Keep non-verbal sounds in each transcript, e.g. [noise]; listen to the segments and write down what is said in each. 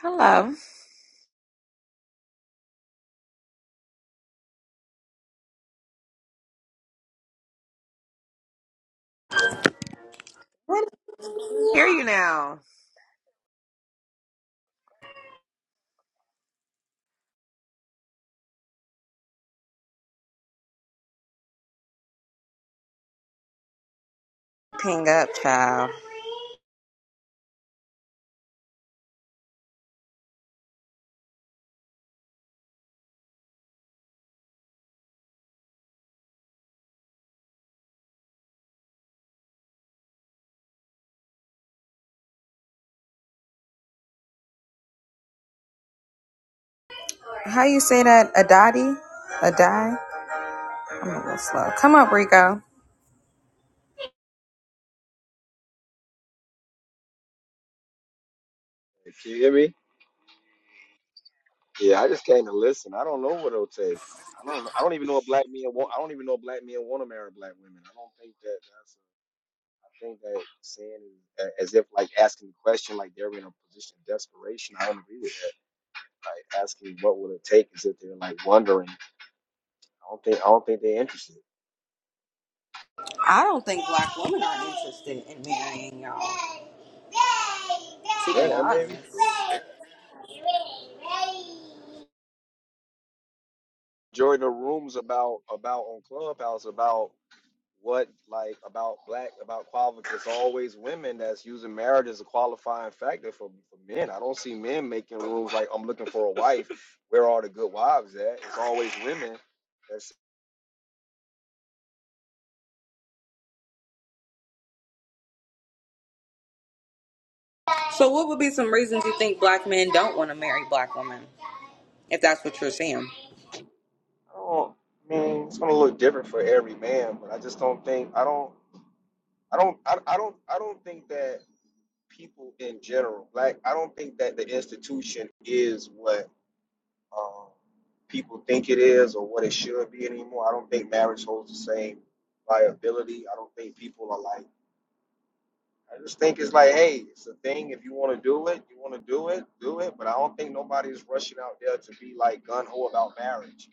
Hello. Hear you now. Ping up, child. How you say that? Adadi? Adai? I'm a little slow. Come up, Rico. Can you hear me? Yeah, I just came to listen. I don't know what it'll take. I don't. I don't even know a black men want. I don't even know a black man want to marry black women. I don't think that. That's. I think that saying it as if like asking the question like they're in a position of desperation. I don't agree with that. Like asking what would it take as if they're like wondering. I don't think. I don't think they're interested. I don't think black women are interested in marrying y'all. To Yeah, be that may be honest. true. During the rooms about about on Clubhouse about what like about black about qualified it's always women that's using marriage as a qualifying factor for, for men i don't see men making rules like i'm looking for a wife where are the good wives at it's always women that's So, what would be some reasons you think black men don't want to marry black women? If that's what you're seeing. i don't I mean it's gonna look different for every man but i just don't think i don't i don't i, I don't i don't think that people in general like i don't think that the institution is what um, people think it is or what it should be anymore. I don't think marriage holds the same liability. I don't think people are like. I just think it's like, hey, it's a thing. If you want to do it, you want to do it, do it. But I don't think nobody is rushing out there to be like gun ho about marriage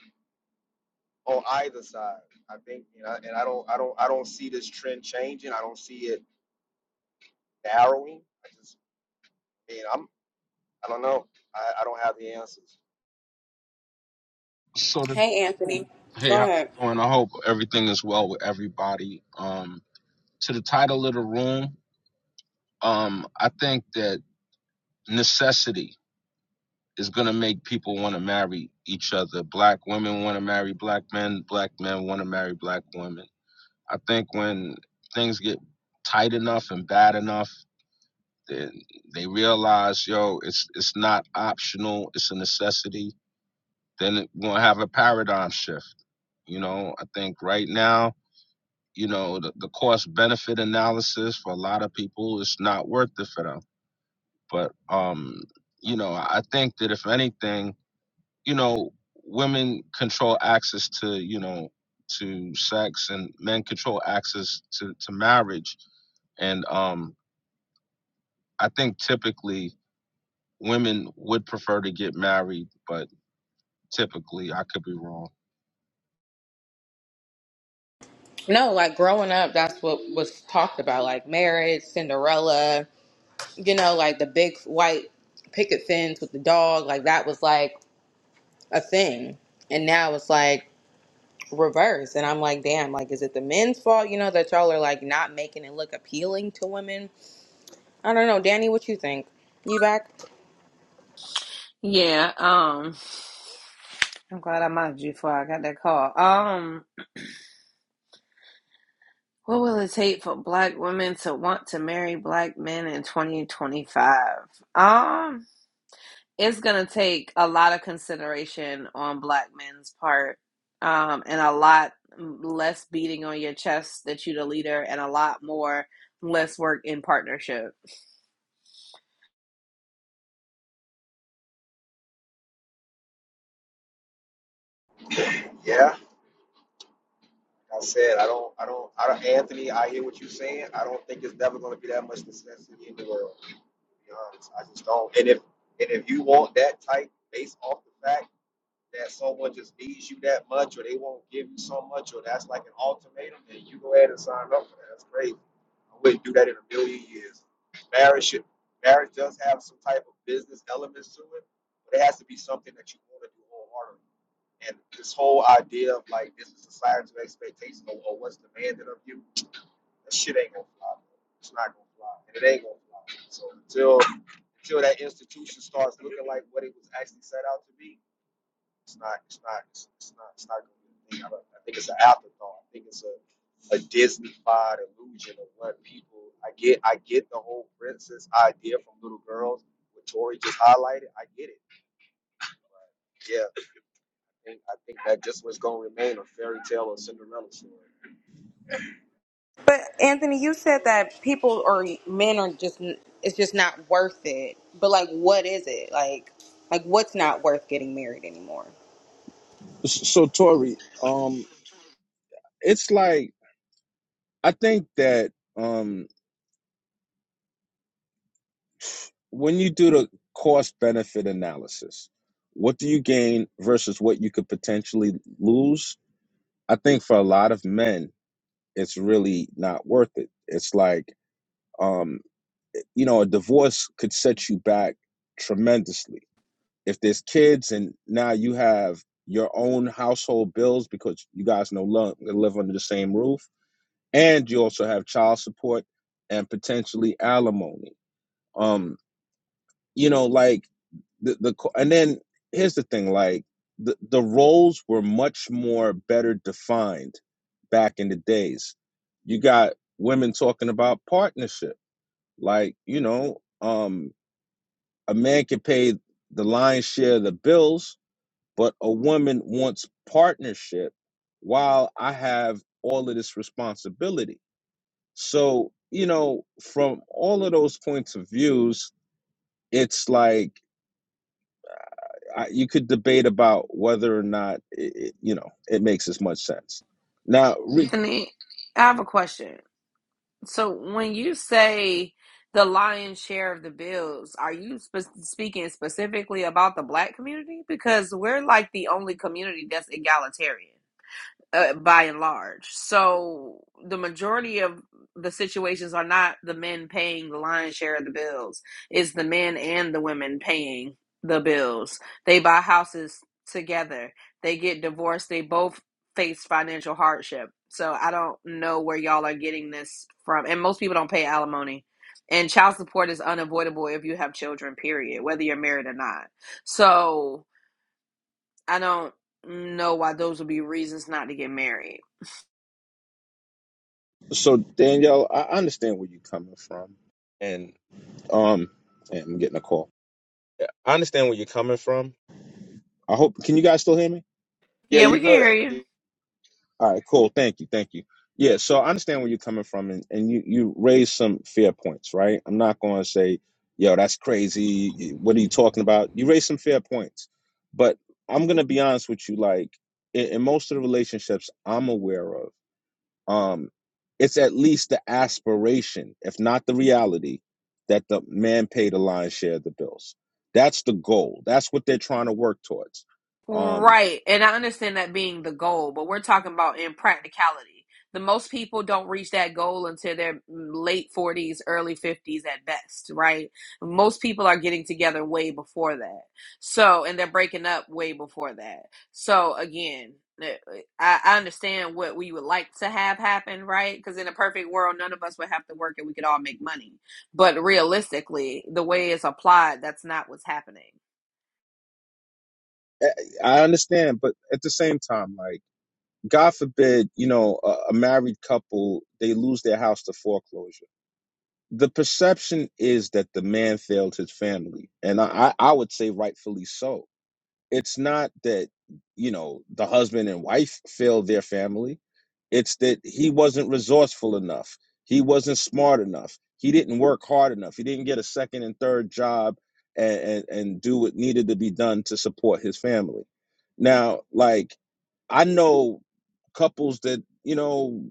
on either side. I think, you know, and I don't, I don't, I don't see this trend changing. I don't see it narrowing. I just, I mean, I'm, I don't know. I, I don't have the answers. So the, Hey, Anthony. hey, Go how's ahead. it going? I hope everything is well with everybody. Um, to the title of the room, um, I think that necessity is going to make people want to marry each other. Black women want to marry black men. Black men want to marry black women. I think when things get tight enough and bad enough, then they realize, yo, it's it's not optional. It's a necessity. Then we'll have a paradigm shift. You know, I think right now you know the, the cost benefit analysis for a lot of people is not worth it for them but um you know i think that if anything you know women control access to you know to sex and men control access to to marriage and um i think typically women would prefer to get married but typically i could be wrong No, like growing up, that's what was talked about, like marriage, Cinderella. you know, like the big white picket fence with the dog, like that was like a thing. And now it's like reverse. And I'm like, damn, like, is it the men's fault, you know, that y'all are like not making it look appealing to women? I don't know. Danny, what you think? You back? Yeah, um I'm glad I mocked you before I got that call. Um what will it take for black women to want to marry black men in 2025? Um it's going to take a lot of consideration on black men's part um and a lot less beating on your chest that you the leader and a lot more less work in partnership. Yeah. I said I don't, I don't, I don't, Anthony. I hear what you're saying. I don't think there's never going to be that much necessity in the world. To be I just don't. And if and if you want that type, based off the fact that someone just needs you that much, or they won't give you so much, or that's like an ultimatum, then you go ahead and sign up for that. That's crazy. I wouldn't do that in a million years. Marriage should, marriage does have some type of business elements to it, but it has to be something that you want to do wholeheartedly. And this whole idea of like this is society's expectation or, or what's demanded of you, that shit ain't gonna fly. It's not gonna fly, and it ain't gonna fly. So until until that institution starts looking like what it was actually set out to be, it's not. It's not. It's, it's not. It's not gonna be a thing. I, don't, I think it's an afterthought. I think it's a a Disney-fied illusion of what people. I get. I get the whole princess idea from little girls. What Tori just highlighted. I get it But Yeah think I think that just was gonna remain a fairy tale or Cinderella story. But Anthony, you said that people or men are just, it's just not worth it. But like, what is it? Like, like what's not worth getting married anymore? So Tori, um, it's like I think that um, when you do the cost benefit analysis, what do you gain versus what you could potentially lose? I think for a lot of men, it's really not worth it. It's like, um, you know, a divorce could set you back tremendously. If there's kids and now you have your own household bills because you guys no longer live under the same roof, and you also have child support and potentially alimony. Um, you know like the the and then here's the thing like the the roles were much more better defined back in the days you got women talking about partnership like you know um a man can pay the lion's share of the bills but a woman wants partnership while i have all of this responsibility so you know from all of those points of views it's like I, you could debate about whether or not it, it, you know it makes as much sense. Now, re- Anthony, I have a question. So when you say the lion's share of the bills, are you spe- speaking specifically about the black community? Because we're like the only community that's egalitarian uh, by and large. So the majority of the situations are not the men paying the lion's share of the bills. It's the men and the women paying the bills. They buy houses together. They get divorced. They both face financial hardship. So I don't know where y'all are getting this from. And most people don't pay alimony. And child support is unavoidable if you have children, period, whether you're married or not. So I don't know why those would be reasons not to get married. so Danielle, I understand where you're coming from, and um, and I'm getting a call. I understand where you're coming from. I hope. Can you guys still hear me? Yeah, Yeah, you we can good. hear you. You All right, cool. Thank you. Thank you. Yeah, so I understand where you're coming from and, and you you raised some fair points, right? I'm not going to say, yo, that's crazy. y- What are you talking about? You raised some fair points. But I'm going to be honest with you like in, in most of the relationships I'm aware of, um it's at least the aspiration, if not the reality, that the man paid the lion's share of the bills. That's the goal. That's what they're trying to work towards. Um Right. And I understand that being the goal, but we're talking about in practicality. The most people don't reach that goal until their late 40s, early 50s at best, right? Most people are getting together way before that. So, and they're breaking up way before that. So, again, eh, eh, I, I understand what we would like to have happen, right? Because in a perfect world, none of us would have to work and we could all make money. But realistically, the way it's applied, that's not what's happening. I I understand, but at the same time like God forbid, you know, a, a married couple, they lose their house to foreclosure. The perception is that the man failed his family. And I, I I would say rightfully so. It's not that, you know, the husband and wife failed their family it's that he wasn't resourceful enough. He wasn't smart enough. He didn't work hard enough. He didn't get a second and third job and, and, and do what needed to be done to support his family. Now, like, I know couples that, you know,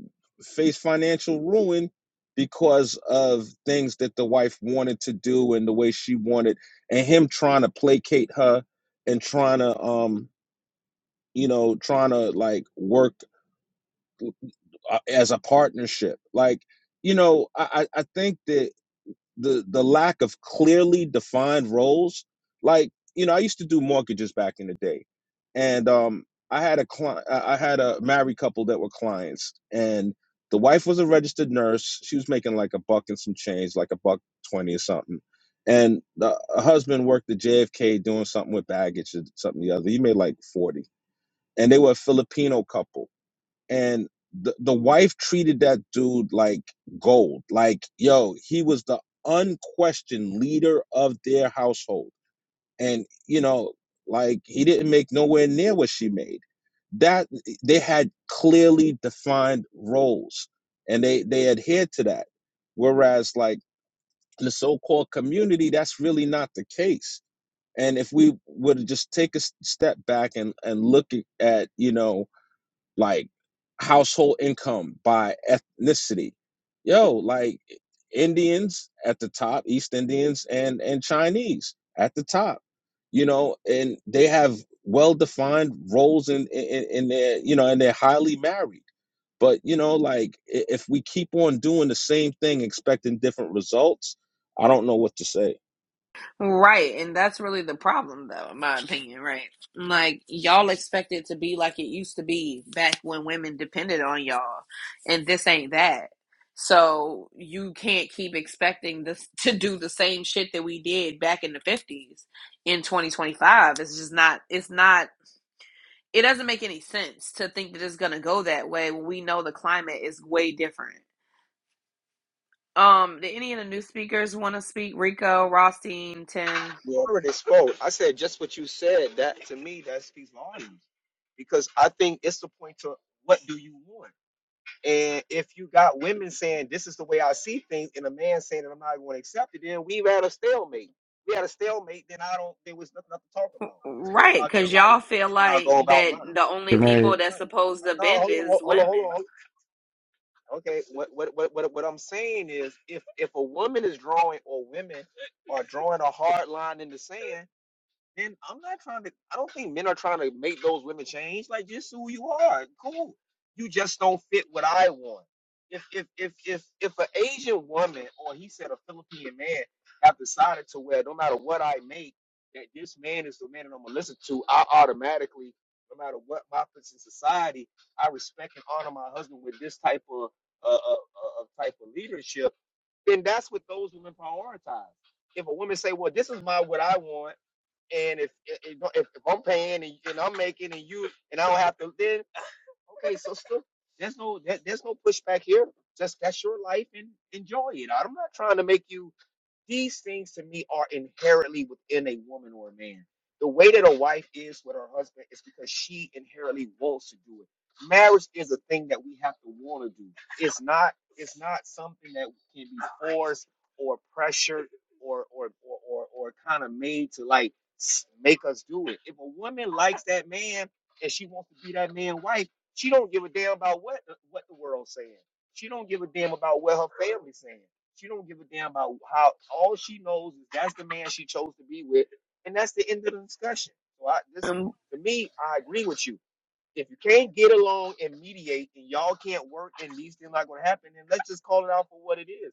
face financial ruin because of things that the wife wanted to do and the way she wanted, and him trying to placate her and trying to, um, you know, trying to like work uh, as a partnership. Like, you know, I, I think that the the lack of clearly defined roles, like, you know, I used to do mortgages back in the day, and um, I had a client, I I had a married couple that were clients, and the wife was a registered nurse. She was making like a buck and some change, like a buck twenty or something. And the husband worked at JFK doing something with baggage or something or the other. He made like forty, and they were a Filipino couple and the, the wife treated that dude like gold like yo he was the unquestioned leader of their household and you know like he didn't make nowhere near what she made that they had clearly defined roles and they they adhered to that whereas like the so-called community that's really not the case and if we were to just take a step back and and look at you know like household income by ethnicity. Yo, like Indians at the top, East Indians and and Chinese at the top. You know, and they have well defined roles in, in in their you know, and they're highly married. But you know, like if we keep on doing the same thing, expecting different results, I don't know what to say. Right, and that's really the problem, though, in my opinion. Right, like y'all expect it to be like it used to be back when women depended on y'all, and this ain't that. So you can't keep expecting this [laughs] to do the same shit that we did back in the fifties in 2025. It's just not. It's not. It doesn't make any sense to think that it's gonna go that way when we know the climate is way different. Um, did any of the new speakers want to speak? Rico, Rothstein, Ten. already spoke. I said just what you said. That to me, that speaks volumes because I think it's the point to what do you want. And if you got women saying this is the way I see things, and a man saying that I'm not going to accept it, then we've had a stalemate. We had a stalemate. Then I don't. There was nothing else to talk about. Just go Right, about your because life, y'all feel and I'll like go about mine. that the only Can people I that's Right. supposed to No, hold bend on, hold is on, hold on, hold women. on. Okay, what what what what what I'm saying is if if a woman is drawing or women are drawing a hard line in the sand, and I'm not trying to, I don't think men are trying to make those women change. Like, just who you are. Cool. You just don't fit what I want. If if if if if an Asian woman or he said a Philippine man have decided to wear no matter what I make, that this man is the man that I'm gonna listen to, I automatically, no matter what my place in society, I respect and honor my husband with this type of uh, uh, uh, of type of leadership. Then that's what those women prioritize. If a woman say, "Well, this is my what I want," And if if, if I'm paying and, and I'm making and you and I don't have to, then okay, sister, there's no there, there's no pushback here. Just that's your life and enjoy it. I'm not trying to make you these things to me are inherently within a woman or a man. The way that a wife is with her husband is because she inherently wants to do it. Marriage is a thing that we have to want to do. It's not it's not something that can be forced or pressured or or or or, or kind of made to like s- make us do it. If a woman likes that man and she wants to be that man's wife, she don't give a damn about what what the world's saying. She don't give a damn about what her family's saying. She don't give a damn about how. All she knows is that's the man she chose to be with, and that's the end of the discussion. So I this Um, to me, I agree with you. If you can't get along and mediate, and y'all can't work, and these things not gonna happen, then let's just call it out for what it is.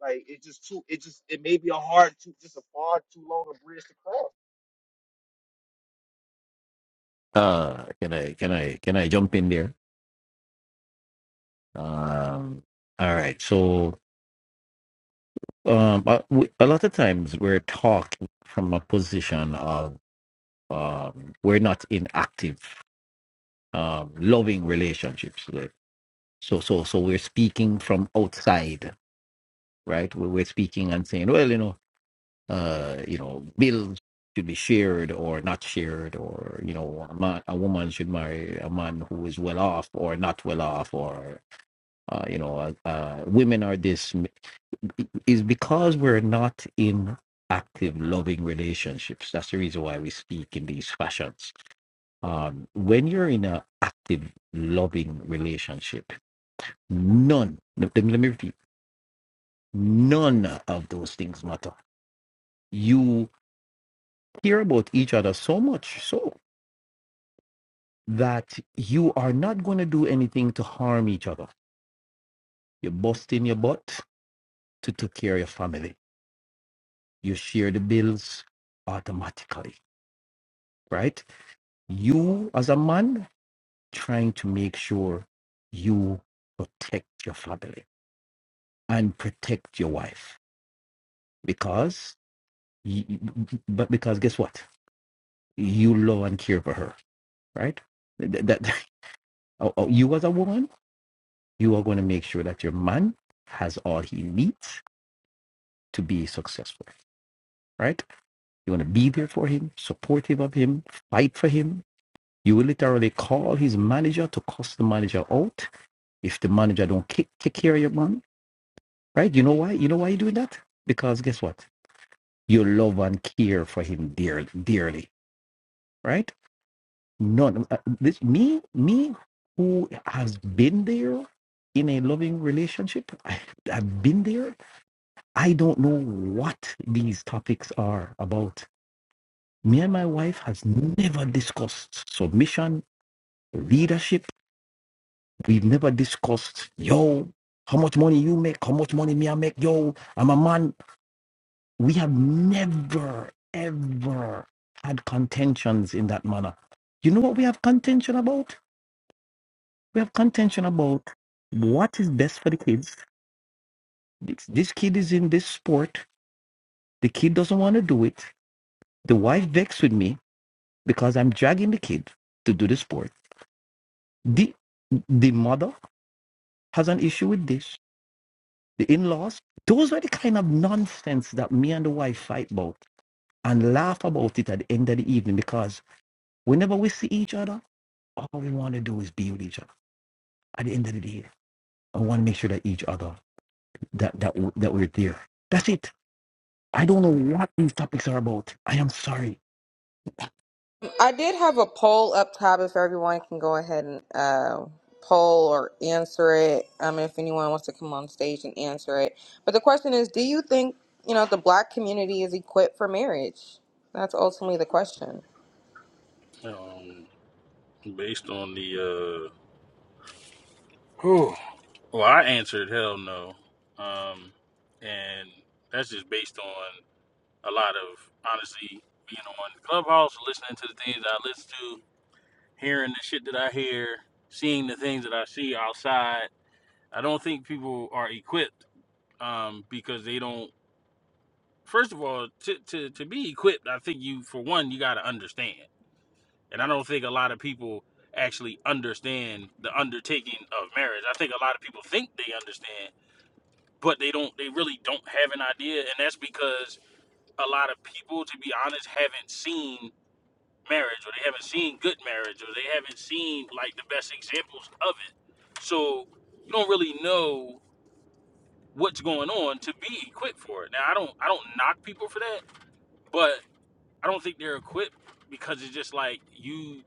Like it's just too. It just it may be a hard to just a far too long a bridge to cross. uh can I can I can I jump in there? Um all right. So um uh, we- a lot of times we're talking from a position of um we're not in active um loving relationships. Like, So so so we're speaking from outside, right? We- We're speaking and saying, well, you know, uh you know, bills should be shared or not shared or you know a, man, a woman should marry a man who is well off or not well off uh, you know, uh, uh, women are this is because we're not in active loving relationships. That's the reason why we speak in these fashions. Um, when you're in an active loving relationship, none. Let me, let me repeat. None of those things matter. You care about each other so much so that you are not going to do anything to harm each other. You're busting your butt to take care of your family you share the bills automatically, right? You, as a man, trying to make sure you protect your family and protect your wife because, y- y- but because guess what? You love and care for her, right? Th- That, [laughs] oh, oh, you as a woman, you are going to make sure that your man has all he needs to be successful, right? You want to be there for him, supportive of him, fight for him, You will literally call his manager to cuss the manager out if the manager don't kick, take care of your man, right? You know why? You know why you doing that? Because guess what? You love and care for him dearly, dearly, right? None. uh, This me, me, who has been there in a loving relationship. I, I've been there. I don't know what these topics are about. Me and my wife has never discussed submission, leadership We've never discussed, yo, how much money you make, how much money me I make, yo, I'm a man. We have never, ever had contentions in that manner. You know what we have contention about? We have contention about what is best for the kids. This, this kid is in this sport. The kid doesn't want to do it. The wife vexed with me because I'm dragging the kid to do the sport. The, the mother has an issue with this the in-laws. Those were the kind of nonsense that me and the wife fight about and laugh about it at the end of the evening because whenever we see each other, all we want to do is be with each other at the end of the day. I want to make sure that each other that that w- that we're there. That's it. I don't know what these topics are about. I am sorry. I did have a poll up top if everyone can go ahead and uh, poll or answer it. Um, if anyone wants to come on stage and answer it. But the question is, do you think you know the black community is equipped for marriage? That's ultimately the question. Um, based on the, Whew. uh, Ooh. well, I answered hell no. Um, and that's just based on a lot of, honestly, being on Clubhouse, listening to the things that I listen to, hearing the shit that I hear, seeing the things that I see outside. I don't think people are equipped um, because they don't, first of all, to, to, to be equipped, I think you, for one, you got to understand. And I don't think a lot of people actually understand the undertaking of marriage. I think a lot of people think they understand, but they don't they really don't have an idea and that's because a lot of people to be honest haven't seen marriage or they haven't seen good marriage or they haven't seen like the best examples of it. So you don't really know what's going on to be equipped for it. Now I don't I don't knock people for that, but I don't think they're equipped because it's just like you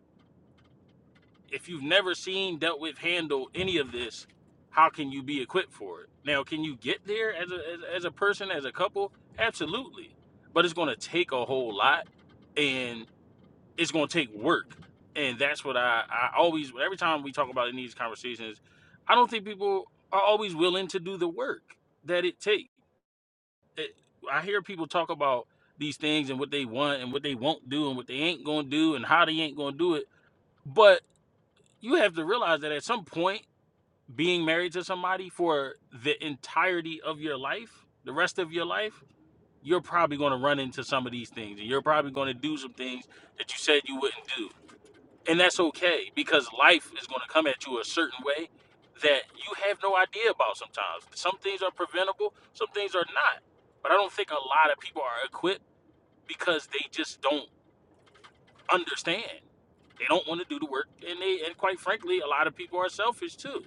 if you've never seen, dealt with, handled any of this, how can you be equipped for it? Now, can you get there as a as, as a person, as a couple? Absolutely, but it's going to take a whole lot, and it's going to take work, and that's what I I always every time we talk about in these conversations, I don't think people are always willing to do the work that it takes. It, I hear people talk about these things and what they want and what they won't do and what they ain't going to do and how they ain't going to do it, but you have to realize that at some point being married to somebody for the entirety of your life the rest of your life you're probably going to run into some of these things and you're probably going to do some things that you said you wouldn't do and that's okay because life is going to come at you a certain way that you have no idea about sometimes some things are preventable some things are not but i don't think a lot of people are equipped because they just don't understand. They don't want to do the work, and they and quite frankly, a lot of people are selfish too.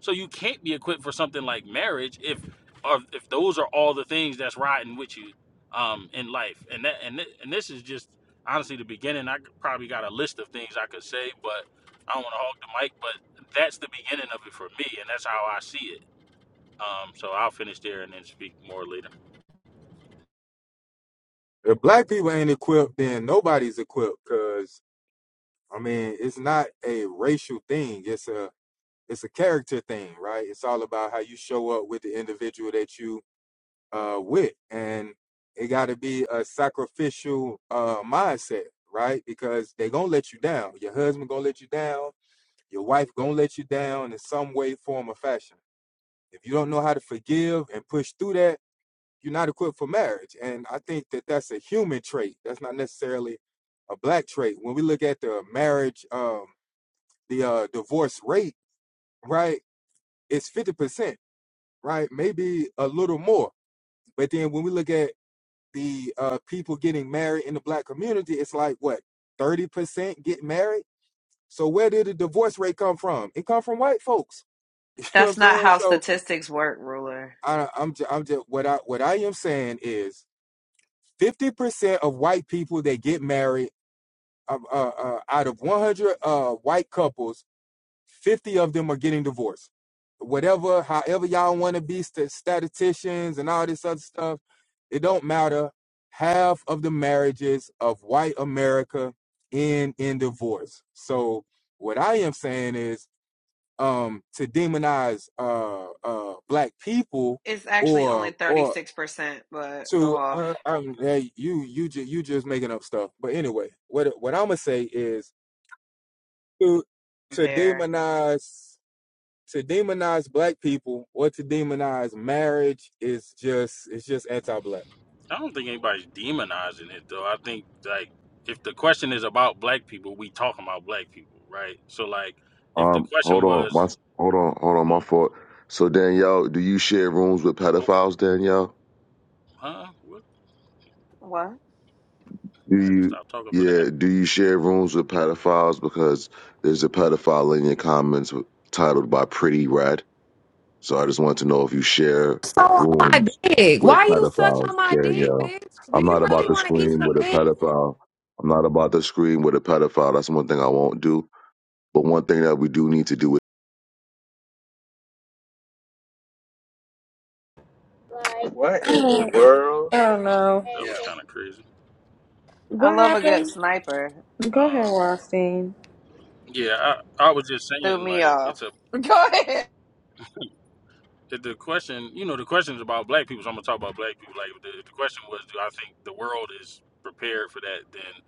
So you can't be equipped for something like marriage if or if those are all the things that's riding with you um, in life. And that and thi- and this is just honestly the beginning. I could- probably got a list of things I could say, but I don't want to hog the mic. But that's the beginning of it for me, and that's how I see it. Um, so I'll finish there and then speak more later. If black people ain't equipped, then nobody's equipped. Cause I mean, it's not a racial thing. It's a it's a character thing, right? It's all about how you show up with the individual that you uh with, and it got to be a sacrificial uh mindset, right? Because they gonna let you down. Your husband gonna let you down. Your wife gonna let you down in some way, form, or fashion. If you don't know how to forgive and push through that you're not equipped for marriage. And I think that that's a human trait. That's not necessarily a black trait. When we look at the marriage, um, the uh, divorce rate, right, it's 50%, right? Maybe a little more. But then when we look at the uh, people getting married in the black community, it's like what, 30% get married? So where did the divorce rate come from? It come from white folks. [laughs] You know what I'm that's not saying? how So statistics work, ruler. I, I'm just, I'm just what I what I am saying is 50% of white people that get married uh, uh, uh, out of 100 uh, white couples, 50 of them are getting divorced. Whatever, however y'all want to be st- statisticians and all this other stuff, it don't matter. Half of the marriages of white America end in divorce. So what I am saying is um, to demonize uh, uh, black people It's actually only or or 36%, but go to off. uh, um, hey, you you ju- you just making up stuff. But anyway, what what I'm gonna say is to to Compare. demonize to demonize black people or to demonize marriage is just it's just anti-black. I don't think anybody's demonizing it though. I think like if the question is about black people, we talking about black people, right? So like if the Um, question hold on, my was, hold on, hold on, my fault. So Danielle, do you share rooms with oh, pedophiles, Danielle? huh, what? What? Do I had to you? stop talking for that. Yeah, do you share rooms with pedophiles? Because there's a pedophile in your comments with- titled by Pretty Red. So I just wanted to know if you share so on my rooms dick. with Why you such pedophiles, on my dick, Danielle. bitch? Do I'm you not about really Uh, to want what to eat is scream some with a dick? happening? pedophile. I'm not about to scream with a pedophile. That's one thing I won't do. But one thing that we do need to do Like- What in the world? I don't Like, know That Yeah. was kind of crazy. I What love a good happened? sniper. Go ahead, Um, Rothstein. yeah, I, I was just Threw saying me like off. it's a [laughs] Go ahead. the, the question, you know, the question is about black people. So I'm gonna talk about black people. Like the, the question was, do I think the world is prepared for that? Then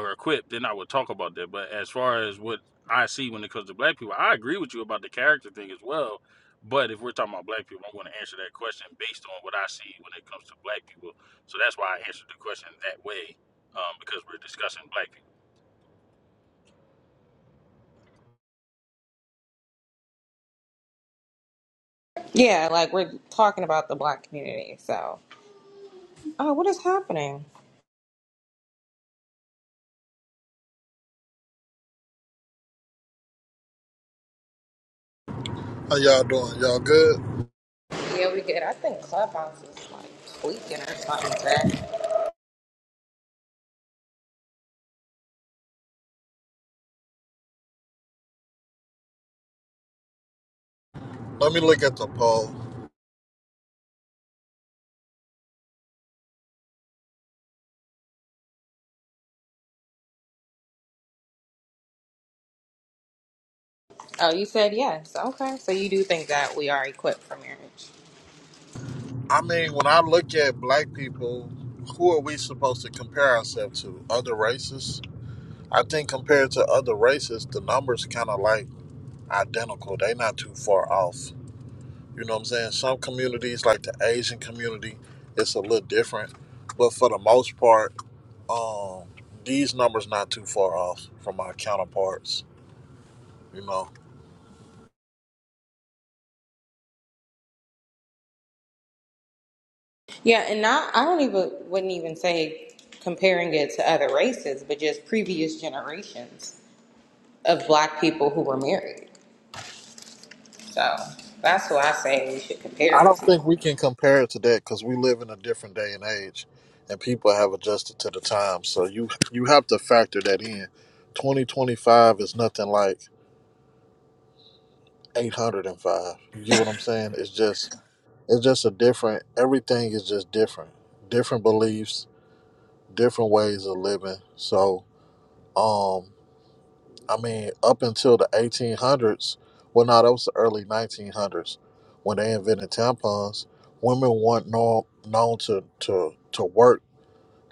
or equipped? Then I would talk about that. But as far as what I see when it comes to black people, I agree with you about the character thing as well. But if we're talking about black people, I'm going to answer that question based on what I see when it comes to black people. So that's why I answered the question that way, um, because we're discussing black people. Yeah, like we're talking about the black community. So, oh, what is happening? How y'all doing? Y'all good? Yeah, we get. I think Clubhouse is like tweaking or something. Let me look at the poll. Oh, you said yes. Okay, so you do think that we are equipped for marriage? I mean, when I look at black people, who are we supposed to compare ourselves to? Other races? I think compared to other races, the numbers kind of like identical. They not too far off. You know what I'm saying? Some communities, like the Asian community, it's a little different, but for the most part, um, these numbers not too far off from our counterparts. You know. Yeah, and not I don't even wouldn't even say comparing it to other races, but just previous generations of black people who were married. So that's who I say we should compare I it don't to. think we can compare it to that because we live in a different day and age, and people have adjusted to the times. So you you have to factor that in. Twenty twenty five is nothing like eight hundred and five. You get what I'm saying? It's just it's just a different. Everything is just different. Different beliefs, different ways of living. So. um I mean, up until the 1800s, well, no, that was the early 1900s when they invented tampons. Women weren't known, known to, to, to work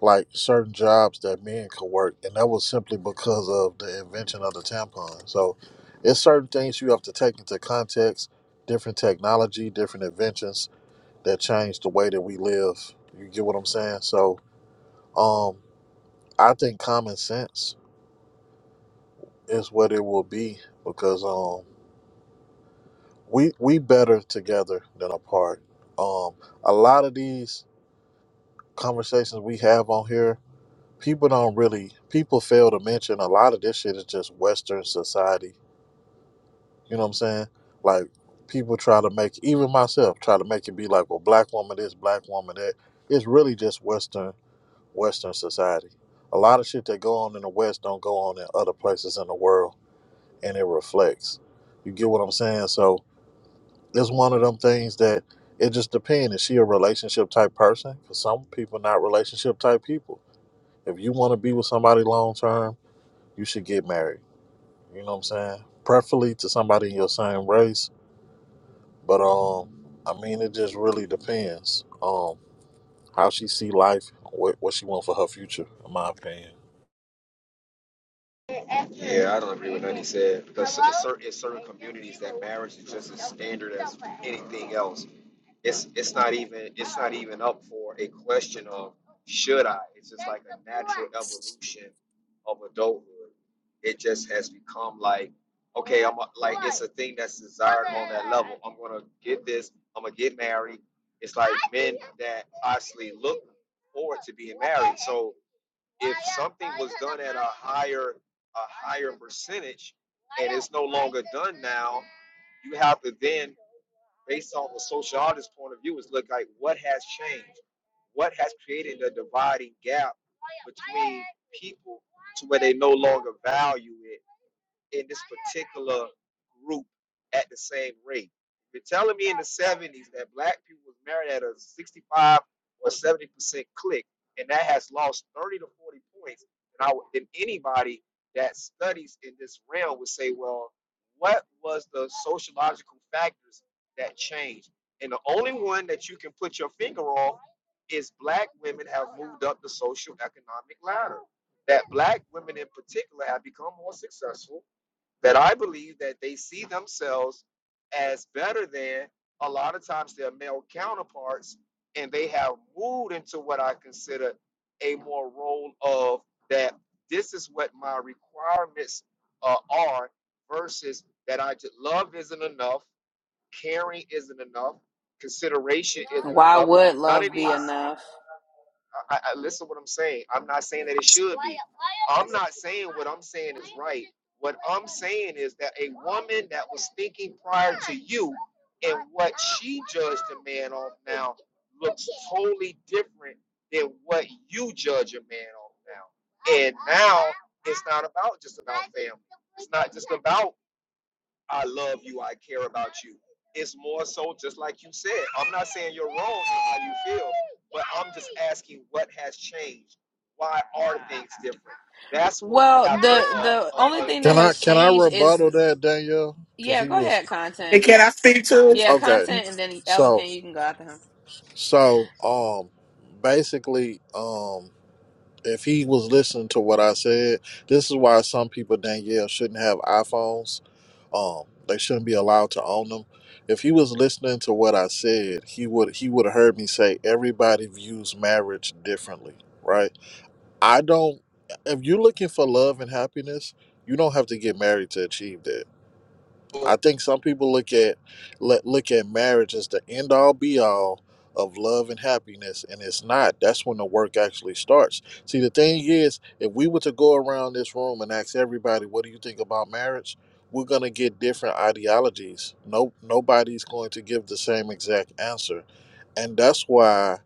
like certain jobs that men could work, and that was simply because of the invention of the tampon. So, it's certain things you have to take into context, different technology, different inventions that change the way that we live. You get what I'm saying? So, um, I think common sense is what it will be because. um we we better together than apart. Um, a lot of these conversations we have on here, people don't really people fail to mention a lot of this shit is just Western society. You know what I'm saying? Like people try to make even myself try to make it be like, well, black woman this, black woman that. It's really just Western Western society. A lot of shit that go on in the West don't go on in other places in the world, and it reflects. You get what I'm saying? So it's one of them things that it just depends. Is she a relationship type person? For some people, not relationship type people. If you want to be with somebody long term, you should get married. You know what I'm saying? Preferably to somebody in your same race. But um, I mean, it just really depends um how she see life, what what she want for her future. In my opinion. Yeah, I don't agree with nothing he said because in certain, in certain communities, that marriage is just as standard as anything else. it's it's not even it's not even up for a question of should I. It's just like a natural evolution of adulthood. It just has become like okay, I'm a- like it's a thing that's desired on that level. I'm gonna get this. I'm gonna get married. It's like men that obviously look forward to being married. So if something was done at a higher a higher percentage and it's no longer done now you have to then based on the social artist point of view is look like what has changed what has created a dividing gap between people to where they no longer value it in this particular group at the same rate. You're telling me in the 70s that black people was married at a 65 or 70 percent click, and that has lost 30 to 40 points. And I would- then anybody that studies in this realm would say, well, what was the sociological factors that changed? And the only one that you can put your finger on is black women have moved up the social economic ladder. That black women in particular have become more successful that I believe that they see themselves as better than a lot of times their male counterparts, and they have moved into what I consider a more role of that this is what my requirements uh, are versus that I just love isn't enough, caring isn't enough, consideration isn't Why enough. would None of love be these enough? I, I I- listen to what I'm saying. I'm not saying that it should be. I'm not saying what I'm saying is right. What I'm saying is that a woman that was thinking prior to you and what she judged a man off now looks totally different than what you judge a man off now. And now it's not about just about family. It's not just about I love you. I care about you. It's more so just like you said. I'm not saying you're wrong in how you feel, but I'm just asking what has changed. Why are things different? That's what we Well, have to the uh, the uh, only thing that Can I has can I changed is rebuttal that Danielle? Because yeah, he go was ahead, And content. can I speak to it? Yeah, okay. content and then Ella So can you can go after so um, basically um. if he was listening to what I said, this is why some people Danielle shouldn't have iPhones. Um, they shouldn't be allowed to own them. If he was listening to what I said, he would he would have heard me say everybody views marriage differently, right? I don't. If you're looking for love and happiness, you don't have to get married to achieve that uncover. I think some people look at let look at marriage as the end all be all of love and happiness, and it's not. That's when the work actually starts. See, the thing is, if we were to go around this room and ask everybody, "What do you think about marriage?" we're gonna get different ideologies. No, nobody's going to give the same exact answer and that's why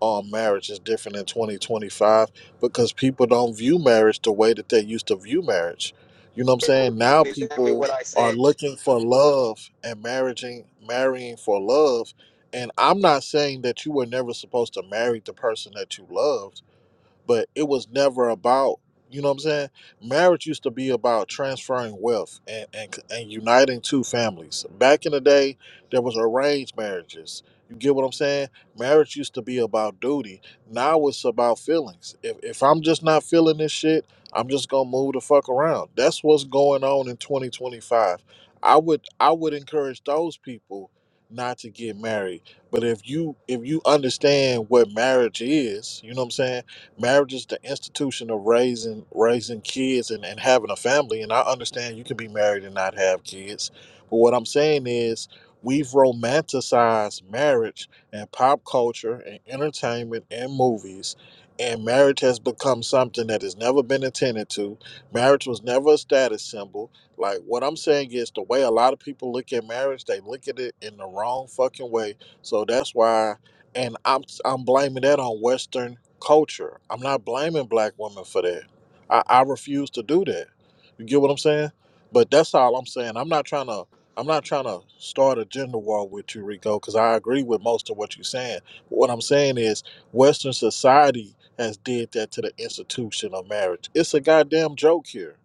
um, marriage is different in 2025 because people don't view marriage the way that they used to view marriage. You know what I'm saying? Now Exactly people what I are said. looking for love and marrying marrying for love. And I'm not saying that you were never supposed to marry the person that you loved but it was never about you know what I'm saying. Marriage used to be about transferring wealth and and, and uniting two families. Back in the day, there was arranged marriages. You get what I'm saying? Marriage used to be about duty. Now it's about feelings. If if I'm just not feeling this shit, I'm just gonna move the fuck around. That's what's going on in 2025. I would I would encourage those people not to get married. But if you if you understand what marriage is, you know what I'm saying, marriage is the institution of raising raising kids and, and having a family and i understand you can be married and not have kids but what i'm saying is we've romanticized marriage and pop culture and entertainment and movies and marriage has become something that has never been intended to marriage was never a status symbol like what i'm saying is the way a lot of people look at marriage they look at it in the wrong fucking way so that's why and I'm I'm blaming that on Western culture. I'm not blaming black women for that. I, I refuse to do that. You get what I'm saying? But that's all I'm saying. I'm not trying to I'm not trying to start a gender war with you, Rico, because I agree with most of what you're saying. What I'm saying is Western society has did that to the institution of marriage. It's a goddamn joke here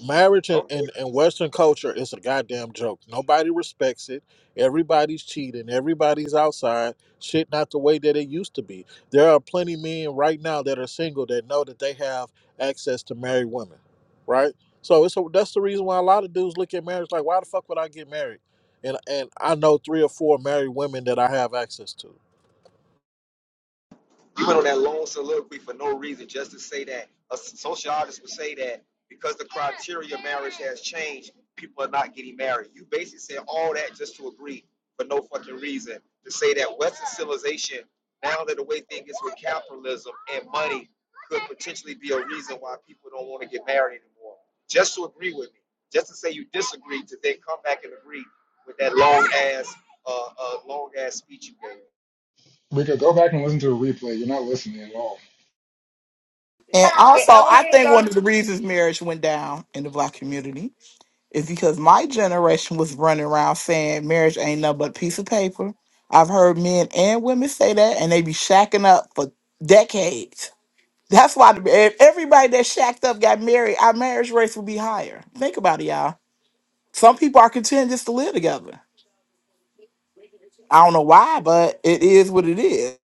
marriage in, Okay. in, in Western culture is a goddamn joke. Nobody respects it. Everybody's cheating. Everybody's outside. Shit, not the way that it used to be. There are plenty men right now that are single that know that they have access to married women, right? So it's a, that's the reason why a lot of dudes look at marriage like, why the fuck would I get married? And and I know three or four married women that I have access to. You went on that long soliloquy for no reason, just to say that a sociologist would say that because the criteria of marriage has changed, people are not getting married. You basically said all that just to agree for no fucking reason to say that Western civilization, now that the way things is with capitalism and money, could potentially be a reason why people don't want to get married anymore. Just to agree with me, just to say you disagree, to then come back and agree with that long ass, uh, uh, long ass speech you gave. Mika, go back and listen to a replay. You're not listening at all. And also, I think one of the reasons marriage went down in the black community is because my generation was running around saying marriage ain't nothing but a piece of paper. I've heard men and women say that, and they be shacking up for decades. That's why the- if everybody that shacked up got married, our marriage rates would be higher. Think about it, y'all. Some people are content just to live together. I don't know why, but it is what it is.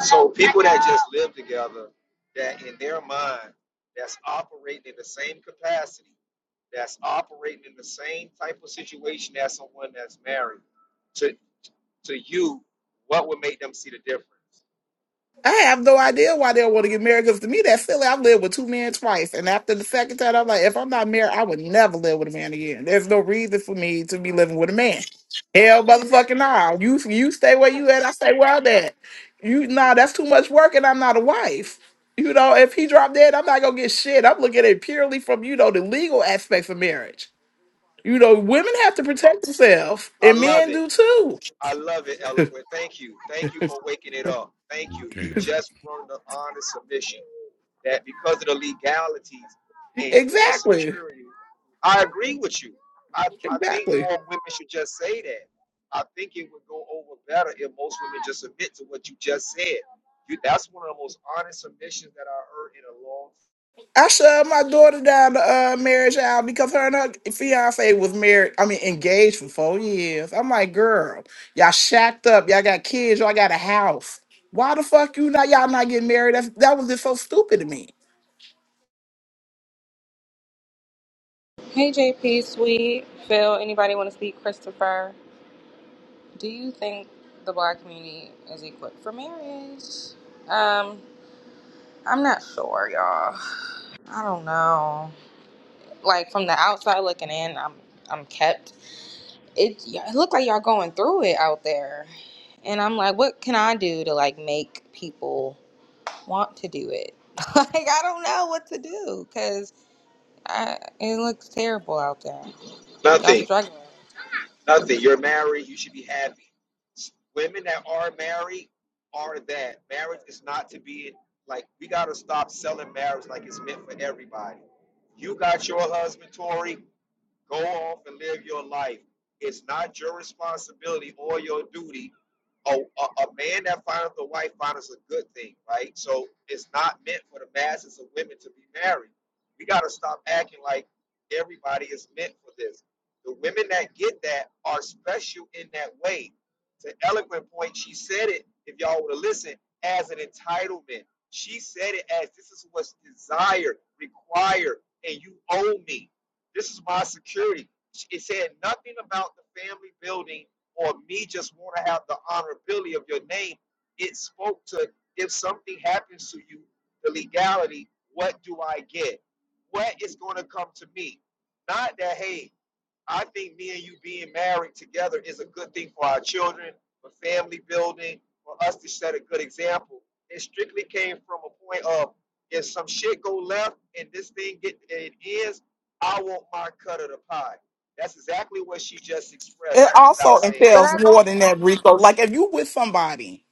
So people that just live together, that in their mind, that's operating in the same capacity, that's operating in the same type of situation as someone that's married. To to you, what would make them see the difference? I have no idea why they want to get married. Because to me, that's silly. I've lived with two men twice, and after the second time, I'm like, if I'm not married, I would never live with a man again. There's no reason for me to be living with a man. Hell, motherfucking nah. You you stay where you at. I stay where I'm at. You nah, that's too much work, and I'm not a wife. You know, if he dropped dead, I'm not gonna get shit. I'm looking at it purely from you know the legal aspects of marriage. You know, women have to protect themselves, I and love men it. do too. I love it, eloquent. Thank you. Thank you for waking it up. Thank you. You Because just brought the honest submission. that because of the legalities [laughs] and your exactly, security, I agree with you. I, I think exactly. more women should just say that. I think it would go over better if most women just submit to what you just said. You, that's one of the most honest submissions that I heard in a long I shoved my daughter down the uh, marriage aisle because her and her fiance was married. I mean, engaged for four years. I'm like, girl, y'all shacked up. Y'all got kids. Y'all got a house. Why the fuck you not? Y'all not getting married? That's, that was just so stupid to me. Hey, JP, sweet Phil. Anybody want to speak? Christopher, do you think the black community is equipped for marriage? Um, I'm not sure, y'all. I don't know. like from the outside looking in, I'm I'm kept. It it looked like y'all going through it out there, and I'm like, what can I do to like make people want to do it? [laughs] like I don't know what to do because it looks terrible out there. time. Y'all Nothing, struggling. nothing. You're married, you should be happy. Women that are married are that. Marriage is not to be like, we got to stop selling marriage like it's meant for everybody. You got your husband, Tori. Go off and live your life. It's not your responsibility or your duty. A, a, a man that finds a wife finds a good thing, right? So it's not meant for the masses of women to be married. We got to stop acting like everybody is meant for this. The women that get that are special in that way. To eloquent point, she said it, if y'all would have listened, as an entitlement. She said it as this is what's desired, required, and you owe me. This is my security. It said nothing about the family building or me just want to have the honorability of your name. It spoke to if something happens to you, the legality, what do I get? What is going to come to me? Not that, hey, I think me and you being married together is a good thing for our children, for family building, for us to set a good example. It strictly came from a point of if some shit go left and this thing get it ends, I want my cut of the pie. That's exactly what she just expressed It without also saying. But entails I, more than that, Rico. Like if you with somebody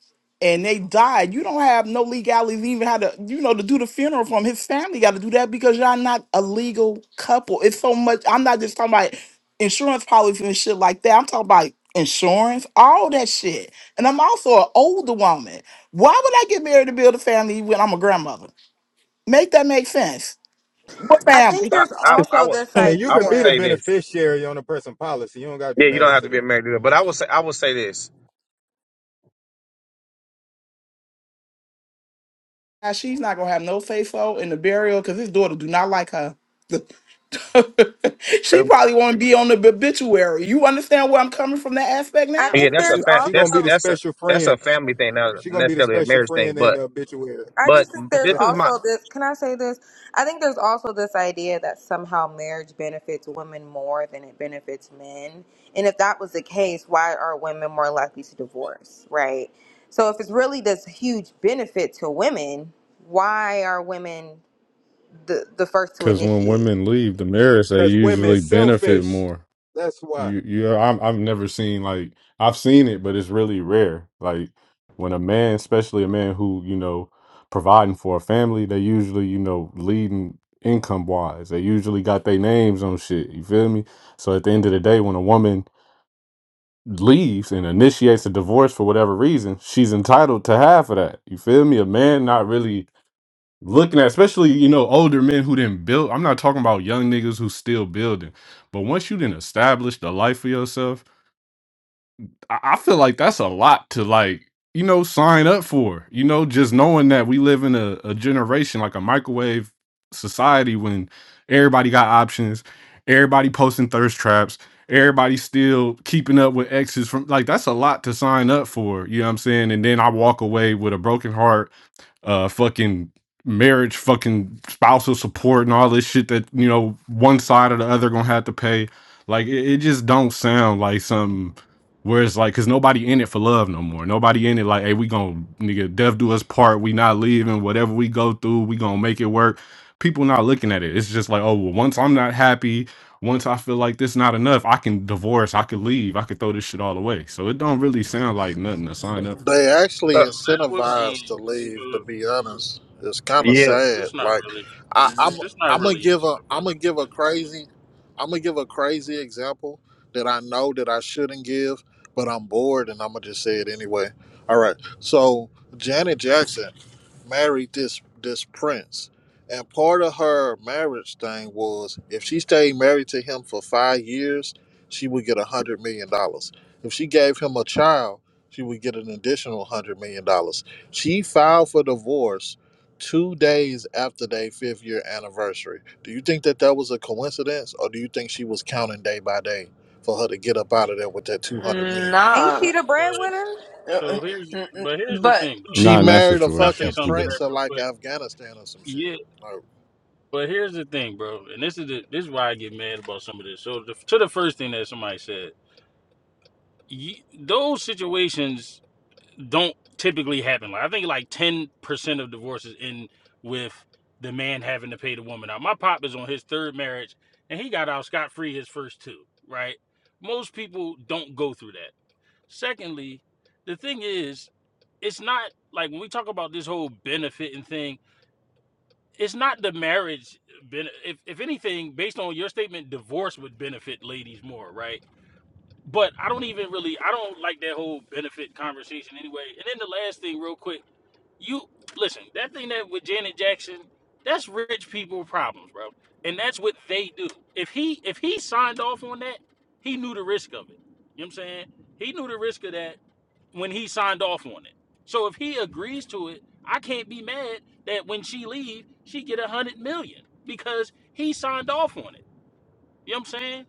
and they died, you don't have no legalities even how to, you know, to do the funeral from his family gotta do that because y'all not a legal couple. It's so much I'm not just talking about insurance policies and shit like that. I'm talking about insurance, all that shit. And I'm also an older woman. Why would I get married to build a family when I'm a grandmother? Make that make sense. What I think family? I, there's I, I also would this I [laughs] mean, you I can would be the say idea. this. beneficiary on a person policy. You don't gotta be Yeah, you don't married have to to be them. married to it, but I would say I would say this. Now she's not gonna have no say so in the burial because his daughter do not like her. [laughs] she Uh, probably want to be on the obituary. You understand where I'm coming from that aspect I now? Yeah, think that's a there's fam- She gonna that's be also the that's a special that's a friend. family thing, not She gonna be the necessarily a special marriage thing. friend in the But obituary I but just think [laughs] there's this is my also this. Can I say this? I think there's also this idea that somehow marriage benefits women more than it benefits men. And if that was the case, why are women more likely to divorce, right? So if it's really this huge benefit to women, why are women the, the first to when initiate? women leave the marriage, they because women usually benefit selfish. more. That's why. You, you, I'm, I've never seen like I've seen it, but it's really rare. Like when a man, especially a man who you know providing for a family, they usually you know leading income wise. They usually got their names on shit. You feel me? So at the end of the day, when a woman leaves and initiates a divorce for whatever reason, she's entitled to half of that. You feel me? A man not really looking at especially you know older men who didn't build i'm not talking about young niggas who still building but once you didn't establish the life for yourself I, I feel like that's a lot to like you know sign up for you know just knowing that we live in a, a generation like a microwave society when everybody got options everybody posting thirst traps everybody still keeping up with exes from like that's a lot to sign up for you know what i'm saying and then i walk away with a broken heart uh fucking marriage fucking spousal support and all this shit that you know one side or the other gonna have to pay like it, it just don't sound like something where it's like because nobody in it for love no more nobody in it like hey we gonna nigga death do us part we not leaving whatever we go through we gonna make it work people not looking at it it's just like oh well once i'm not happy once i feel like this not enough i can divorce i could leave i could throw this shit all away so it don't really sound like nothing to sign up for They actually uh, So that would incentivized to be. leave. To So be honest, it's kind of yeah. sad. it's not Like, really. I, I'm It's not I'm gonna really give answering a the I'm gonna question. give a crazy I'm gonna give a crazy example that I know that I shouldn't give, but I'm bored and I'm gonna just say it anyway. All right, so Janet Jackson married this this prince. And part of her marriage thing was if she stayed married to him for five years, she would get a hundred million dollars. If she gave him a child, she would get an additional hundred million dollars. She filed for divorce two days after their fifth year anniversary. Do you think that that was a coincidence, or do you think she was counting day by day for her to get up out of there with that two hundred him. million? Ain't Nah. she the but breadwinner? Uh, So here's, n- n- but here's the But thing, though. She Not in that married a And I'll say situation. fucking something to that prince of real like quick. Afghanistan or some shit. Yeah, Like, but here's the thing, bro. And this is the, this is why I get mad about some of this. So the, to the first thing that somebody said, ye- those situations don't typically happen. Like I think like ten percent of divorces end with the man having to pay the woman out. My pop is on his third marriage, and he got out scot free his first two. Right? Most people don't go through that. Secondly, the thing is, it's not like when we talk about this whole benefiting thing, it's not the marriage. bene- If, if anything, based on your statement, divorce would benefit ladies more, right? But I don't even really, I don't like that whole benefit conversation anyway. And then the last thing, real quick, you listen, that thing that with Janet Jackson, that's rich people problems, bro. And that's what they do. If he if he signed off on that, he knew the risk of it. You know what I'm saying? He knew the risk of that when he signed off on it. So if he agrees to it, I can't be mad that when she leave, she get a hundred million because he signed off on it. You know what I'm saying?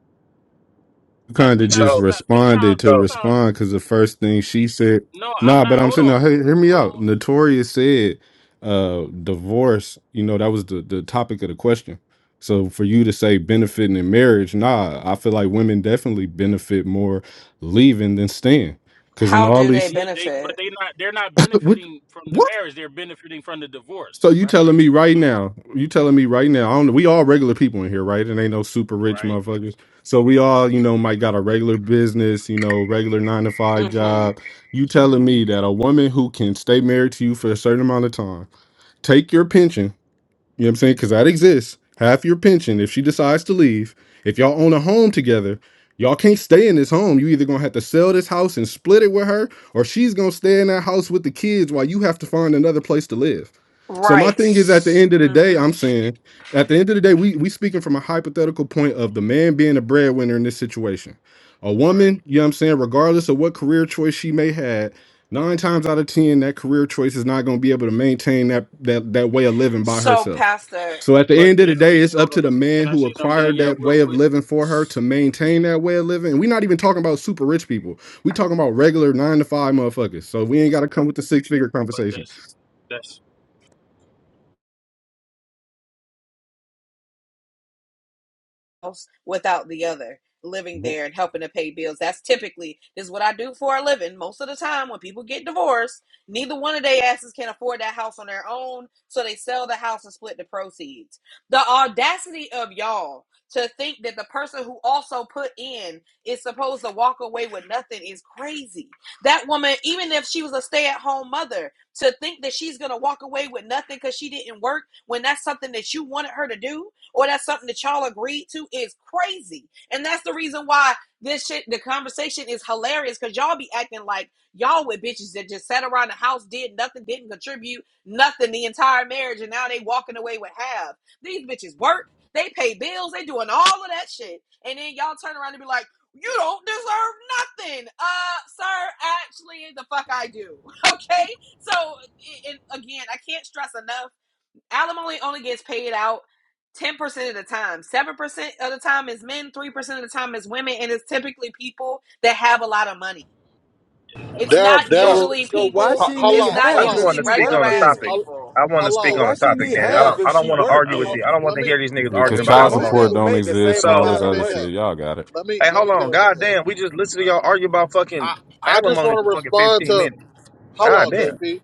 Like kind we of gotta just So stop. responded Sometimes, to so sometimes, respond because the first thing she said, no, I'm nah, not. but I'm Hold saying, no, on, hey, hear me hold out. on. Notorious said, uh, divorce, you know, that was the, the topic of the question. So for you to say benefiting in marriage, nah, I feel like women definitely benefit more leaving than staying. Cause in how all do they these, Yeah, they, but benefit? they not. They're not [laughs] what? benefiting from the marriage. They're benefiting from the divorce, So you right? telling me right So, now? You telling me right now? I don't know. We all regular people in here, right? It ain't no super rich right, motherfuckers. So we all, you know, might got a regular business, you know, regular nine to five hmm job. You telling me that a woman who can stay married to you for a certain amount of time, take your pension, you know what I'm saying? Because that exists. Half your pension, if she decides to leave, if y'all own a home together, y'all can't stay in this home. You either gonna have to sell this house and split it with her, or she's gonna stay in that house with the kids while you have to find another place to live. So my Right. thing is, at the S- end of the mm. day, I'm saying, at the end of the day, we we speaking from a hypothetical point oh, of the man being a breadwinner in this situation. A right. woman, you know what I'm saying, regardless of what career choice she may have Nine times out of ten, that career choice is not going to be able to maintain that that that way of living by So, herself. Pastor. So at the But end of the day, generally, it's hold up to on. the man Can I who say something, acquired Danielle, that real way of quick? living for her to maintain that way of living. And we're not even talking about super rich people. We talking about regular nine to five motherfuckers. So we ain't got to come with the six figure But conversation. that's that's house without the other living Well, there and helping to pay bills that's typically this is what i do for a living most of the time when people get divorced neither one of their asses can afford that house on their own so they sell the house and split the proceeds the audacity of y'all to think that the person who also put in is supposed to walk away with nothing is crazy that woman even if she was a stay-at-home mother to think that she's gonna walk away with nothing because she didn't work when that's something that you wanted her to do or that's something that y'all agreed to is crazy. And that's the reason why this shit, the conversation is hilarious because y'all be acting like y'all with bitches that just sat around the house, did nothing, didn't contribute nothing the entire marriage, and now they walking away with half. These bitches work, they pay bills, they doing all of that shit. And then y'all turn around and be like, you don't deserve nothing. Uh, sir, actually, the fuck I do. [laughs] Okay? So, and again, I can't stress enough alimony only gets paid out 10% of the time. 7% of the time is men, 3% of the time is women, and it's typically people that have a lot of money. It's another There, thing. not there. So usually so why people, How, she how need it's long? How not I half just long? if want usually to she speak regular on worked a ass then? topic. How, people. I want how to So speak on long? why a she topic, need Danny. I half don't There. if I don't she I, want to worked I argue with then? How, want you. to, I don't want let to me, hear these niggas Yeah, let because arguing me about So get child up in most alimony. support here. people don't make the exist same Let and me all So get amount this up of other in money. here. shit. Y'all got it. Let me, hey, let hold me get on, up in god here. damn, we just listened to y'all argue about fucking I, I just alimony want for to fucking respond fifteen to. minutes. How God long, damn, JP?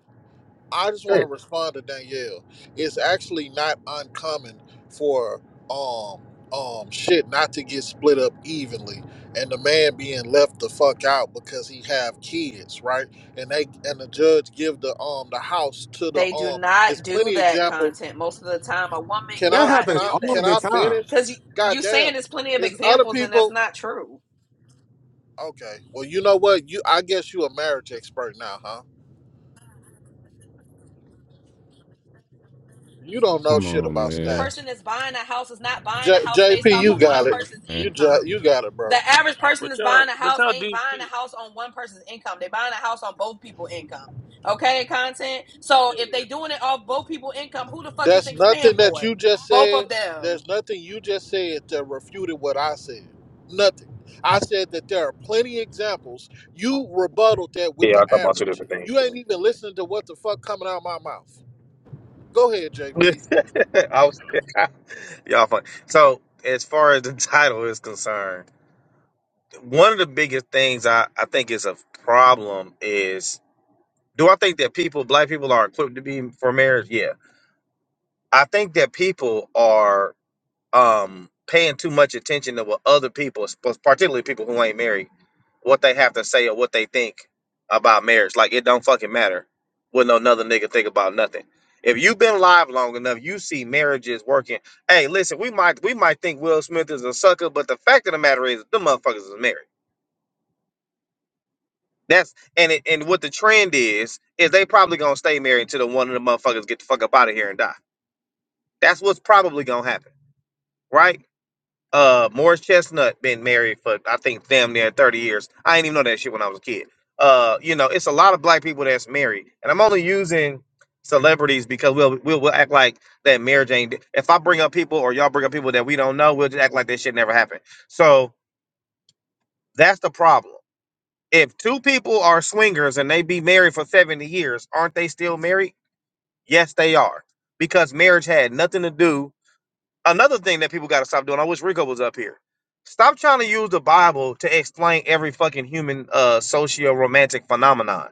I just want to shit. respond to Danielle. It's actually not uncommon for um um shit not to get split up evenly and the man being left the fuck out because he have kids, right? And they and the judge give the um the house to the They do um it's not do plenty that example. content most of the time. A woman Can That I cannot can happens I do all can that. the I time. finish? Because you, you Goddamn! damn. saying there's plenty of It's other examples, and that's people not true. okay. Well you know what? You I guess you a marriage expert now, huh? You don't know Come shit on, about man. stats. person that's buying a house is not buying J- a house based JP, off you of got one it. person's Eh. You ju- income. you got it, The bro. average uh, person but that's y'all, buying a but house y'all ain't do. buying a house on one person's income. They're buying a house on both people's income. Okay, content. So if they doing it off both people's income, who the fuck you That's think is paying nothing that for it? you just Both said. of them. There's nothing you just said that refuted what I said. Nothing. I said that there are plenty examples. You rebutted that with Yeah, I the talk about two average. different You ain't things. even listening to what the fuck coming out of my mouth. Go ahead, [laughs] JP. I was, [laughs] y'all funny. So, as far as the [laughs] title is concerned, one of the biggest things I, I think is a problem is do I think that people, black people, are equipped to be for marriage? Yeah. I think that people are um paying too much attention to what other people, sp- particularly people who ain't married what they have to say or what they think about marriage. Like it don't fucking matter what no another nigga think about nothing. If you've been live long enough, you see marriages working. Hey, listen, we might we might think Will Smith is a sucker, but the fact of the matter is, the motherfuckers is married. That's and it, and what the trend is is they probably gonna stay married until the one of the motherfuckers get the fuck up out of here and die. That's what's probably gonna happen, right? uh Morris Chestnut been married for I think damn near 30 years. I didn't even know that shit when I was a kid. Uh, you know, it's a lot of black people that's married. And I'm only using celebrities because we'll we'll, we'll act like that marriage ain't if I bring up people or y'all bring up people that we don't know, we'll just act like that shit never happened. So that's the problem. If two people are swingers and they be married for 70 years, aren't they still married? Yes, they are. Because marriage had nothing to do another thing that people got to stop doing. I wish Rico was up here. Stop trying to use the Bible to explain every fucking human uh socio-romantic phenomenon.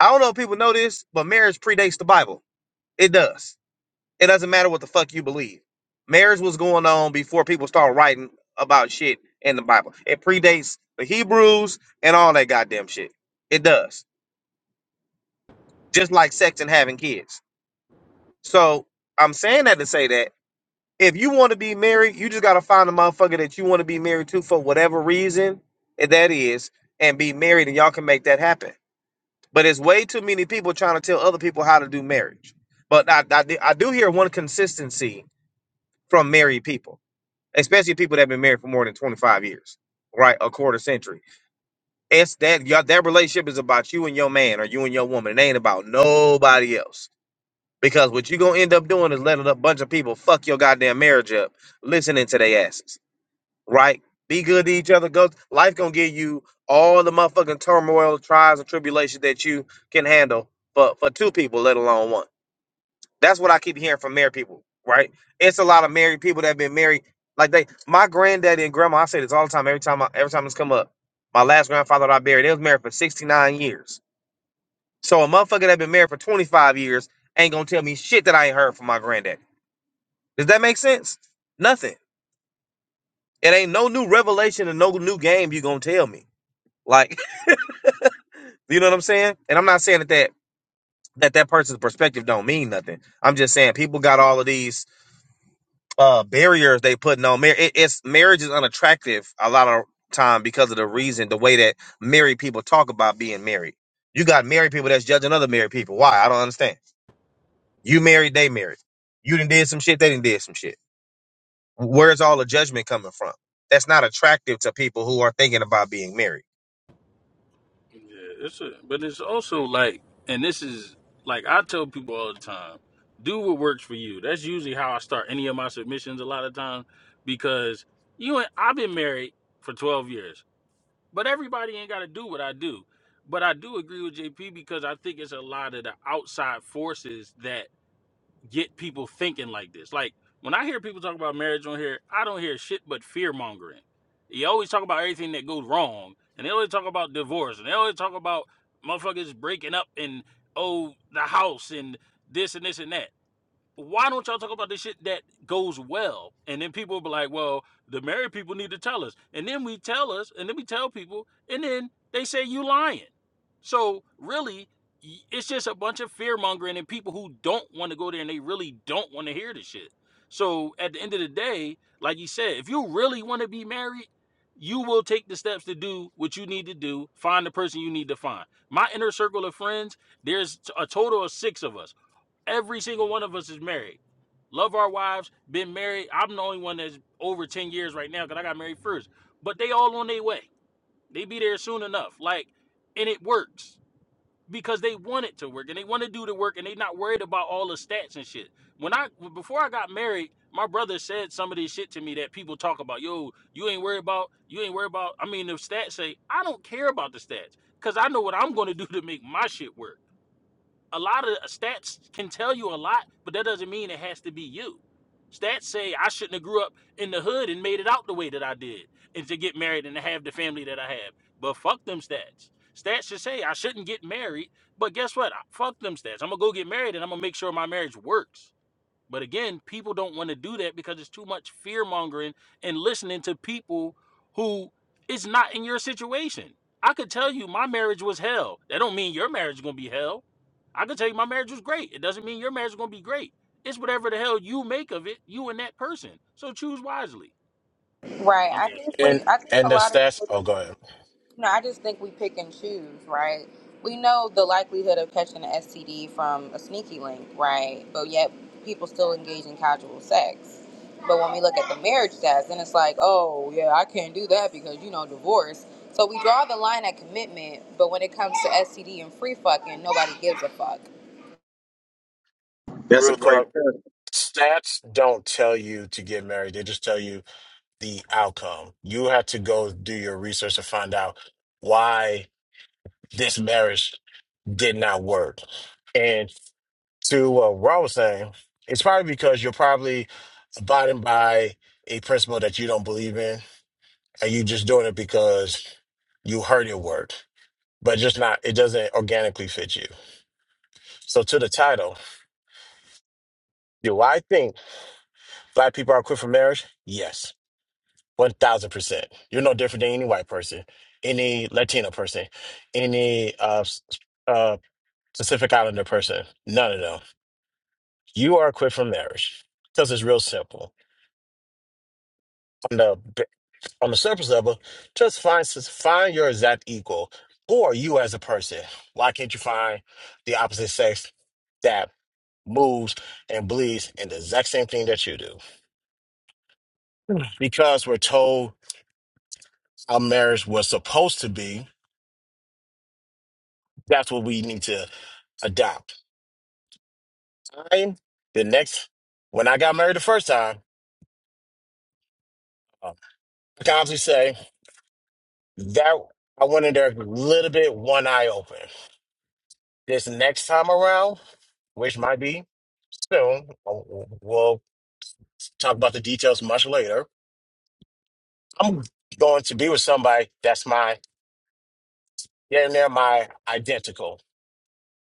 I don't know if people know this, but marriage predates the Bible. It does. It doesn't matter what the fuck you believe. Marriage was going on before people started writing about shit in the Bible. It predates the Hebrews and all that goddamn shit. It does. Just like sex and having kids. So I'm saying that to say that if you want to be married, you just gotta find a motherfucker that you want to be married to for whatever reason eh, that is, and be married, and y'all can make that happen. But it's way too many people trying to tell other people how to do marriage. But I, I, do- I do hear one consistency from married people, especially people that have been married for more than 25 years, right? A quarter century. It's that y'all, that relationship is about you and your man or you and your woman. It ain't about nobody else. Because what you gonna end up doing is letting a bunch of people fuck your goddamn marriage up listening to their asses right? Be good to each other. Go life gonna give you all the motherfucking turmoil, trials, and tribulations that you can handle for, for two people, let alone one. That's what I keep hearing from married people, right? It's a lot of married people that have been married. Like they my granddaddy and grandma, I say this all the time, every time I, every time this come up. My last grandfather that I buried, they was married for 69 years. So a motherfucker that been married for 25 years ain't gonna tell me shit that I ain't heard from my granddaddy. Does that make sense? Nothing. It ain't no new revelation and no new game you gonna tell me. Like, [laughs] you know what I'm saying? And I'm not saying that that that, that person's perspective don't mean nothing. I'm just saying people got all of these uh barriers they putting on marriage. It, it's marriage is unattractive a lot of time because of the reason the way that married people talk about being married. You got married people that's judging other married people. Why? I don't understand. You married, they married. You done did some shit, they done did some shit. Where's all the judgment coming from? That's not attractive to people who are thinking about being married. Yeah, it's a, but it's also like, and this is like I tell people all the time, do what works for you. That's usually how I start any of my submissions a lot of time because you and I've been married for 12 years, but everybody ain't got to do what I do. But I do agree with JP because I think it's a lot of the outside forces get people thinking like this. Like when I hear people talk about marriage on here, I don't hear shit but fear mongering. You always talk about everything that goes wrong, and they always talk about divorce, and they always talk about motherfuckers breaking up and oh the house and this and this and that why don't y'all talk about the shit that goes well? And then people will be like, well, the married people need to tell us. And then we tell us, and then we tell people, and then they say you lying. So really, it's just a bunch of fear mongering and people who don't want to go there and they really don't want to hear the shit. So at the end of the day, like you said, if you really want to be married, you will take the steps to do what you need to do, find the person you need to find. My inner circle of friends, there's a total of six of us. Every single one of us is married. Love our wives, been married. I'm the only one that's over 10 years right now because I got married first. But they all on their way. They be there soon enough. Like, and it works because they want it to work and they want to do the work and they not worried about all the stats and shit. When I before I got married, my brother said some of this shit to me that people talk about. Yo, you ain't worried about, you ain't worried about. I mean, the stats say I don't care about the stats because I know what I'm going to do to make my shit work a lot of stats can tell you a lot, but that doesn't mean it has to be you. Stats say I shouldn't have grew up in the hood and made it out the way that I did, and to get married and to have the family that I have. But fuck them stats. Stats should say I shouldn't get married, but guess what? Fuck them stats. I'm gonna go get married and I'm gonna make sure my marriage works. But again, people don't want to do that because it's too much fear mongering and listening to people who is not in your situation. I could tell you my marriage was hell. That don't mean your marriage is gonna be hell. I could tell you my marriage was great. It doesn't mean your marriage is gonna be great. It's whatever the hell you make of it, you and that person. So choose wisely. Right. I'm I done. think And we. I think a and the lot of stats. people. Oh, go ahead. You know, I just think we pick and choose, right? We know the likelihood of catching an STD from a sneaky link, right? But yet people still engage in casual sex. But when we look at the marriage stats, then it's like, oh, yeah, I can't do that because, you know, divorce. So we draw the line at commitment, but when it comes to STD and free fucking, nobody gives a fuck. That's a Real great quick. point. Stats don't tell you to get married. They just tell you the outcome. You have to go do your research to find out why this marriage did not work. And to what Rob was saying, it's probably because you're probably abiding by a principle that you don't believe in, and you just doing it because you heard it work, but just not. It doesn't organically fit you. So to the title, do I think? Black people are quit for marriage? Yes, 1000%. You're no different than any white person, any Latino person, any uh, s- uh, Pacific Islander person. None of them. You are quit for marriage because it's real simple. On the, b- on the surface level, just find, s- find your exact equal or you as a person. Why can't you find the opposite sex that moves and bleeds in the exact same thing that you do? Because we're told how marriage was supposed to be That's what we need to adopt. i the next when I got married the first time, uh, I can honestly say that I went in there a little bit one eye open. This next time around, which might be soon, uh, we'll talk about the details much later. I'm going to be with somebody that's my yeah, and they're my identical,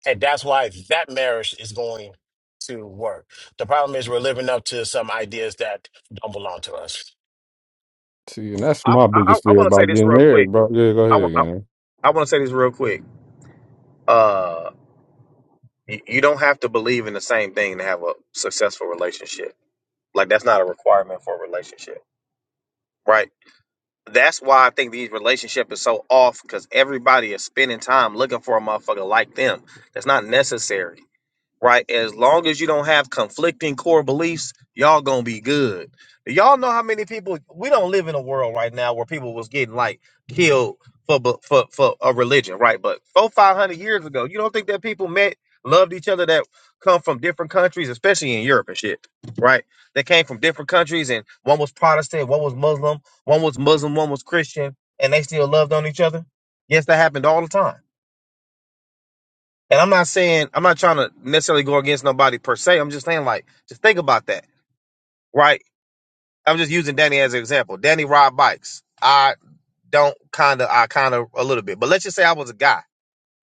and that's why that marriage is going to work. The problem is we're living up to some ideas that don't belong to us. See, and that's I my I, biggest I fear want to say about this getting real quick. married, bro. Yeah, go I ahead, I want to say this real quick. Uh, you, you don't have to believe in the same thing to have a successful relationship. Like that's not a requirement for a relationship, right? That's why I think these relationship is so off because everybody is spending time looking for a motherfucker like them. That's not necessary. right? As long as you don't have conflicting core beliefs, y'all gonna be good. Do Y'all know how many people we don't live in a world right now where people was getting like killed for bu- for for a religion, right? But four five hundred years ago, you don't think that people met loved each other that come from different countries, especially in Europe and shit, right? They came from different countries, and one was Protestant, one was Muslim, one was Muslim, one was Christian, and they still loved on each other. Yes, that happened all the time and I'm not saying I'm not trying to necessarily go against nobody per se. I'm just saying like just think about that, right? I'm just using Danny as an example. Danny ride bikes. I don't kind of I kind of a little bit, but let's just say I was a guy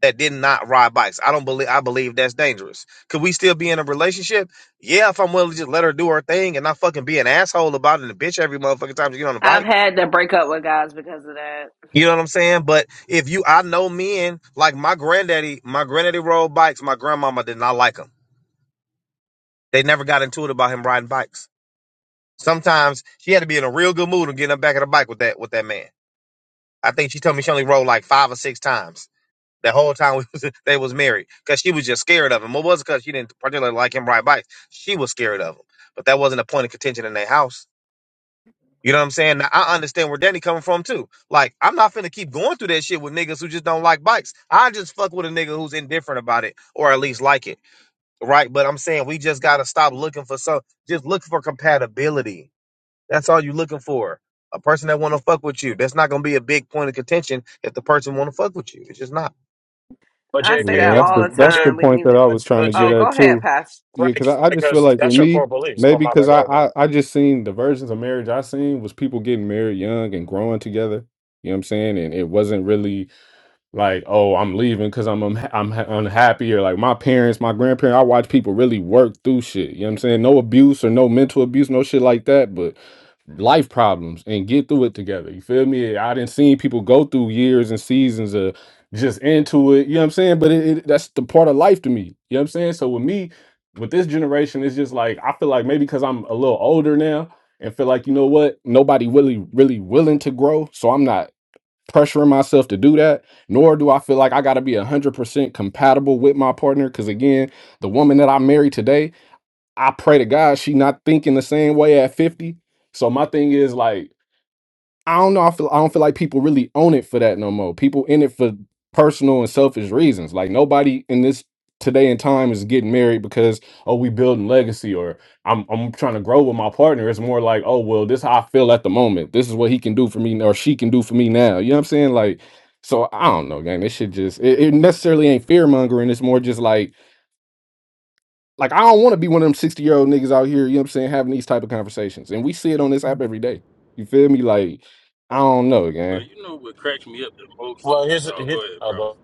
that did not ride bikes. I don't believe I believe that's dangerous. Could we still be in a relationship? Yeah, if I'm willing to just let her do her thing and not fucking be an asshole about it and a bitch every motherfucking time you get on a I've bike. had to break up with guys because of that. You know what I'm saying? But if you, I know men like my granddaddy. My granddaddy rode bikes. My grandmama did not like them. They never got into it about him riding bikes. Sometimes she had to be in a real good mood to get him back on the bike with that with that man. I think she told me she only rode like five or six times. The whole time we was, [laughs] they was married because she was just scared of him. It wasn't because she didn't particularly like him ride bikes. She was scared of him, but that wasn't a point of contention in their house. You know what I'm saying? Now, I understand where Danny coming from too. Like I'm not finna keep going through that shit with niggas who just don't like bikes. I just fuck with a nigga who's indifferent about it or at least like it right? But I'm saying we just gotta stop looking for some. Just look for compatibility. That's all you're looking for. A person that want to fuck with you. That's not gonna be a big point of contention if the person want to fuck with you. It's just not. But I say Yeah, JP, that your that's all the the but that's J the time. We point need that to. I was but trying but to get Oh, J at go ahead, too. Pastor. Yeah, right because I, I just feel because like with that's your me, core beliefs. Oh maybe my because God, I, no. I I just seen the versions of marriage I seen was people getting married young and growing together. You know what I'm saying? And it wasn't really like oh i'm leaving because i'm unha- i'm ha- unhappy or like my parents my grandparents i watch people really work through shit you know what i'm saying no abuse or no mental abuse no shit like that but life problems and get through it together you feel me i didn't see people go through years and seasons of just into it you know what i'm saying but it, it, that's the part of life to me you know what i'm saying so with me with this generation it's just like i feel like maybe because i'm a little older now and feel like you know what nobody really really willing to grow so i'm not pressuring myself to do that, nor do I feel like I got to be 100% compatible with my partner. Because again, the woman that I marry today, I pray to God she not thinking the same way at 50. So my thing is like, I don't know. I feel I don't feel like people really own it for that no more. People in it for personal and selfish reasons. Like nobody in this today and time is getting married because oh we building legacy or I'm I'm trying to grow with my partner. It's more like oh well this how I feel at the moment. This is what he can do for me or she can do for me now. You know what I'm saying? Like so I don't know, gang. This shit just it, it necessarily ain't fear mongering. It's more just like like I don't want to be one of them 60 year old niggas out here. You know what I'm saying? Having these type of conversations and we see it on this app every day. You feel me? Like I don't know, gang. But you know what cracks me up the most? Well, here's Oh, here, go ahead, oh, bro. but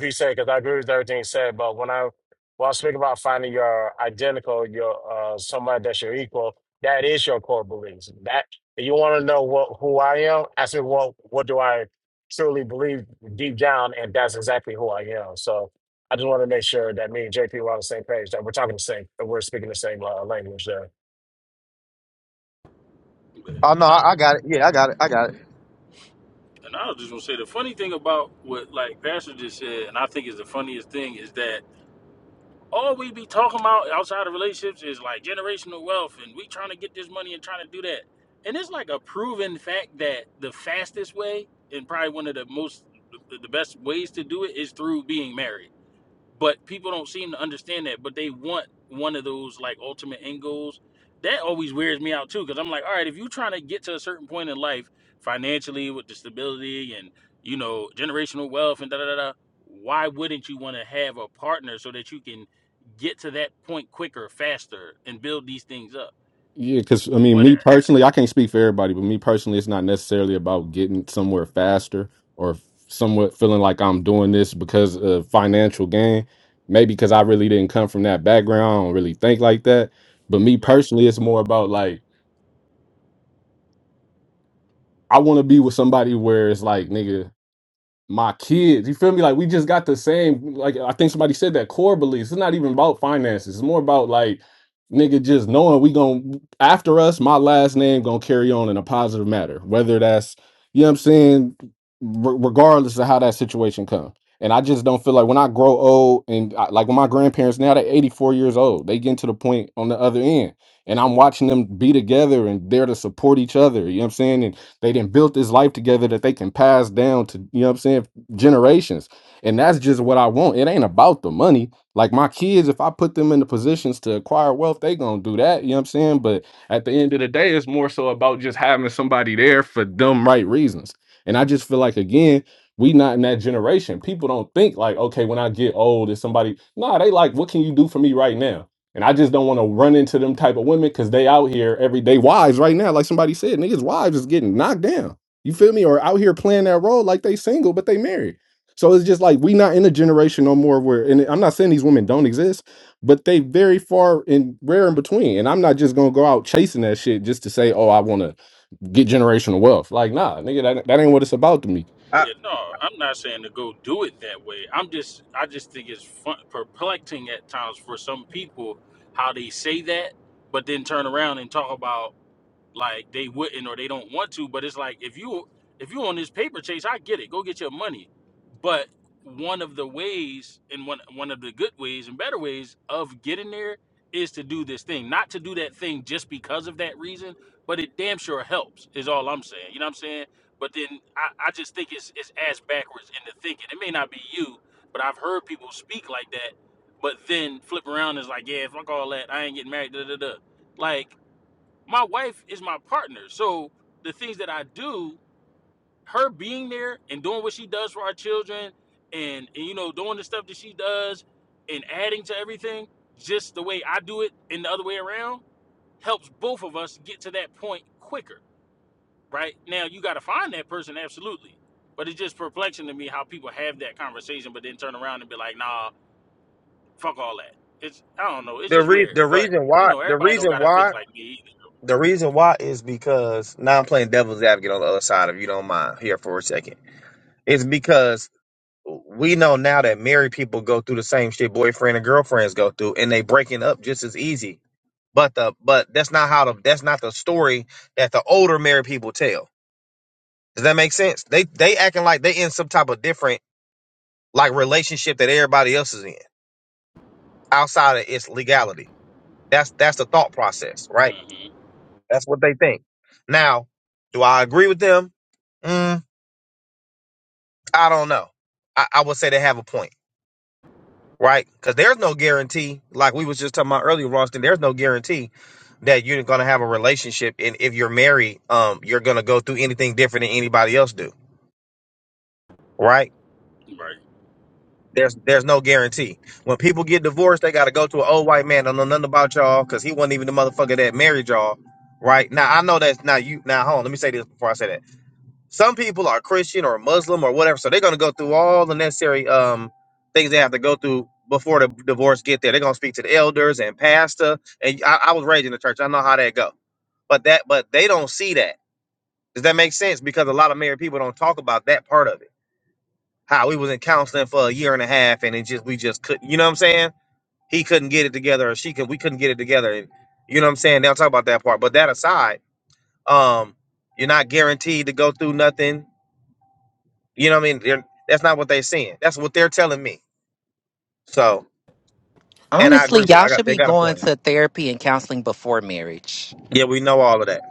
he said because I agree with everything he said. But when I when I speak about finding your identical, your uh somebody that's your equal, that is your core beliefs. That if you want to know what who I am, ask me what what do I truly believe deep down, and that's exactly who I am. So. I just want to make sure that me and JP were on the same page, that we're talking the same, that we're speaking the same uh, language there. Oh no, And I I, I got it. Yeah, I got it. I got it. and I was just gonna say the funny thing about what like Pastor just said, and I think is the funniest thing is that all we be talking about outside of relationships is like generational wealth and we trying to get this money and trying to do that. And it's like a proven fact that the fastest way and probably one of the most the best ways to do it is through being married. But people don't seem to understand that. But they want one of those like ultimate end goals. That always wears me out too, because I'm like, all right, if you're trying to get to a certain point in life financially with the stability and you know generational wealth and da da da, da, why wouldn't you want to have a partner so that you can get to that point quicker, faster, and build these things up? Yeah, because I mean, But uh, me personally, I can't speak for everybody, but me personally, it's not necessarily about getting somewhere faster or somewhat feeling like I'm doing this because of financial gain. Maybe because I really didn't come from that background, I don't really think like that. But me right. personally, it's more about like I want to be with somebody where it's like, nigga. my kids. You feel me? Like we just got the same. Like I think somebody said that core beliefs. It's not even about finances. It's more about like nigga just knowing we going to after us. My last name gonna carry on in a positive matter. Whether that's you know what I'm saying, re- regardless of how that situation come. And I just don't feel like when I grow old and I, like when my grandparents now they're 84 years old, they getting to the point on the other end, and I'm watching them be together and there to support each other. You know what I'm saying? And they didn't build this life together that they can pass down to, you know what I'm saying, generations. And that's just what I want. It ain't about the money. Like my kids, if I put them in the positions to acquire wealth, they gonna do that. You know what I'm saying? But at the end of the day, it's more so about just having somebody there for them right reasons. And I just feel like again, we not in that generation. People don't think like, okay, when I get old, is somebody nah, they like, what can you do for me right now? And I just don't want to run into them type of women because they out here every day wives right now, like somebody said, niggas wives is getting knocked down. You feel me? Or out here playing that role like they single but they married. So it's just like we not in a generation no more where, and I'm not saying these women don't exist, but they very far and rare in between. And I'm not just gonna go out chasing that shit just to say, oh, I want to get generational wealth. Like, nah, nigga, that, that ain't what it's about to me. I, Yeah, no, I'm not saying to go do it that way. I'm just, I just think it's fun, perplexing at times for some people how they say that, but then turn around and talk about like they wouldn't or they don't want to but it's like if you if you on this paper chase i get it go get your money but one of the ways and one one of the good ways and better ways of getting there is to do this thing not to do that thing just because of that reason but it damn sure helps is all i'm saying you know what i'm saying but then i, I just think it's it's ass backwards into thinking it may not be you but i've heard people speak like that but then flip around is like yeah fuck all that i ain't getting married da da da like my wife is my partner. So the things that I do, her being there and doing what she does for our children and, and you know, doing the stuff that she does and adding to everything, just the way I do it and the other way around, helps both of us get to that point quicker. Right? Now you gotta find that person, absolutely. But it's just perplexing to me how people have that conversation but then turn around and be like, nah, fuck all that. It's I don't know, it's the just re- weird. the But reason you why know, the everybody don't reason gotta think why like me the reason why is because now I'm playing devil's advocate on the other side. If you don't mind, here for a second, it's because we know now that married people go through the same shit boyfriend and girlfriends go through, and they breaking up just as easy But the but that's not how the that's not the story that the older married people tell. Does that make sense? They they acting like they in some type of different like relationship that everybody else is in outside of its legality. That's that's the thought process, right? either. hmm That's what they think. Now, do I agree with them? Mm, I don't know. I, I would say they have a point. right? Because there's no guarantee, like we was just talking about earlier, Roston. There's no guarantee that you're gonna have a relationship, and if you're married, um, you're gonna go through anything different than anybody else do, right? Right. There's there's no guarantee. When people get divorced, they gotta go to an old white man. Don't know nothing about y'all because he wasn't even the motherfucker that married y'all, right? Now I know that's not you. Now hold on, let me say this before I say that. Some people are Christian or Muslim or whatever, so they're gonna go through all the necessary um things they have to go through before the divorce get there. They're gonna speak to the elders and pastor. And I, I was raised in the church. I know how that go. But that but they don't see that. Does that make sense? Because a lot of married people don't talk about that part of it. How we was in counseling for a year and a half and it just we just couldn't you know what I'm saying? He couldn't get it together or she could we couldn't get it together. And you know what I'm saying? They'll talk about that part. But that aside, um, you're not guaranteed to go through nothing You know what I mean? They're- that's not what they're seeing. That's what they're telling me. So, and I Well, Honestly, agree with. y'all I should got they be got a going point. to therapy and counseling before marriage. Yeah, we know all of that.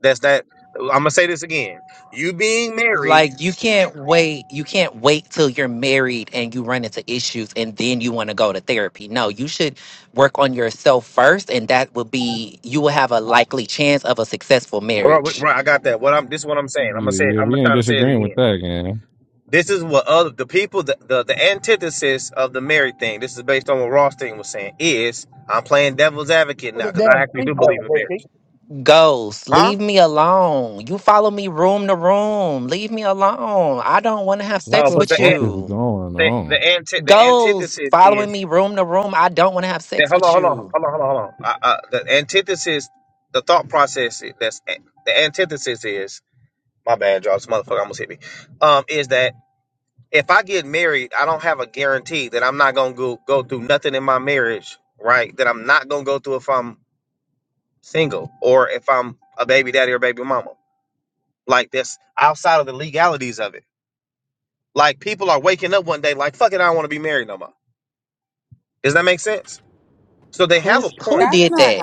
That's that. I'm gonna say this again. You being married, Like you can't wait, you can't wait till you're married and you run into issues and then you want to go to therapy. No, you should work on yourself first and that will be you will have a likely chance of a successful or right, marriage. right, I got that. What I'm this is what I'm saying. I'm gonna Yeah, say. yeah, I'm gonna we ain't try to say it disagreeing with again. that, gang. This is what other the people the, the the antithesis of the married thing. This is based on what Rothstein was saying. Is I'm playing devil's advocate Put now a damn because I actually do believe seatbelt, in baby. marriage. Ghost, Huh? leave me alone. You follow me room to room. Leave me alone. I don't want to have What Oh, sex the but with the fuck an- is you. going the on? the, anti- the Ghost, antithesis following is me room to room. I don't want to have Hey, sex hold on, with hold on, you. hold on, hold on, hold on. Uh, uh, the antithesis, the thought process i- that's the antithesis is my bad, y'all. This motherfucker almost hit me. Um, is that if I get married, I don't have a guarantee that I'm not gonna go go through nothing in my marriage, right? That I'm not gonna go through if I'm single or if I'm a baby daddy or baby mama. Like that's outside of the legalities of it. Like people are waking up one day like, fuck it, I don't want to be married no more. Does that make sense? So they have Who's a point. who That's did not that?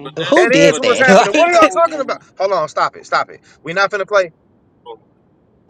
But who that's That did is but what's that that? but happening. What that are y'all [laughs] talking about? whole Hold on, stop it, stop it. We're not finna play, oh,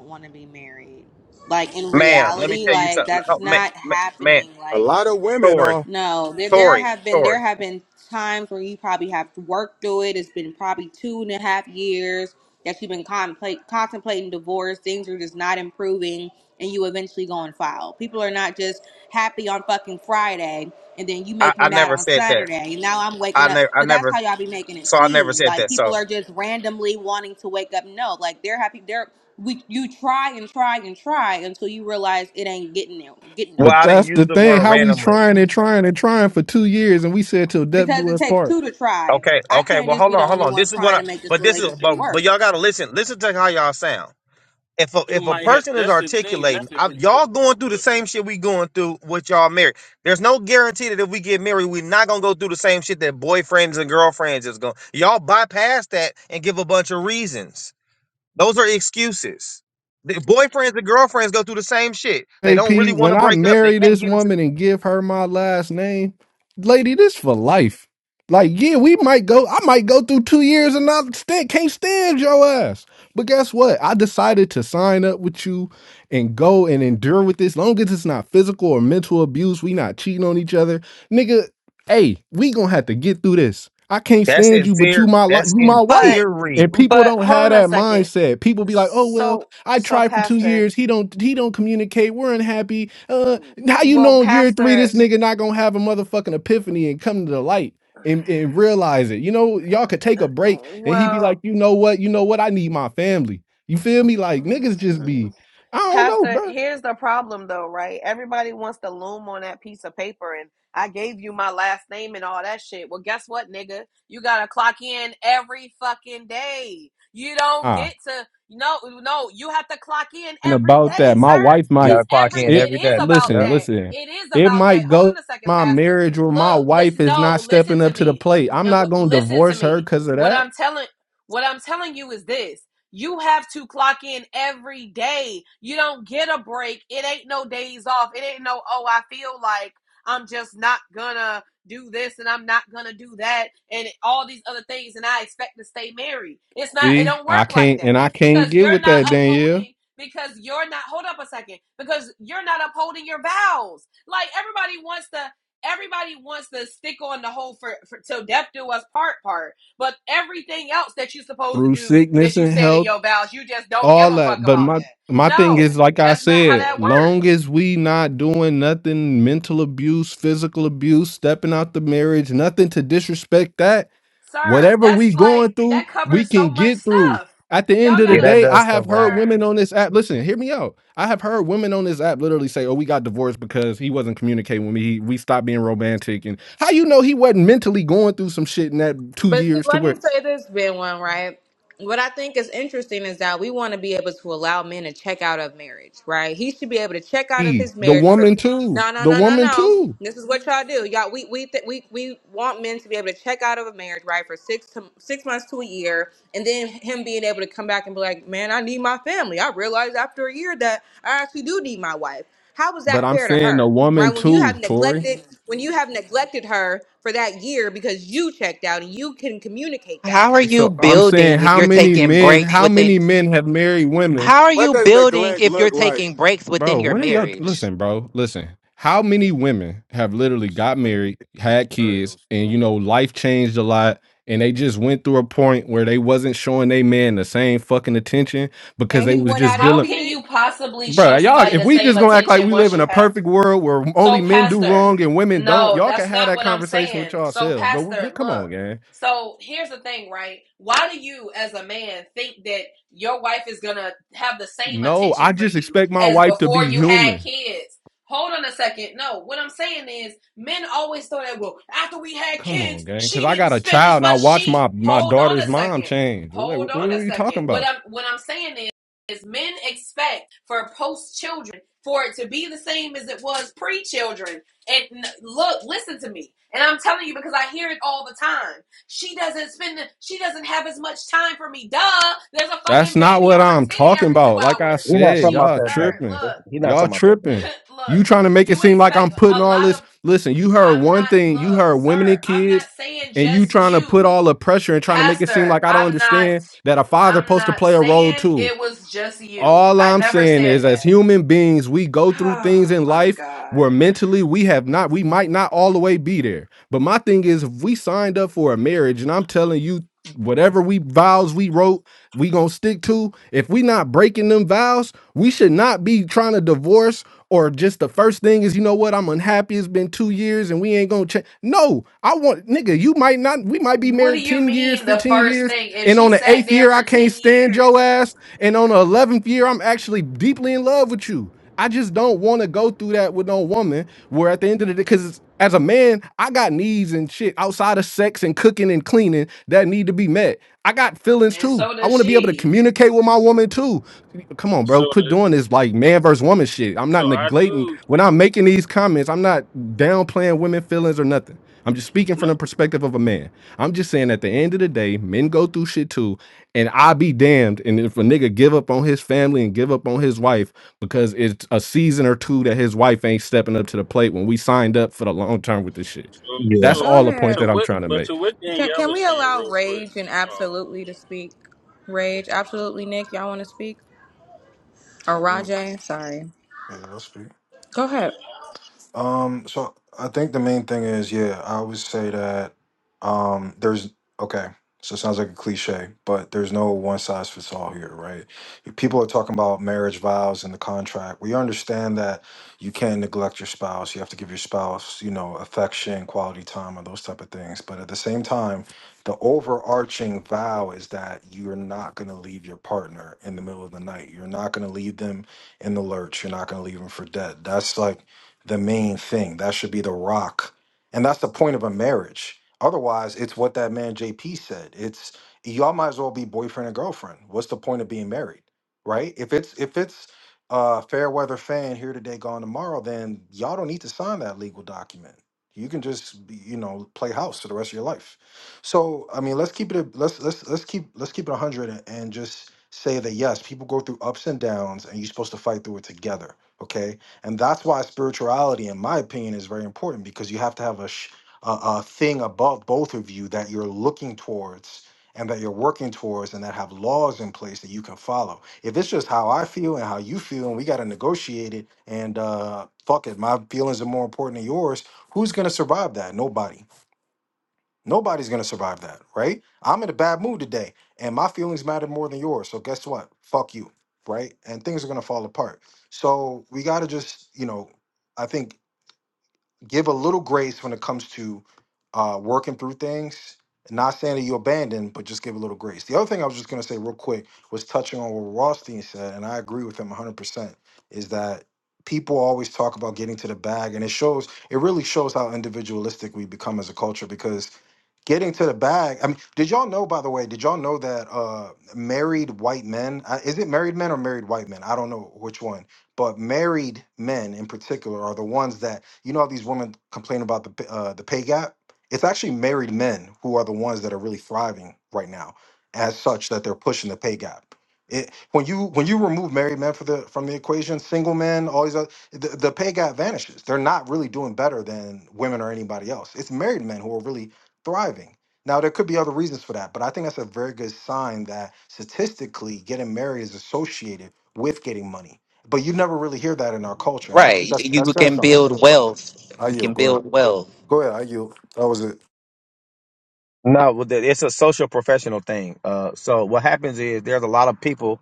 want to be married. Like in ma'am. Let me reality, tell you like something, that's oh, man, not man, man, happening. A Like lot of women Tori, are. No, there there Tori, have been there Tori. have been times where you probably have worked through it. It's been probably two and a half years that you've been contemplate, contemplating divorce. Things are just not improving, and you eventually go and file. People are not just happy on fucking Friday, and then you I, make me I mad never on said that. Saturday. And now I'm waking I up, never, I but that's never. how y'all be making it So I never seem said like that. people So are just randomly wanting to wake up. No, like they're happy. They're we you try and try and try until you realize it ain't getting there, getting well, But I nowhere. didn't that's use the the thing. word How we randomly. trying and trying and trying for two years, and we said till death because do it us takes part. two to try. Okay, I okay. can't Well, just hold be the on, hold only on. one This is what trying I. to make this But this is, it, relationship but it- but work. y'all gotta listen. Listen to how y'all sound. if a, you if a might have person is that's the thing that's articulating, the I, thing. Oh, y'all oh, going through the good. same shit we going through with y'all married. There's no guarantee that if we get married, we're not gonna go through the same shit that boyfriends and girlfriends is going. Y'all bypass that and give a bunch of reasons. Those are excuses. The boyfriends and girlfriends go through the same shit. They AP, don't really want when to I break up. They marry can't this get into. woman and give her my last name, lady, this for life. Like, yeah, we might go, I might go through two years and not stand, can't stand your ass. But guess what? I decided to sign up with you and go and endure with this. Long as it's not physical or mental abuse, we not cheating on each other. Nigga, hey, we gonna have to get through this. I can't That's stand in you, but theory. you my li- That's you in my wife. But, theory. And people but don't hold have on a that second. mindset. People be like, oh well, So, I so tried for two Pastor. years. He don't he don't communicate. We're unhappy. Uh how you Well, know in year three Pastor. this nigga not gonna have a motherfucking epiphany and come to the light and, and realize it. You know, y'all could Uh, take a break and he be like, Well, you know what, you know what, I need my family. You feel me? Like [laughs] niggas just be, I don't know, Pastor, bro. here's the problem though, right? Everybody wants to loom on that piece of paper and I gave you my last name and all that shit. Well, guess what, nigga? You gotta clock in every fucking day. You don't Ah, get to no, no, you have to clock in and every about that, day, my sir. wife You It's gotta might clock every in it it every is day. about Yep. listen, that. listen, It is it about that. might Hold on go a second, my Pastor. marriage or my Look, wife listen, is no, not listen stepping to up to the me. plate. I'm And not what gonna listen to divorce her me. because of What that I'm telling what I'm telling you is this. You have to clock in every day. You don't get a break. It ain't no days off. It ain't no, oh, I feel like I'm just not gonna do this and I'm not gonna do that and all these other things and I expect to stay married. It's not it See, don't I work like can't, that and I can't because get you're with not that, Danielle, upholding because you're not hold up a second because you're not upholding your vows. Like everybody wants to everybody wants to stick on the whole for, for till death do us part part but everything else that you're supposed to through do that sickness you and said in health, your vows, you just don't give all a fuck that. But about my that. my thing is, No, like I that's not how said, that long works. as we not doing nothing, mental abuse, physical abuse, stepping out the marriage, nothing to disrespect that. Sir, Whatever that's we like, going through, that we covers so can much get through. stuff. At the end Y'all of the Yeah, gotta, that day, I does have cover a heard lot. sir. women on this app. Listen, hear me out. I have heard women on this app literally say, "Oh, we got divorced because he wasn't communicating with me. He, we stopped being romantic." And how you know he wasn't mentally going through some shit in that two But see, years to let me where say this, Ben One, right? What I think is interesting is that we want to be able to allow men to check out of marriage, right? He should be able to check out of he, his the marriage for woman too, no, no, the no, no, woman no. too. This is what y'all do, y'all. We we th- we we want men to be able to check out of a marriage, right, for six to six months to a year, and then him being able to come back and be like, "Man, I need my family." I realized after a year that I actually do need my wife. How was But that I'm fair to saying the her? right? woman When you have too, Tori. neglected, when you have neglected her for that year because you checked out and you can communicate Like, that. how are you So I'm saying building if how you're many taking men, breaks how within? many men have married women How are What you does building neglect if you're look taking like? breaks within Bro, your what are y'all marriage? listen, bro? Listen. How many women have literally sound got like married, had kids, scenarios, and bro. you know, life changed a lot, and they just went through a point where they wasn't showing they man the same fucking attention because And they he was went just out and How dealing can cheated. you possibly show Bro, y'all, somebody if the we same just gonna act like attention we once live in you a have? perfect world where only So, men do Pastor, wrong and women don't, no, y'all can that's have not that what I'm conversation with saying. So, yourselves. But we, Pastor, we- come look. on, gang. So, here's the thing, right? Why do you, as a man, think that your wife is going to have the same No, attention I for just you expect my as wife to before be you had human. kids? Hold on a second. No, what I'm saying is men always thought that, well, after we had Come kids, on, gang. she Because I didn't got a spend child as and I much. watch She, my my hold on a daughter's mom second. change. Hold What, what on a are you second. talking What about? I'm, what I'm saying is, is men expect for post children for it to be the same as it was pre children. And look, listen to me. And I'm telling you because I hear it all the time. She doesn't spend, the- she doesn't have as much time for me. Duh, there's a That's fucking not baby what on her I'm titty talking every two about. Like I hours. We're not said, talking She, about y'all that sir, tripping. though. look, He's not Y'all talking about that. Though. [laughs] tripping. You look, trying to make it you seem like I'm expect putting a all lot this. of, Listen, you heard I'm one not, thing. You look, heard women sir, and I'm not kids, saying and you just trying to put you. all the pressure and trying to make it seem Pastor, like I don't I'm not, understand that a father I'm supposed to not play a role saying too. it was just you. All I I'm never saying said is, as that. [sighs] human beings, we go through things Oh in my life God. where mentally we have not, we might not all the way be there. But my thing is, if we signed up for a marriage, and I'm telling you, whatever we vows we wrote, we gonna stick to. If we not breaking them vows, we should not be trying to divorce or just the first thing is, you know what, I'm unhappy. It's been two years and we ain't gonna change. No, I want nigga, you might not, we might be What do married you 10 years, mean the 15 first years. thing? If And she on the sat eighth there year, I for can't 10 stand your years, ass. And on the eleventh year, I'm actually deeply in love with you. I just don't want to go through that with no woman. Where at the end of the day, because as a man, I got needs and shit outside of sex and cooking and cleaning that need to be met. I got feelings and too. so I does want to be able to she, communicate with my woman too. Come on, So bro. Quit the doing this like man versus woman shit. I'm so not I neglecting do when I'm making these comments. I'm not downplaying women feelings or nothing. I'm just speaking no, from the perspective of a man. I'm just saying at the end of the day, men go through shit too, and I be damned. And if a nigga give up on his family and give up on his wife because it's a season or two that his wife ain't stepping up to the plate when we signed up for the long term with this shit. so Yeah. That's so all Go the point ahead. to that I'm what trying to but make. to what Can, Danielle can was we saying allow real quick. Rage and Um, Absolutely to speak? Rage, Absolutely, Nick, y'all want to speak? Or Mm. Rajay, sorry. Yeah, that's good. Go ahead. Um, so I think the main thing is, yeah, I would say that um there's okay, so it sounds like a cliche, but there's no one size fits all here, right? If People are talking about marriage vows and the contract. We understand that you can't neglect your spouse. You have to give your spouse, you know, affection, quality time, and those type of things. But at the same time, the overarching vow is that you're not going to leave your partner in the middle of the night. You're not going to leave them in the lurch. You're not going to leave them for dead. That's like the main thing. That should be the rock. And that's the point of a marriage. Otherwise, it's what that man JP said. It's y'all might as well be boyfriend and girlfriend. What's the point of being married? Right? If it's if it's uh fair weather fan here today, gone tomorrow, then y'all don't need to sign that legal document. You can just be, you know, play house for the rest of your life. So I mean let's keep it a, let's let's let's keep let's keep it a hundred and and just say that yes, people go through ups and downs and you're supposed to fight through it together. Okay and that's why spirituality, in my opinion, is very important because you have to have a, sh- a, a thing above both of you that you're looking towards and that you're working towards and that have laws in place that you can follow. If it's just how I feel and how you feel and we got to negotiate it and uh, fuck it, my feelings are more important than yours, who's going to survive that? Nobody. Nobody's gonna survive that, right? I'm in a bad mood today, and my feelings matter more than yours. So guess what? Fuck you, right? And things are gonna fall apart. So we gotta just, you know, I think give a little grace when it comes to uh, working through things. Not saying that you abandon, but just give a little grace. The other thing I was just gonna say real quick was touching on what Rothstein said, and I agree with him 100%. Is that people always talk about getting to the bag, and it shows. It really shows how individualistic we become as a culture because getting to the bag. I mean, did y'all know, by the way, did y'all know that uh, married white men, uh, is it married men or married white men? I don't know which one, but married men in particular are the ones that, you know, how these women complain about the, p- uh, the pay gap. It's actually married men who are the ones that are really thriving right now as such that they're pushing the pay gap. It, when you when you remove married men for the from the equation, single men, all these other, the, the pay gap vanishes. They're not really doing better than women or anybody else. It's married men who are really thriving. Now, there could be other reasons for that, but I think that's a very good sign that statistically getting married is associated with getting money. But you never really hear that in our culture. And I think Right. that's that You says can something. build wealth. I You yield. can Go ahead. build wealth. Go ahead. I yield. That was it. No, well, th- it's a social professional thing. Uh, so what happens is there's a lot of people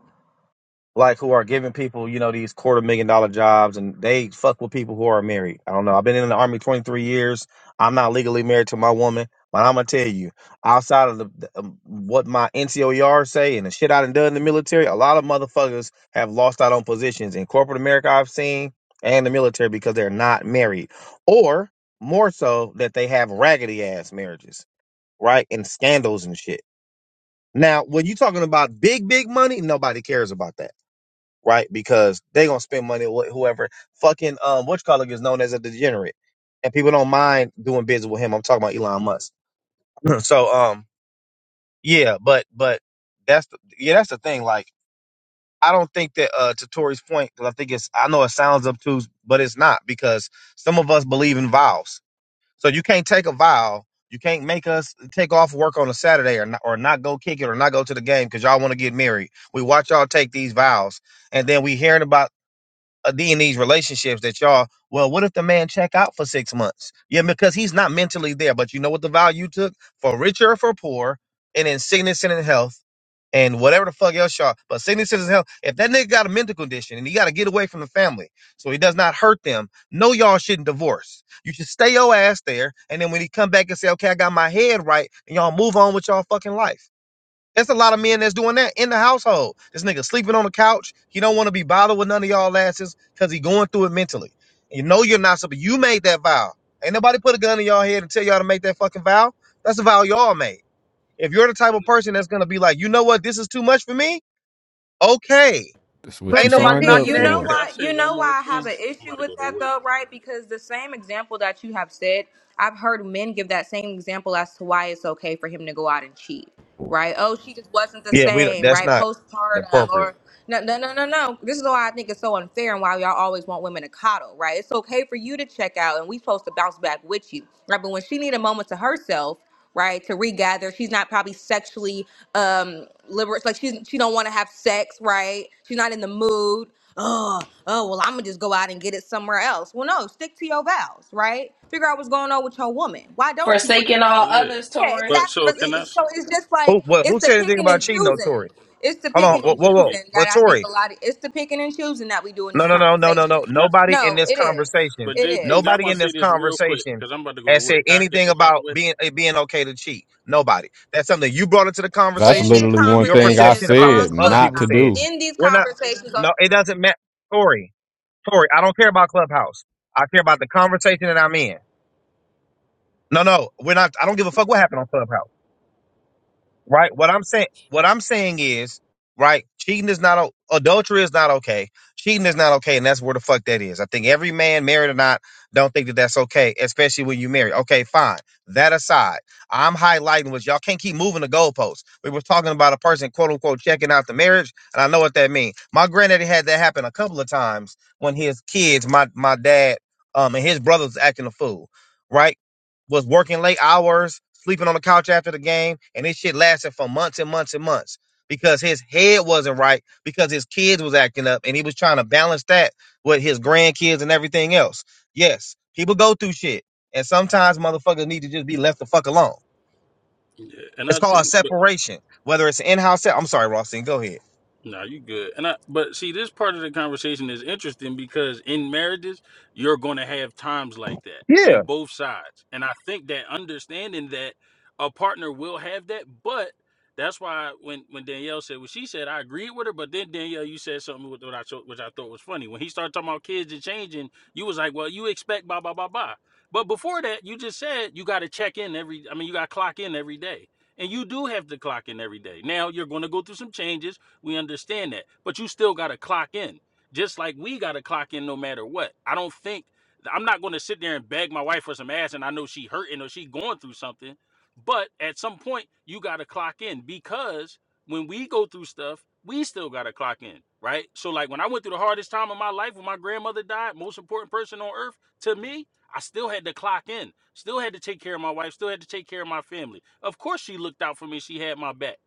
like who are giving people, you know, these quarter million dollar jobs, and they fuck with people who are married. I don't know. I've been in the army 23 years. I'm not legally married to my woman, but I'm gonna tell you, outside of the, the um, what my NCOER say and the shit I done done in the military, a lot of motherfuckers have lost out on positions in corporate America. I've seen and the military because they're not married, or more so that they have raggedy ass marriages right? And scandals and shit. Now, when you're talking about big, big money, nobody cares about that, right? Because they gonna spend money with whoever fucking um which color is known as a degenerate. And people don't mind doing business with him. I'm talking about Elon Musk. [clears throat] so um yeah, but but that's the, yeah, that's the thing. Like I don't think that uh to Tory's point, because I think it's I know it sounds obtuse, but it's not because some of us believe in vows So you can't take a vow. You can't make us take off work on a Saturday or not, or not go kick it or not go to the game because y'all want to get married. We watch y'all take these vows, and then we hearing about uh, the- in these relationships that y'all. Well, what if the man check out for six months? Yeah, because he's not mentally there. But you know what the vow you took for richer or for poor, and in sickness and in health and whatever the fuck else y'all. But senior citizen health, if that nigga got a mental condition and he got to get away from the family so he does not hurt them, no, y'all shouldn't divorce. You should stay your ass there, and then when he come back and say, okay, I got my head right, and y'all move on with y'all fucking life. There's a lot of men that's doing that in the household. This nigga sleeping on the couch. He don't want to be bothered with none of y'all asses because he going through it mentally. You know you're not supposed. You made that vow. Ain't nobody put a gun in y'all head and tell y'all to make that fucking vow. That's a vow y'all made. If you're the type of and, person that's gonna be like, you know what, this is too much for me, okay. That's what But Ain't you JP, nobody signed up and knocking you that know for. can either. I why say you one know more why I have thing? an I'm issue about to go with to that work. though, right? Because the same example that you have said, I've heard men give that same example as to why it's okay for him to go out and cheat, right? Oh, she just wasn't the Yeah, we don't, same, that's right? not Postpartum or appropriate. no no no no no. This is why I think it's so unfair and why y'all always want women to coddle, right? It's okay for you to check out and we supposed to bounce back with you. Right. But when she need a moment to herself, right to regather she's not probably sexually um liberal like she's she don't want to have sex right she's not in the mood oh oh well i'm gonna just go out and get it somewhere else well no stick to your vows right figure out what's going on with your woman why don't she want to forsaking be all sexual Yeah, others, yeah Tori. but exactly so But it- can I? it's- so s- it's just like Who what who it's the said anything picking and about cheating though, choosing Tori? it's the Hold on, Hold picking on, whoa, and whoa, whoa. JP. choosing that But i think Tori, a lot of it's the picking and choosing that we do in these no no So no no no no. conversations can I? Nobody in no this it is conversation, But it JP, is I nobody want in to say this this real quick conversation because I'm about to go to has work. said Can I get anything this out of the about way? being it being okay to cheat. Nobody. That's something you brought into the That's in conversation these literally from one your thing I conversations perception about what on said some other not people to Clubhouse, said. do. in these We're not conversations on no, it doesn't matter. Tori. Tori, I don't care about Clubhouse. I care about the conversation that I'm in. No, no, we're not. I don't give a fuck what happened on Clubhouse right? What I'm saying, what I'm saying is, right? Cheating is not o- adultery is not okay. Cheating is not okay, and that's where the fuck that is. I think every man, married or not, don't think that that's okay, especially when you marry. Okay, fine. That aside, I'm highlighting was y'all can't keep moving the goalposts. We were talking about a person quote unquote checking out the marriage, and I know what that means. My granddaddy had that happen a couple of times when his kids, my my dad, um, and his brothers acting a fool. Right was working late hours, sleeping on the couch after the game, and this shit lasted for months and months and months because his head wasn't right because his kids was acting up and he was trying to balance that with his grandkids and everything else. Yes, people go through shit, and sometimes motherfuckers need to just be left the fuck alone. Yeah, and It's I called a think separation, whether it's an in-house. se- I'm sorry, Rossing, go ahead. No, you good. And I but see this part of the conversation is interesting because in marriages, you're gonna have times like that Yeah. on both sides. And I think that understanding that a partner will have that, but that's why when, when Danielle said what she said, I agreed with her. But then Danielle, you said something with what I cho- which I thought was funny. When he started talking about kids and changing, you was like, "Well, you expect blah blah blah blah." But before that, you just said you got to check in every. I mean, you got to clock in every day, and you do have to clock in every day. Now you're going to go through some changes we understand that. But you still got to clock in, just like we got to clock in no matter what. I don't think, I'm not going to sit there and beg my wife for some ass and I know she hurting or she going through something. But at some point, you got to clock in because when we go through stuff, we still got to clock in, right? So, like when I went through the hardest time of my life when my grandmother died, most important person on earth to me, I still had to clock in, still had to take care of my wife, still had to take care of my family. Of course, she looked out for me, she had my back.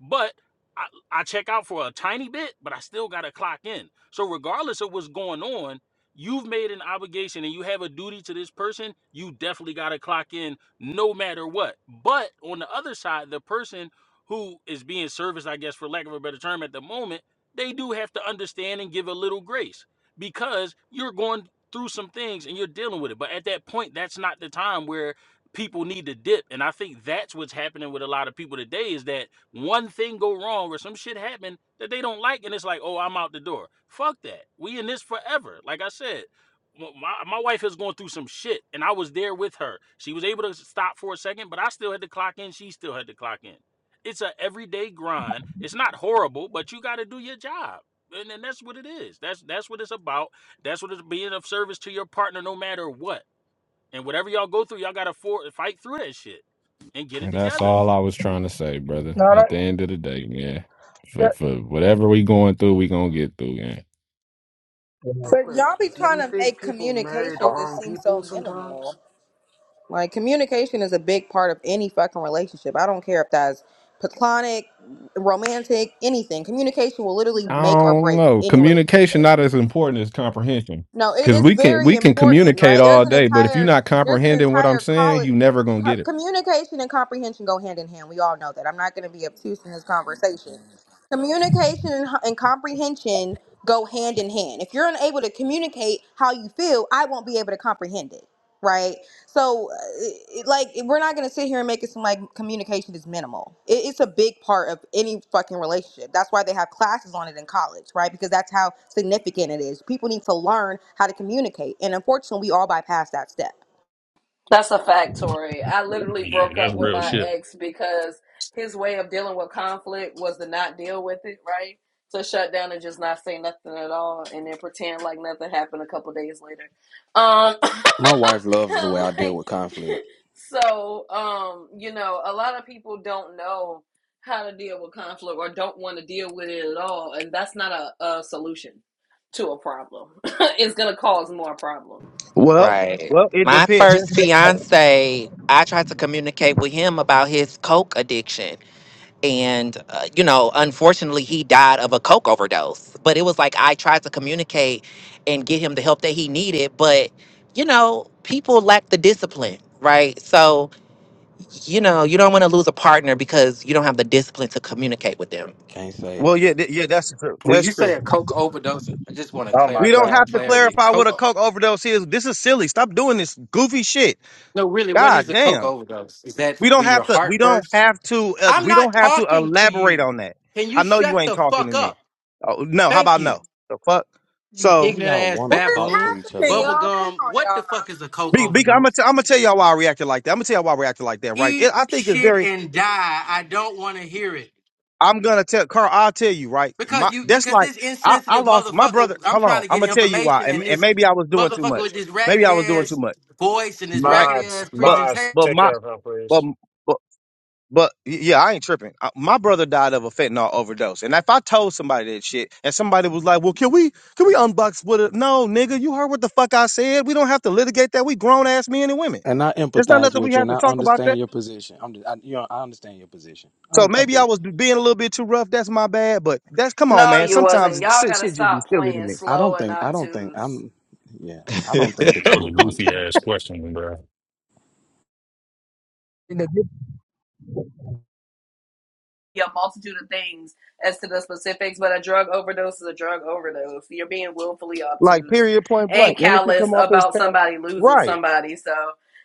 But I. I check out for a tiny bit, but I still got to clock in. So regardless of what's going on, you've made an obligation and you have a duty to this person. You definitely got to clock in no matter what. But on the other side, the person who is being serviced, I guess for lack of a better term at the moment, they do have to understand and give a little grace because you're going through some things and you're dealing with it. But at that point, that's not the time where people need to dip. And I think that's what's happening with a lot of people today is that one thing go wrong or some shit happen that they don't like and it's like oh i'm out the door fuck that we in this forever like i said my, my wife is going through some shit and i was there with her she was able to stop for a second but i still had to clock in she still had to clock in it's a everyday grind it's not horrible but you got to do your job and, and that's what it is that's that's what it's about that's what it's being of service to your partner no matter what and whatever y'all go through y'all got to fight through that shit and get it And that's together all I was trying to say, brother. No, At that, the end of the day, man. For that for whatever we going through, we gonna get through, man. Yeah. Real But quick, y'all be do trying you to think make people marry the communication just wrong seem so people sometimes? minimal. Like communication is a big part of any fucking relationship. I don't care if that's platonic, romantic, anything. Communication will literally I make or don't break know. any Communication relationship. not as important as comprehension. No, it, Because it's we can very we can important, communicate right? There's all an day, but if you're entire not there's an comprehending what I'm entire saying, college you never gonna co- get it. communication and comprehension go hand in hand. We all know that. I'm not going to be obtuse in this conversation. Communication and, and comprehension go hand in hand. If you're unable to communicate how you feel, I won't be able to comprehend it right? So, uh, it, like, we're not gonna sit here and make it seem like communication is minimal. It, it's a big part of any fucking relationship. That's why they have classes on it in college, right? Because that's how significant it is. People need to learn how to communicate, and unfortunately, we all bypass that step. That's a fact, Tori. I literally Yeah, broke that's up with real my shit. ex because his way of dealing with conflict was to not deal with it, right? To shut down and just not say nothing at all and then pretend like nothing happened a couple days later. Um [laughs] My wife loves the way I [laughs] deal like with conflict. [laughs] so um you know a lot of people don't know how to deal with conflict or don't want to deal with it at all and that's not a, a solution to a problem [laughs] it's gonna cause more problems Well, Right. well, it My depends. just first fiance, I tried to communicate with him about his coke addiction. and uh, you know unfortunately he died of a coke overdose but it was like i tried to communicate and get him the help that he needed but you know people lack the discipline right so you know you don't want to lose a partner because you don't have the discipline to communicate with them Can't save Well, yeah, people. th- yeah, that's true. When That's you say true. a coke overdose, I just want to Oh my We clear don't get God. have to clarity. clarify what a Coke. coke overdose is. This is silly. Stop doing this goofy shit. No, really, what is God a coke damn. overdose? Is that We don't when your have to. We heart don't bursts? have to. Uh, I'm we not don't have to talking to elaborate you. on that. Can I you know you shut ain't the talking to fuck me. up? Oh, no. How Thank about you. no? The fuck. You Why So, do ignorant y'all ass want What to is talk to baboon. each other happening, like y'all? this? Come Bubblegum. on, What the fuck y'all. is a coke be, be, I'm gonna overdose? t- I'm gonna tell y'all why I reacted like that. I'm gonna tell y'all why I reacted like that. Right. It, Eat I think it's shit very. and die. I don't want to hear it. I'm gonna tell Carl. I'll tell you. Right. Because My you that's because like this I, I insensitive lost my brother. motherfucker, I'm Hold trying on. to I'm get gonna tell you why. information and And, and this maybe I was doing too motherfucker with much. this Maybe raggedy I was doing too ass much. voice and this Right. raggedy Mods, ass But mods, presentation but take my care of her, but please. But y- yeah, I ain't tripping. I, my brother died of a fentanyl overdose, and if I told somebody that shit, and somebody was like, "Well, can we can we unbox with it?" No, nigga, you heard what the fuck I said. We don't have to litigate that. We grown ass men and women. And I There's not empathize nothing we with you, have and to I talk about understand that. your position. I'm, just, I, you know, I understand your position. I, So I maybe I do. was being a little bit too rough. That's my bad. But that's come on, no man. you wasn't Sometimes it, y'all shit gotta shit just be stop silly to playing me. I slow don't and think. I don't think. obtuse I'm. Yeah. I don't think Yeah, that that you was were a doing too goofy ass much. question, bro. you know, get- be a multitude of things as to the specifics, but a drug overdose is a drug overdose. You're being willfully Like obtuse period, point and blank, and it can callous come off as about tap. somebody losing Right. somebody. So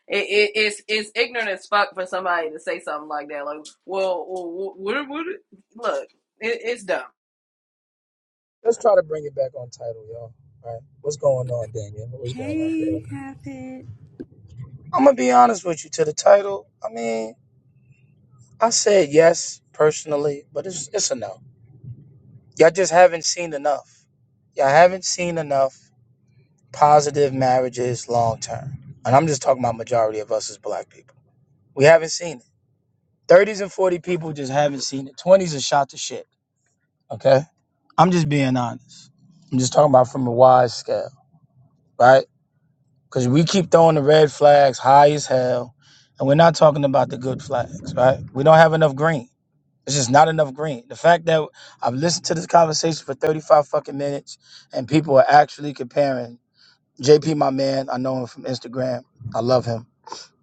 it, it, it's it's ignorant as fuck for somebody to say something like that. Like, well, well what, what, look, it, it's dumb. let's try to bring it back on title, y'all. All right, what's going on, Daniel? What's going on? bro? I'm gonna be honest with you. To the title, I mean, I said yes personally, but it's it's a no. Y'all just haven't seen enough. Y'all haven't seen enough positive marriages long term, and I'm just talking about majority of us as black people. We haven't seen it. 30s and 40 people just haven't seen it. 20s are shot to shit. Okay. I'm just being honest. I'm just talking about from a wide scale, right? Because we keep throwing the red flags high as hell, and we're not talking about the good flags, right? We don't have enough green. It's just not enough green. The fact that I've listened to this conversation for 35 fucking minutes, and people are actually comparing JP, my man, I know him from Instagram. I love him.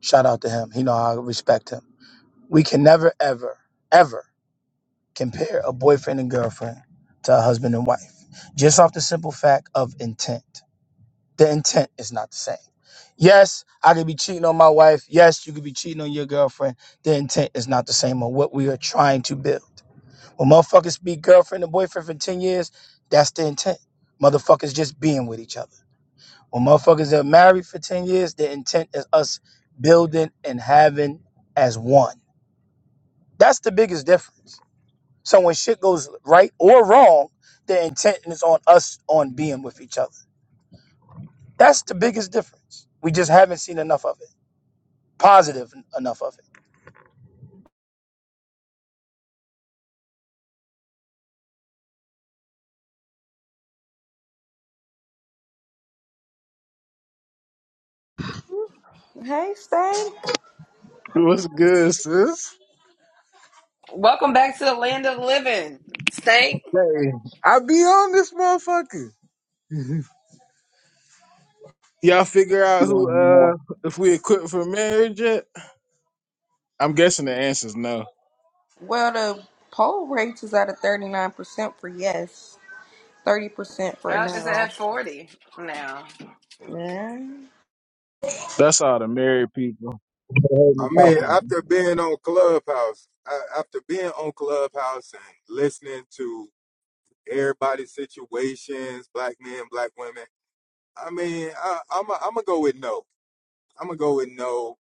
Shout out to him. He know I respect him. We can never, ever, ever compare a boyfriend and girlfriend to a husband and wife just off the simple fact of intent. The intent is not the same. Yes, I could be cheating on my wife. Yes, you could be cheating on your girlfriend. The intent is not the same on what we are trying to build. When motherfuckers be girlfriend and boyfriend for 10 years, that's the intent. Motherfuckers just being with each other. When motherfuckers are married for 10 years, the intent is us building and having as one. That's the biggest difference. So when shit goes right or wrong, the intent is on us on being with each other. That's the biggest difference. We just haven't seen enough of it. Positive enough of it. Hey, Stank. What's good, sis? Welcome back to the land of the living. State Hey, I be on this motherfucker. Y'all figure out Be on who him more. uh if we equipped for marriage yet? I'm guessing the answer's no. Well, the poll rate is at a 39% for yes, 30% for up is no. at forty now, Yeah. That's all the married people. They heard I me mean, talking. after being on Clubhouse, a- after being on Clubhouse and listening to everybody's situations, black men, black women. I mean, I, I'm i I'm gonna go with no. I'm gonna go with no.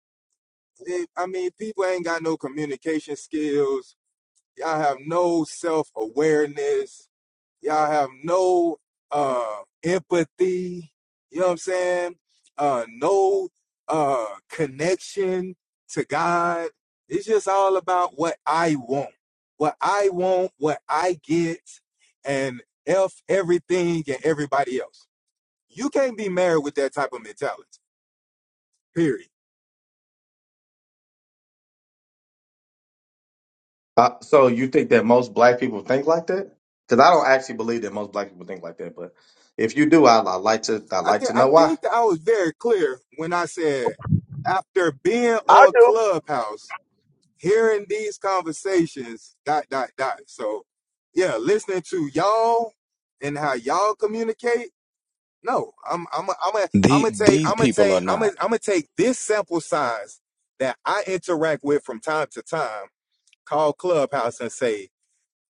It, I mean, people ain't got no communication skills. Y'all have no self awareness. Y'all have no uh empathy, you know what I'm saying? Uh no uh connection to God. It's just all about what I want. What I want, what I get, and F everything and everybody else. You can't be married with that type of mentality. Period. Uh, so you think that most black people think like that? Because I don't actually believe that most black people think like that. But if you do, I, I like to. I I like think to I know why. think that I was very clear when I said after being I on do. Clubhouse hearing these conversations, dot, dot, dot. So, yeah, listening to y'all and how y'all communicate. No, I'm, I'm, I'm, am i I'm The, gonna take, these I'm gonna people take, are I'm gonna, not. I'm gonna take this sample size that I interact with from time to time, call Clubhouse and say,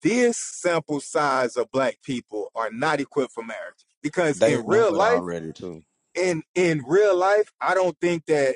this sample size of black people are not equipped for marriage. Because in They know real it life, already too. in in real life, I don't think that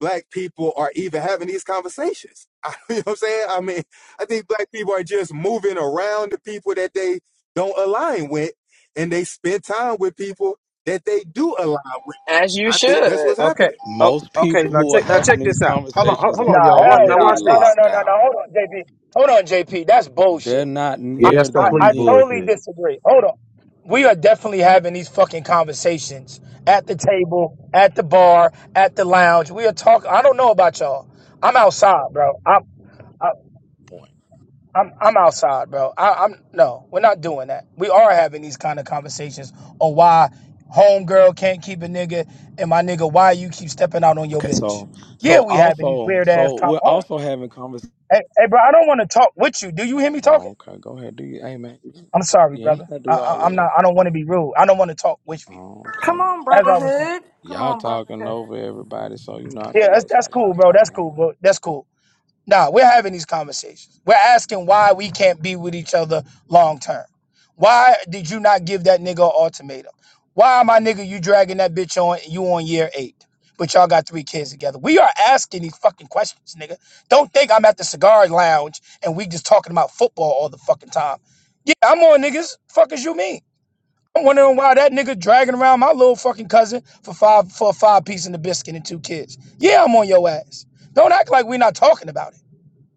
black people are even having these conversations. [laughs] I, you know what I'm saying? I mean, I think black people are just moving around the people that they don't align with and they spend time with people that they do align with. as you I think that's should. what's Okay. happening. Oh, Most okay. people Now who are check. Now having check these this out. Hold on. Hold, conversations hold are Nah, on, y'all. Watch. hell Now already nah. watch No, no, this. locked no, no, out. no. Hold on, JP. Hold on, JP. That's bullshit. They're not I, Yeah, near that's I, the I complete men totally bullshit. disagree. Hold on. We are definitely having these fucking conversations at the table, at the bar, at the lounge. We are talking. I don't know about y'all. I'm outside, bro. I'm. point. I'm I'm outside, bro. I, I'm no, we're not doing that. We are having these kind of conversations on why homegirl can't keep a nigga and my nigga why you keep stepping out on your Okay, bitch. so Yeah, so we having these also weird ass so talk. we're Oh, also having conversation. hey, hey, bro, I don't want to talk with you. Do you hear me Oh, talking? okay, go ahead. Do you, hey man, I'm sorry, you ain't brother. gotta I, do I, all I'm of that. not. I don't want to be rude. I don't want to talk with you. Oh, okay, Come on, As I was brotherhood. saying. Come y'all on, talking brotherhood. over everybody, so you know I Yeah, figure that's that's how that's cool, y'all bro. That's talking. cool, yeah. bro. That's cool. Nah, we're having these conversations. We're asking why we can't be with each other long term. Why did you not give that nigga an ultimatum? Why, my nigga, you dragging that bitch on and you on year eight? But y'all got three kids together. We are asking these fucking questions, nigga. Don't think I'm at the cigar lounge and we just talking about football all the fucking time. Yeah, I'm on niggas. Fuck as you mean? I'm wondering why that nigga dragging around my little fucking cousin for five for a five piece and a biscuit and two kids. Yeah, I'm on your ass. Don't act like we're not talking about it.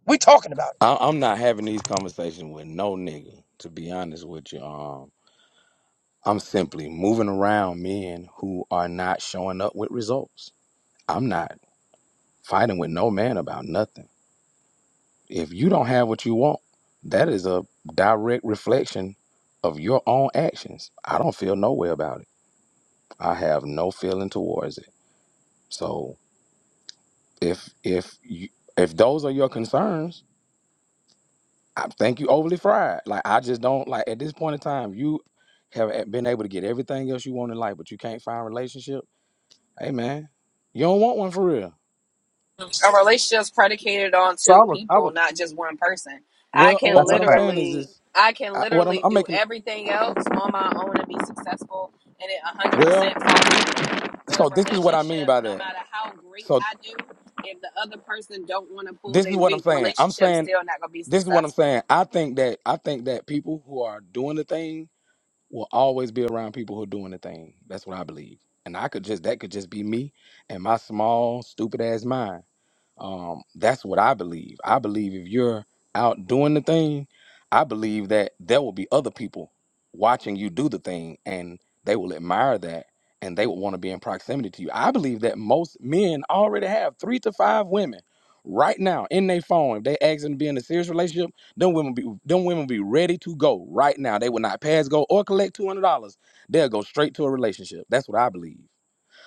We talking about it. I, I'm not having these conversations with no nigga. To be honest with you, um, I'm simply moving around men who are not showing up with results. I'm not fighting with no man about nothing. If you don't have what you want, that is a direct reflection of your own actions. I don't feel no way about it. I have no feeling towards it. So if if you if those are your concerns, I think you overly fried. Like I just don't like at this point in time, you have been able to get everything else you want in life, but you can't find a relationship. Hey man, you don't want one for real. a relationship's predicated on So two I was. I people, was. not just one person. I Well, can what, That's a what I'm fact. saying is literally this. I can I, what I'm, literally I'm do making. everything else on my own and be successful and it Well, 100% falls through. With a so this is what I mean relationship, by no that. matter how great So I do, if the other person don't want to pull This is their what I'm weight, the saying. I'm relationship's saying still not going to be this is what I'm successful. saying. I think that I think that people who are doing the thing will always be around people who are doing the thing. That's what I believe. And I could just that could just be me and my small stupid ass mind. Um, that's what I believe. I believe if you're out doing the thing, I believe that there will be other people watching you do the thing and they will admire that and they will want to be in proximity to you. I believe that most men already have three to five women right now in their phone. If they ask them to be in a serious relationship, them women be them women be ready to go right now. They will not pass go or collect two hundred dollars. They'll go straight to a relationship. That's what I believe.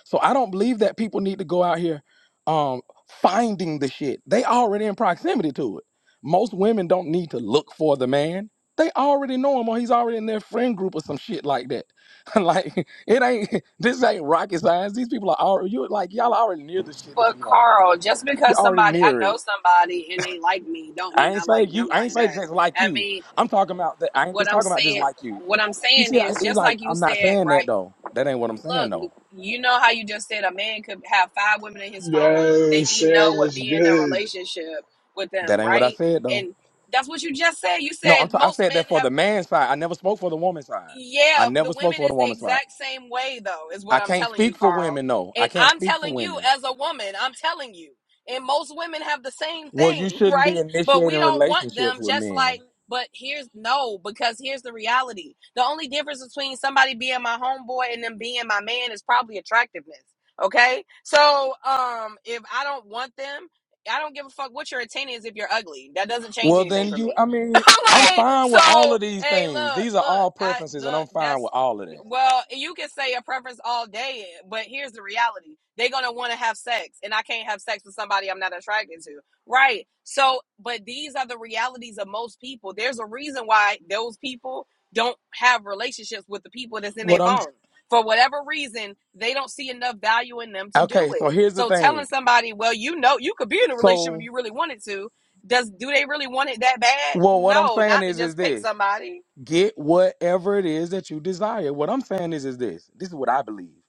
So I don't believe that people need to go out here um finding the shit. They already in proximity to it. Most women don't need to look for the man. They already know him or he's already in their friend group or some shit like that. [laughs] like it ain't [laughs] this ain't rocket science. These people are already you like y'all already near the shit that But you want. Carl, just You're because already somebody I near know it. somebody and they like me, don't I mean ain't I say like you them I ain't like say that. just like I you. mean, I'm talking about that I ain't what just I'm talking about just saying like you. what I'm You saying see, I, is it, just like like you I'm not said, saying right? that though. That ain't what I'm saying Look, though. you know how you just said a man could have five women in his phone that Yo, he know Sam would was be in a good. relationship with That them, ain't what I right? said though. And that's what you just said. You No, I'm. said T- I most said that men for have. the man side. I never spoke for the woman side. I Yeah, the never spoke women for the is the woman side. exact same way though, is what I I'm can't telling you, speak for Carl. women. No, I And can't I'm speak for telling you women. as a woman, I'm telling you. And most women have the same Well, you thing, [laughs] shouldn't be right? But we initiating don't want relationships them with just men. like but here's no, because here's the reality. The only difference between somebody being my homeboy and them being my man is probably attractiveness. Okay? So, um if I don't want them, I don't give a fuck what your intent is if you're ugly. That doesn't change Well, anything then for you. me. I mean, [laughs] I'm like, fine with all so of these hey, things. look, These are look, all I preferences, and look. I'm fine with That's all of that. well, you can say a preference all day, but here's the reality: they're gonna want to have sex, and I can't have sex with somebody I'm not attracted to, right? So, but these are the realities of most people. There's a reason why those people don't have relationships with the people that's in their What I'm. phone. For whatever reason, they don't see enough value in them to do Okay, so it. here's the So telling thing. somebody, well, you know, you could be in a relationship if So, you really wanted to, does do they really want it that bad? well, what I'm No, saying not to is, is just pick this. somebody. get whatever it is that you desire. What I'm saying is, is this. This is what I believe.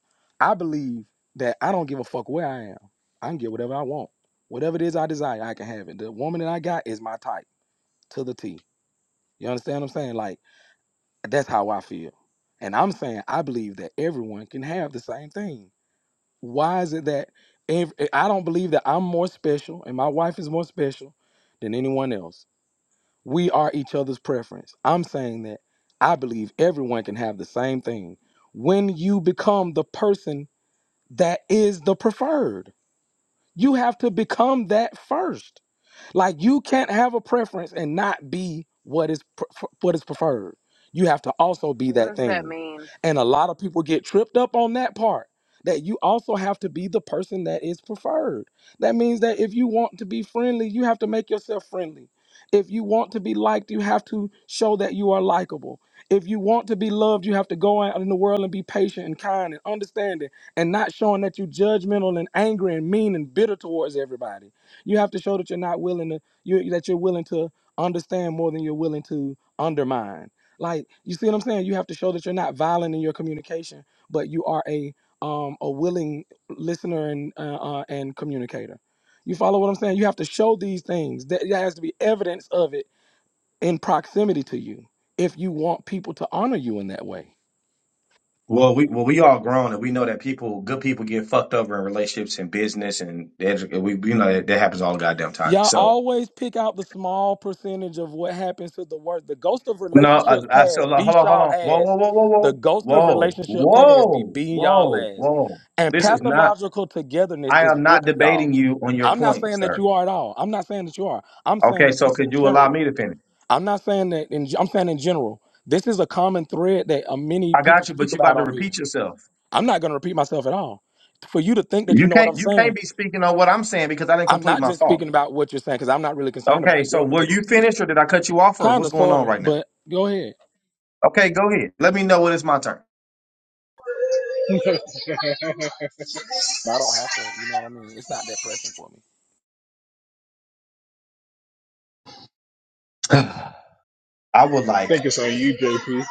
I believe that I don't give a fuck where I am. I can get whatever I want. Whatever it is I desire, I can have it. The woman that I got is my type to the T. You understand what I'm saying? Like, that's how I feel. And I'm saying I believe that everyone can have the same thing. Why is it that if, I don't believe that I'm more special and my wife is more special than anyone else? We are each other's preference. I'm saying that I believe everyone can have the same thing. When you become the person that is the preferred, you have to become that first. Like you can't have a preference and not be what is pre- what is preferred. You have to also be What that does that thing. mean? And a lot of people get tripped up on that part that you also have to be the person that is preferred. That means that if you want to be friendly, you have to make yourself friendly. If you want to be liked, you have to show that you are likable. If you want to be loved, you have to go out in the world and be patient and kind and understanding and not showing that you're judgmental and angry and mean and bitter towards everybody you have to show that you're not willing to you that you're willing to understand more than you're willing to undermine. Like you see what I'm saying? You have to show that you're not violent in your communication, but you are a um a willing listener and uh, uh and communicator. You follow what I'm saying? You have to show these things. That there has to be evidence of it in proximity to you if you want people to honor you in that way. Well, we well we all grown and we know that people, good people, get fucked over in relationships and business and edu- we we know that, that happens all the goddamn time. Y'all So always pick out the small percentage of what happens to the worst. The ghost of No, I, relationships I said, past like, hold beat on, hold y'all on. Whoa, whoa, ass. The whoa, ghost of whoa, whoa, relationship past be whoa, whoa, beating y'all whoa, ass. whoa. And This is not, pathological togetherness I is am not whooping y'all. debating you on your I'm not point, saying that sir. you are at all. I'm not saying that you are. I'm Okay, saying so just in could you allow general. me to finish? I'm not saying that in I'm saying in general. This is a common thread that uh, many I people got you, speak but you about about to on here. repeat yourself. I'm not going to repeat myself at all. For you to think that you You know what I'm can't, you saying can't be speaking on what I'm saying because I didn't I'm complete not my just thought. speaking about what you're saying because I'm not really concerned Okay, about so your were particular you position. finished or did I cut you off or Kind of, what's going sort on of, right now? but go ahead. Okay, go ahead. Let me know when it's my turn. [laughs] I I don't have to. You know what I mean? It's not that pressing for me. [sighs] I would like think it's on you, JP.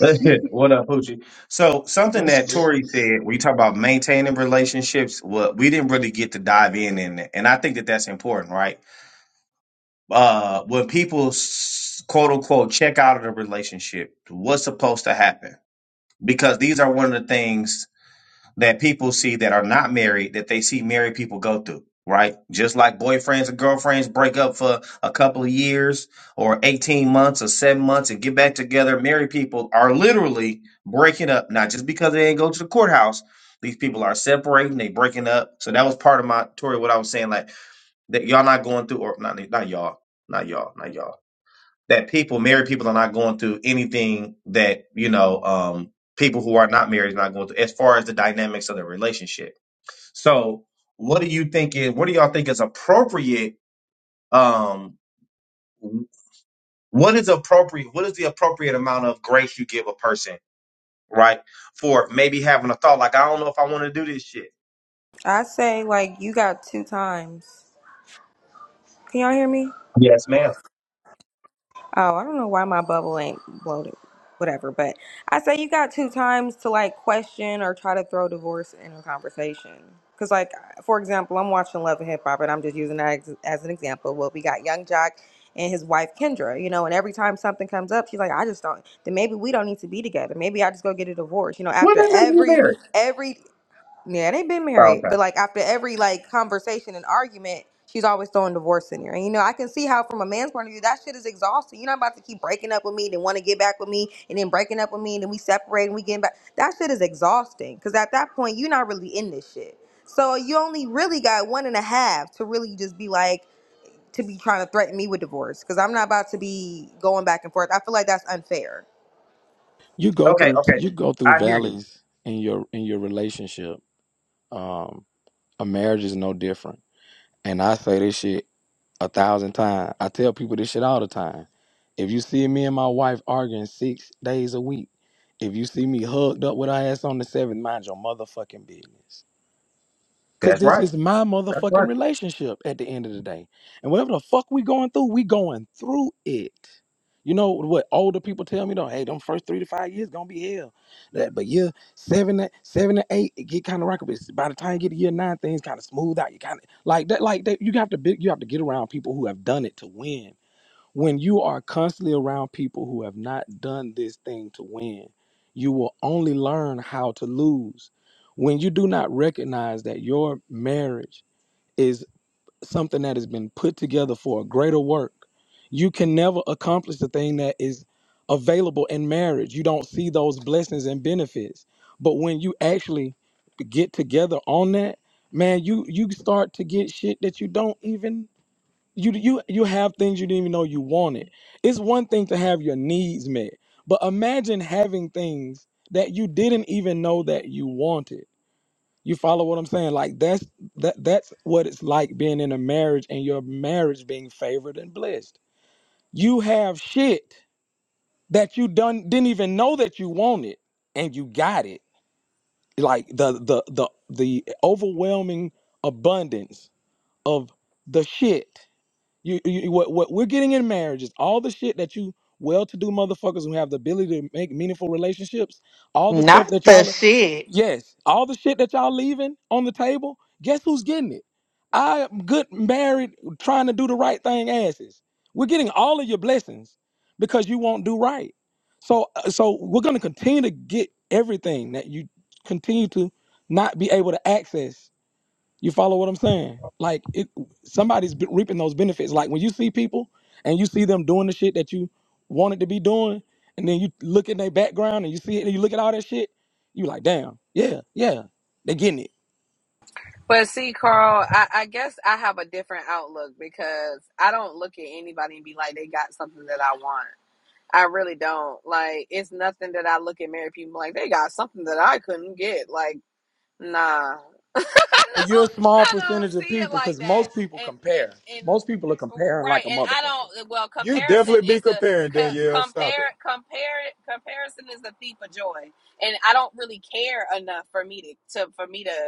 That's it. What up, Poochie? So something What's that good? Tori said, we talk about maintaining relationships. Well, we didn't really get to dive in in it, and I think that that's important, right? Uh, when people s- quote unquote check out of the relationship, what's supposed to happen? Because these are one of the things that people see that are not married that they see married people go through, right? Just like boyfriends and girlfriends break up for a couple of years or 18 months or seven months and get back together, married people are literally breaking up, not just because they didn't go to the courthouse. These people are separating, they breaking up. So that was part of my Tori, what I was saying, like that y'all not going through or not not y'all, not y'all, not y'all that people, married people, are not going through anything that you know um, people who are not married are not going through, as far as the dynamics of the relationship. So, what do you think is? What do y'all think is appropriate? Um, what is appropriate? What is the appropriate amount of grace you give a person, right? For maybe having a thought like, I don't know if I want to do this shit. I say like you got two times. Can y'all hear me? Yes, ma'am. Oh, I don't know why my bubble ain't bloated. Whatever, but I say you got two times to like question or try to throw divorce in a conversation. Cause like for example, I'm watching Love and Hip Hop, and I'm just using that ex- as an example. Well, we got Young Jock and his wife Kendra, you know, and every time something comes up, she's like, I just don't. Then maybe we don't need to be together. Maybe I just go get a divorce. You know, after Whatever you every married. every Yeah, they've been Oh, married, but okay. like after every like conversation and argument, she's always throwing divorce in there. And you know, I can see how from a man's point of view, that shit is exhausting. You're not about to keep breaking up with me, then want to get back with me, and then breaking up with me, and then we separate and we getting back. That shit is exhausting because at that point, you're not really in this shit. So you only really got one and a half to really just be like to be trying to threaten me with divorce because I'm not about to be going back and forth. I feel like that's unfair. You go Okay. through Okay. you go through I hear you. valleys in your in your relationship. Um, a marriage is no different. And I say this shit a thousand times. I tell people this shit all the time. If you see me and my wife arguing six days a week, if you see me hugged up with our ass on the seventh, mind your motherfucking business. Cause That's this right. is my That's motherfucking right. relationship at the end of the day. And whatever the fuck we going through, we going through it. You know what older people tell me though, hey, them first three to five years gonna be hell. That but year seven to seven to eight, it get kind of rocky. But by the time you get to year nine, things kind of smooth out. You kind of like that, like that, you have to be, you have to get around people who have done it to win when you are constantly around people who have not done this thing to win, you will only learn how to lose. When you do not recognize that your marriage is something that has been put together for a greater work, you can never accomplish the thing that is available in marriage. You don't see those blessings and benefits. But when you actually get together on that, man, you you start to get shit that you don't even you you you have things you didn't even know you wanted. It's one thing to have your needs met, but imagine having things that you didn't even know that you wanted. You follow what I'm saying? Like that's that that's what it's like being in a marriage and your marriage being favored and blessed. You have shit that you done didn't even know that you wanted and you got it. Like the the the the overwhelming abundance of the shit You, you what what we're getting in marriage is all the shit that you well-to-do motherfuckers who have the ability to make meaningful relationships, all the stuff Not that the y'all shit. yes, all the shit that y'all leaving on the table, guess who's getting it? I am good married trying to do the right thing asses. We're getting all of your blessings because you won't do right. So uh, so we're going to continue to get everything that you continue to not be able to access you follow what I'm saying? Like it, somebody's be- reaping those benefits. Like when you see people and you see them doing the shit that you wanted to be doing, and then you look in their background and you see it, and you look at all that shit, you like, damn, yeah, yeah, they getting it. But see, Carl, I, I guess I have a different outlook because I don't look at anybody and be like, they got something that I want. I really don't. Like, it's nothing that I look at married people like, they got something that I couldn't get. Like, nah. [laughs] I But you're a don't small I don't percentage of see it people like because that. most people And and compare. and Most people are comparing right. like a And I motherfucker. don't. Well, You comparison definitely be is the comparing, co- Danielle. Stop it. compare compare comparison is the thief of joy. And I don't really care enough for me to, to for me to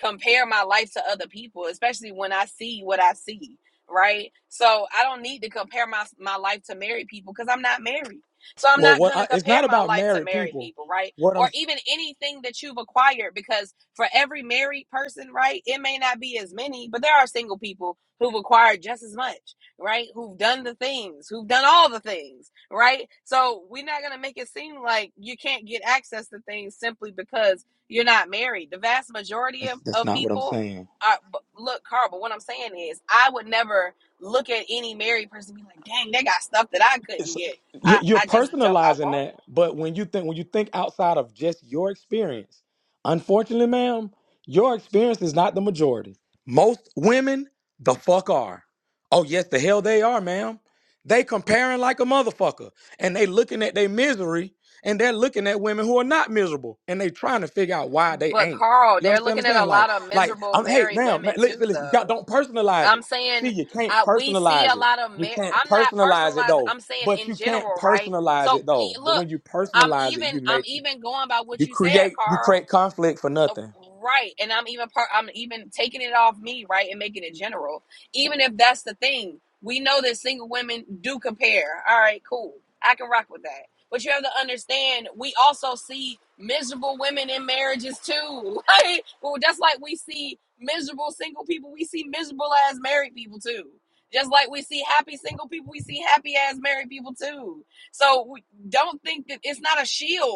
compare my life to other people, especially when I see what I see, right? So I don't need to compare my my life to married people because I'm not married. So I'm Well, not what gonna I, it's compare not my about life to married married people. people, right? What I'm Or even anything that you've acquired, because for every married person, right, it may not be as many, but there are single people who've acquired just as much, right? Who've done the things, who've done all the things, right? So we're not gonna make it seem like you can't get access to things simply because you're not married. The vast majority that's of, that's of not what I'm people saying. are look, Carl, but what I'm saying is I would never look at any married person and be like, dang, they got stuff that I couldn't it's get. you- I, you're I just don't I personalizing that won't. but when you think when you think outside of just your experience unfortunately ma'am your experience is not the majority most women the fuck are oh yes the hell they are ma'am they comparing like a motherfucker and they looking at their misery and they're looking at women who are not miserable and they trying to figure out why they But ain't Carl, you they're understand looking what i'm at a saying like lot of like miserable I'm, hey married ma'am ma- women listen, too listen you got though. don't personalize I'm it see saying you can't I, we see personalize a it lot of mar- you can't I'm not personalize it personalized. though I'm saying but in you can't general, right? personalize So it e- though. But look, when you I'm personalize it, even you I'm make it. even going by what You you said, create you Carl create conflict for Uh, nothing. right and i'm even part i'm even taking it off me right and making it general even if that's the thing we know that single women do compare all right cool i can rock with that but you have to understand we also see miserable women in marriages too [laughs] like well just like we see miserable single people we see miserable ass married people too just like we see happy single people we see happy ass married people too so we don't think that it's not a shield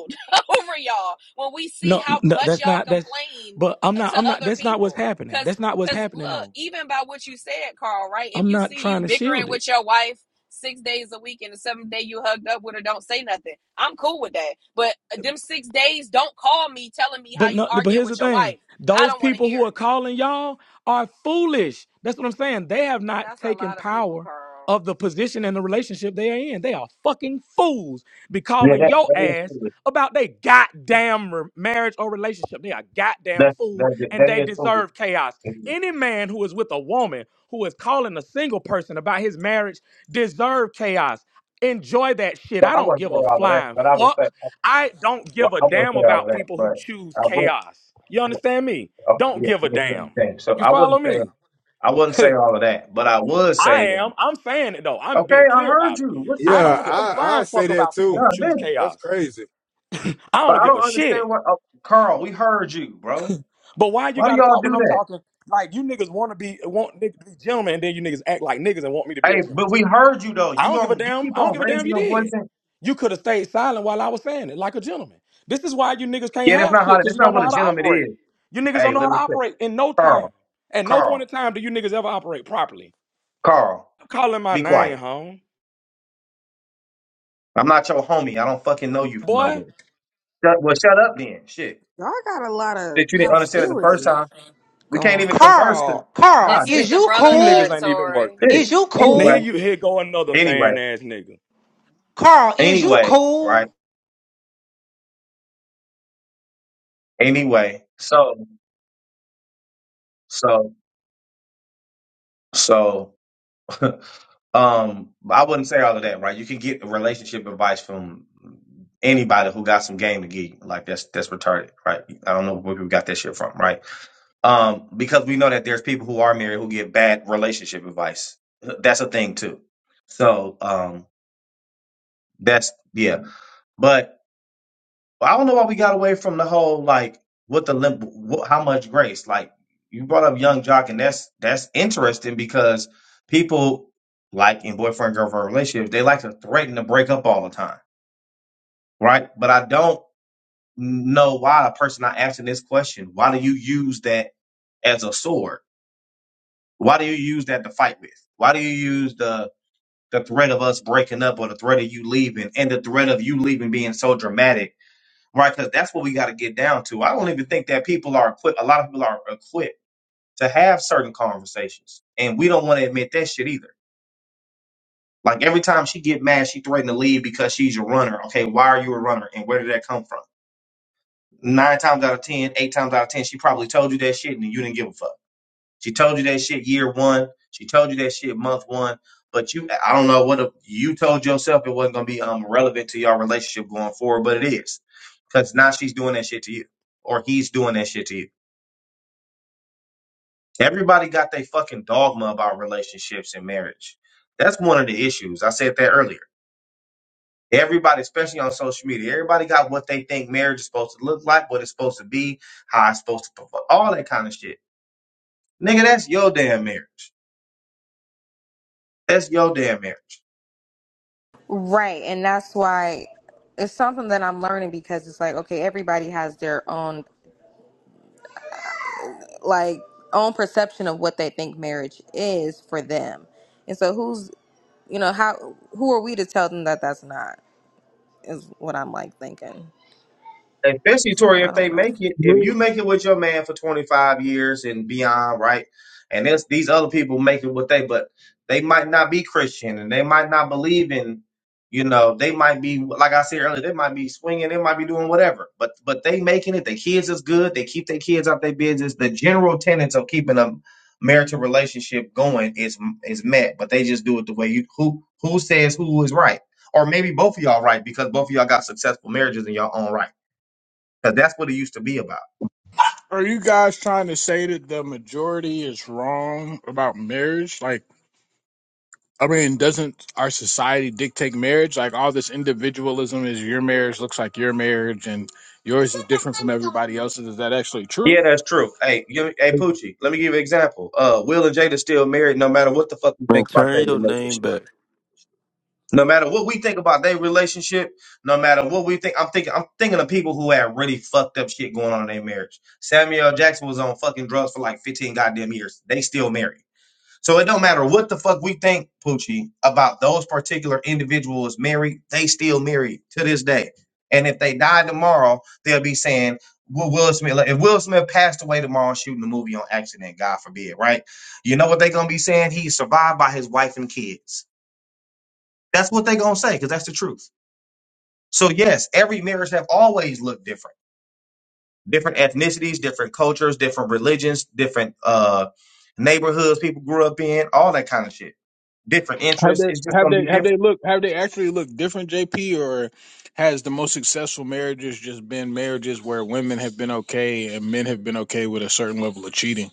[laughs] over y'all when we see No, how no, much that's y'all not that's. complain But I'm uh, to not. I'm not. other That's not what's people. happening. Cause, That's not what's cause happening look, though. even by what you said, Carl, right? If I'm you not see you trying to bickering shield it. with your wife six days a week and the seventh day you hugged up with her, don't say nothing. I'm cool with that. But uh, them six days, don't call me telling me how But you no, but arguing here's the with your wife. thing: I those don't want to people hear who are it. calling y'all are foolish. That's what I'm saying. They have not That's a taken lot of people, power Carl. of the position and the relationship they are in. They are fucking fools. Be Yeah, calling that, your that is ass foolish. about they goddamn re- marriage or relationship. They are goddamn That, fool, that, and that they is deserve foolish. chaos. Any man who is with a woman who is calling a single person about his marriage deserve chaos. Enjoy that shit. But I I don't wouldn't give say a all of that. flying But I would fuck say I don't give well, a I wouldn't damn say all of about that. people who But choose I would. chaos. You understand me? Oh, Don't yeah, give a yeah, you damn. understand. So You I follow wouldn't say me? I wouldn't [laughs] say I all of that. But I would say that. am. I'm saying it though. I'm Okay, being I clear heard about it. you. What, what's I wrong Yeah, don't with give a you? I, I flying say fuck that about people too. who God choose damn. That's chaos. crazy. I But don't I give a don't understand shit. what. Oh, Carl, we heard you, bro. But why you Why do gotta y'all talk when do I'm that? talking? Like you niggas want to be want niggas to be gentlemen, and then you niggas act like niggas and want me to be a Hey, but gentleman. we heard you though. I You don't give a on you damn. keep I don't on give a damn if raising you your did. voice and You could have stayed silent while I was saying it, like a gentleman. This is why you niggas can't yeah, that's have not shit, how because that's you not don't know what a how to gentleman operate. is. You niggas Hey, don't know how let me to quit. operate in no time. Carl, At no point in Carl, time do you niggas ever operate properly. Carl, I'm calling my be name, quiet. home. I'm not your homie. I don't fucking know you from nowhere. Boy, Shut, well, shut up then. Shit. Y'all got a lot of That you didn't understand it the first hostility. time. We Go can't on. even converse to Carl, Carl, This God this is is the you you brotherhood, cool? niggas ain't even worth Tori. it. Is shit. you Now here Anyway. cool? you here go another Anyway. fan ass nigga. Carl, is you Anyway. cool? Right. Anyway. So so so [laughs] um I wouldn't say all of that, right? You can get relationship advice from anybody who got some game to give you. Like that's that's retarded, right? I don't know where people got that shit from, right? Um, because we know that there's people who are married who get bad relationship advice. That's a thing too. So um that's yeah. But I don't know why we got away from the whole like what the lim- wh- how much grace. Like you brought up Young Jock, and that's that's interesting because people like in boyfriend girlfriend relationships they like to threaten to break up all the time, right? But I don't know why a person not asking this question. Why do you use that as a sword? Why do you use that to fight with? Why do you use the the threat of us breaking up or the threat of you leaving and the threat of you leaving being so dramatic? right? Because that's what we got to get down to. I don't even think that people are equipped. A lot of people are equipped to have certain conversations, and we don't want to admit that shit either. Like every time she get mad, she threatened to leave because she's a runner. Okay, why are you a runner, and where did that come from? Nine times out of ten, eight times out of ten, she probably told you that shit, and you didn't give a fuck. She told you that shit year one. She told you that shit month one. But you, I don't know what a, you told yourself it wasn't gonna be um relevant to your relationship going forward, but it is because now she's doing that shit to you, or he's doing that shit to you. Everybody got their fucking dogma about relationships and marriage. That's one of the issues. I said that earlier. Everybody, especially on social media, everybody got what they think marriage is supposed to look like, what it's supposed to be, how it's supposed to, perform, all that kind of shit. Nigga, that's your damn marriage. That's your damn marriage. Right, and that's why it's something that I'm learning because it's like okay, everybody has their own like own perception of what they think marriage is for them, and so who's you know how who are we to tell them that that's not is what I'm like thinking. especially So Tori, I if don't they know. make it, if you make it with your man for 25 years and beyond, right? And there's these other people make it with they, but they might not be Christian and they might not believe in, you know, they might be like I said earlier, they might be swinging, they might be doing whatever, but but they making it. The kids is good. They keep their kids out their business. The general tenets of keeping a marital relationship going is is met, but they just do it the way you who who says who is right, or maybe both of y'all right because both of y'all got successful marriages in your own right because that's what it used to be about. Are you guys trying to say that the majority is wrong about marriage? Like I mean, doesn't our society dictate marriage? Like all this individualism is your marriage looks like your marriage, and yours is different from everybody else's. Is that actually true? Yeah, that's true. Hey, give, hey, Poochie, let me give you an example. Uh, Will and Jada still married no matter what the fuck we Man, think about their turn your name relationship. back. No matter what we think about their relationship, no matter what we think, I'm thinking, I'm thinking of people who had really fucked up shit going on in their marriage. Samuel L. Jackson was on fucking drugs for like 15 goddamn years. They still married. So it don't matter what the fuck we think, Poochie, about those particular individuals married, they still married to this day. And if they die tomorrow, they'll be saying, Will Will Smith, like, if Will Smith passed away tomorrow shooting a movie on accident, God forbid, right? You know what they're gonna be saying? He survived by his wife and kids. That's what they're gonna say, because that's the truth. So yes, every marriage have always looked different. Different ethnicities, different cultures, different religions, different uh neighborhoods people grew up in, all that kind of shit. different Have interests. they It's just have going to they be have different. they looked have they actually looked different, JP, or has the most successful marriages just been marriages where women have been okay and men have been okay with a certain level of cheating?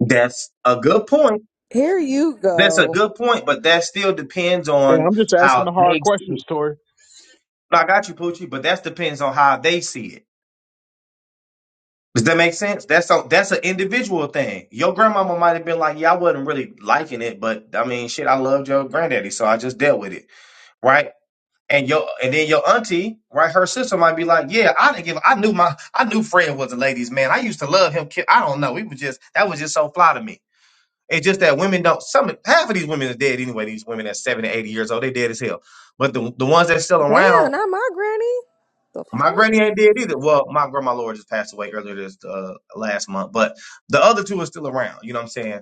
That's a good point. Here you That's a go. good point, but that still depends Hey, on I'm just asking how the hard they see questions, it. Tori. I got you, Poochie, but that depends on how they see it. Does that make sense? That's a, that's an individual thing. Your grandmama might have been like, "Yeah, I wasn't really liking it, but I mean, shit, I loved your granddaddy, so I just dealt with it, right?" And your and then your auntie, right? Her sister might be like, "Yeah, I didn't give. I knew my I knew Fred was a ladies' man. I used to love him. kid. I don't know. We was just that was just so fly to me." It's just that women don't. Some half of these women are dead anyway. These women that's seventy, eighty years old, they dead as hell. But the the ones that's still around, Damn, not my granny. The my fuck granny ain't dead either. Well, my grandma Laura just passed away earlier this uh, last month, but the other two are still around. You know what I'm saying?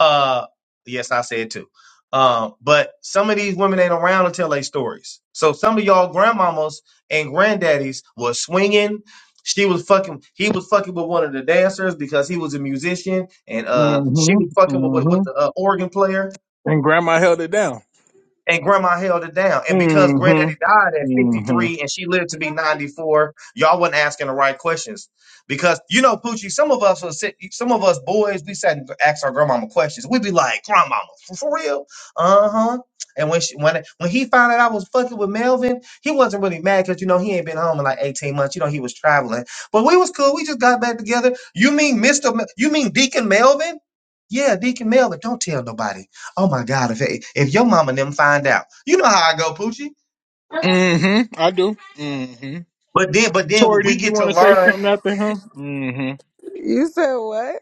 Uh, yes, I said too. Um, but some of these women ain't around to tell their stories. So some of y'all grandmamas and granddaddies was swinging. She was fucking. He was fucking with one of the dancers because he was a musician, and uh, she was Mm-hmm. fucking with with, Mm-hmm. with the uh, organ player. And grandma held it down. And grandma held it down. And because granddaddy died Mm-hmm. at Mm-hmm. 53 and she lived to be 94, y'all wasn't asking the right questions. Because you know, Poochie, some of us will sit, some of us boys, we sat and asked our grandmama questions. We'd be like, grandmama, for, for real? Uh-huh. And when she when when he found out I was fucking with Melvin, he wasn't really mad because you know he ain't been home in like 18 months. You know, he was traveling. But we was cool. We just got back together. You mean Mr. Mel- you mean Deacon Melvin? Yeah, Deacon Melvin. Don't tell nobody. Oh my God! If if your mama and them find out, you know how I go, Poochie. Mm-hmm. I do. Mm-hmm. But then, but then Tori, we did you get to want to say learn. something after him? Mm-hmm. you said what?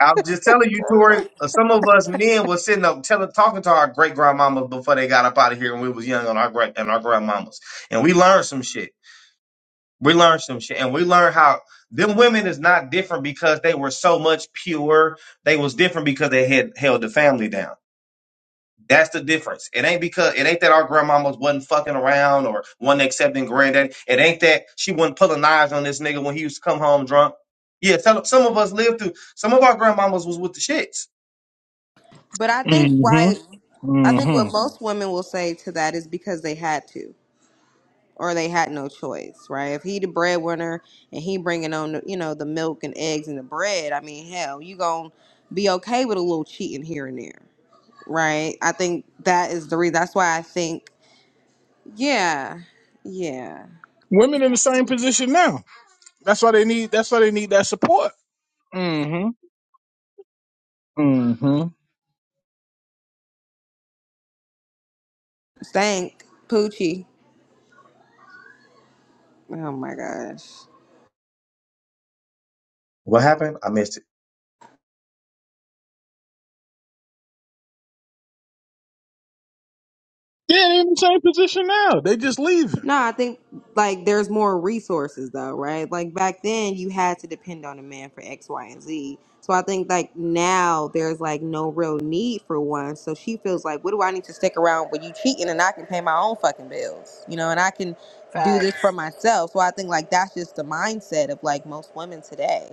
I'm just telling you, Tori. uh, Some of us men were sitting up telling, talking to our great grandmamas before they got up out of here, when we was young on our great and our grandmamas, and we learned some shit. We learned some shit, and we learned how them women is not different because they were so much pure. They was different because they had held the family down. That's the difference. It ain't because it ain't that our grandmamas wasn't fucking around or wasn't accepting granddaddy. It ain't that she wasn't pulling knives on this nigga when he used to come home drunk. Yeah, some, some of us lived through. Some of our grandmamas was with the shits. But I think why Mm-hmm. I think Mm-hmm. what most women will say to that is because they had to. or they had no choice, right? If he the breadwinner and he bringing on, the, you know, the milk and eggs and the bread, I mean, hell, you gonna be okay with a little cheating here and there, right? I think that is the reason. That's why I think, yeah, yeah, Women in the same position now. That's why they need that's why they need that support. Mm-hmm. Mm-hmm. thank Poochie. Oh my gosh. What happened? I missed it. Yeah, they are in the same position now. They just leaving. No, I think like there's more resources though, right? Like back then you had to depend on a man for X, Y, and Z. So I think like now there's like no real need for one. So she feels like, what do I need to stick around when you cheating and I can pay my own fucking bills, you know, and I can do this for Facts. myself. So I think like that's just the mindset of like most women today.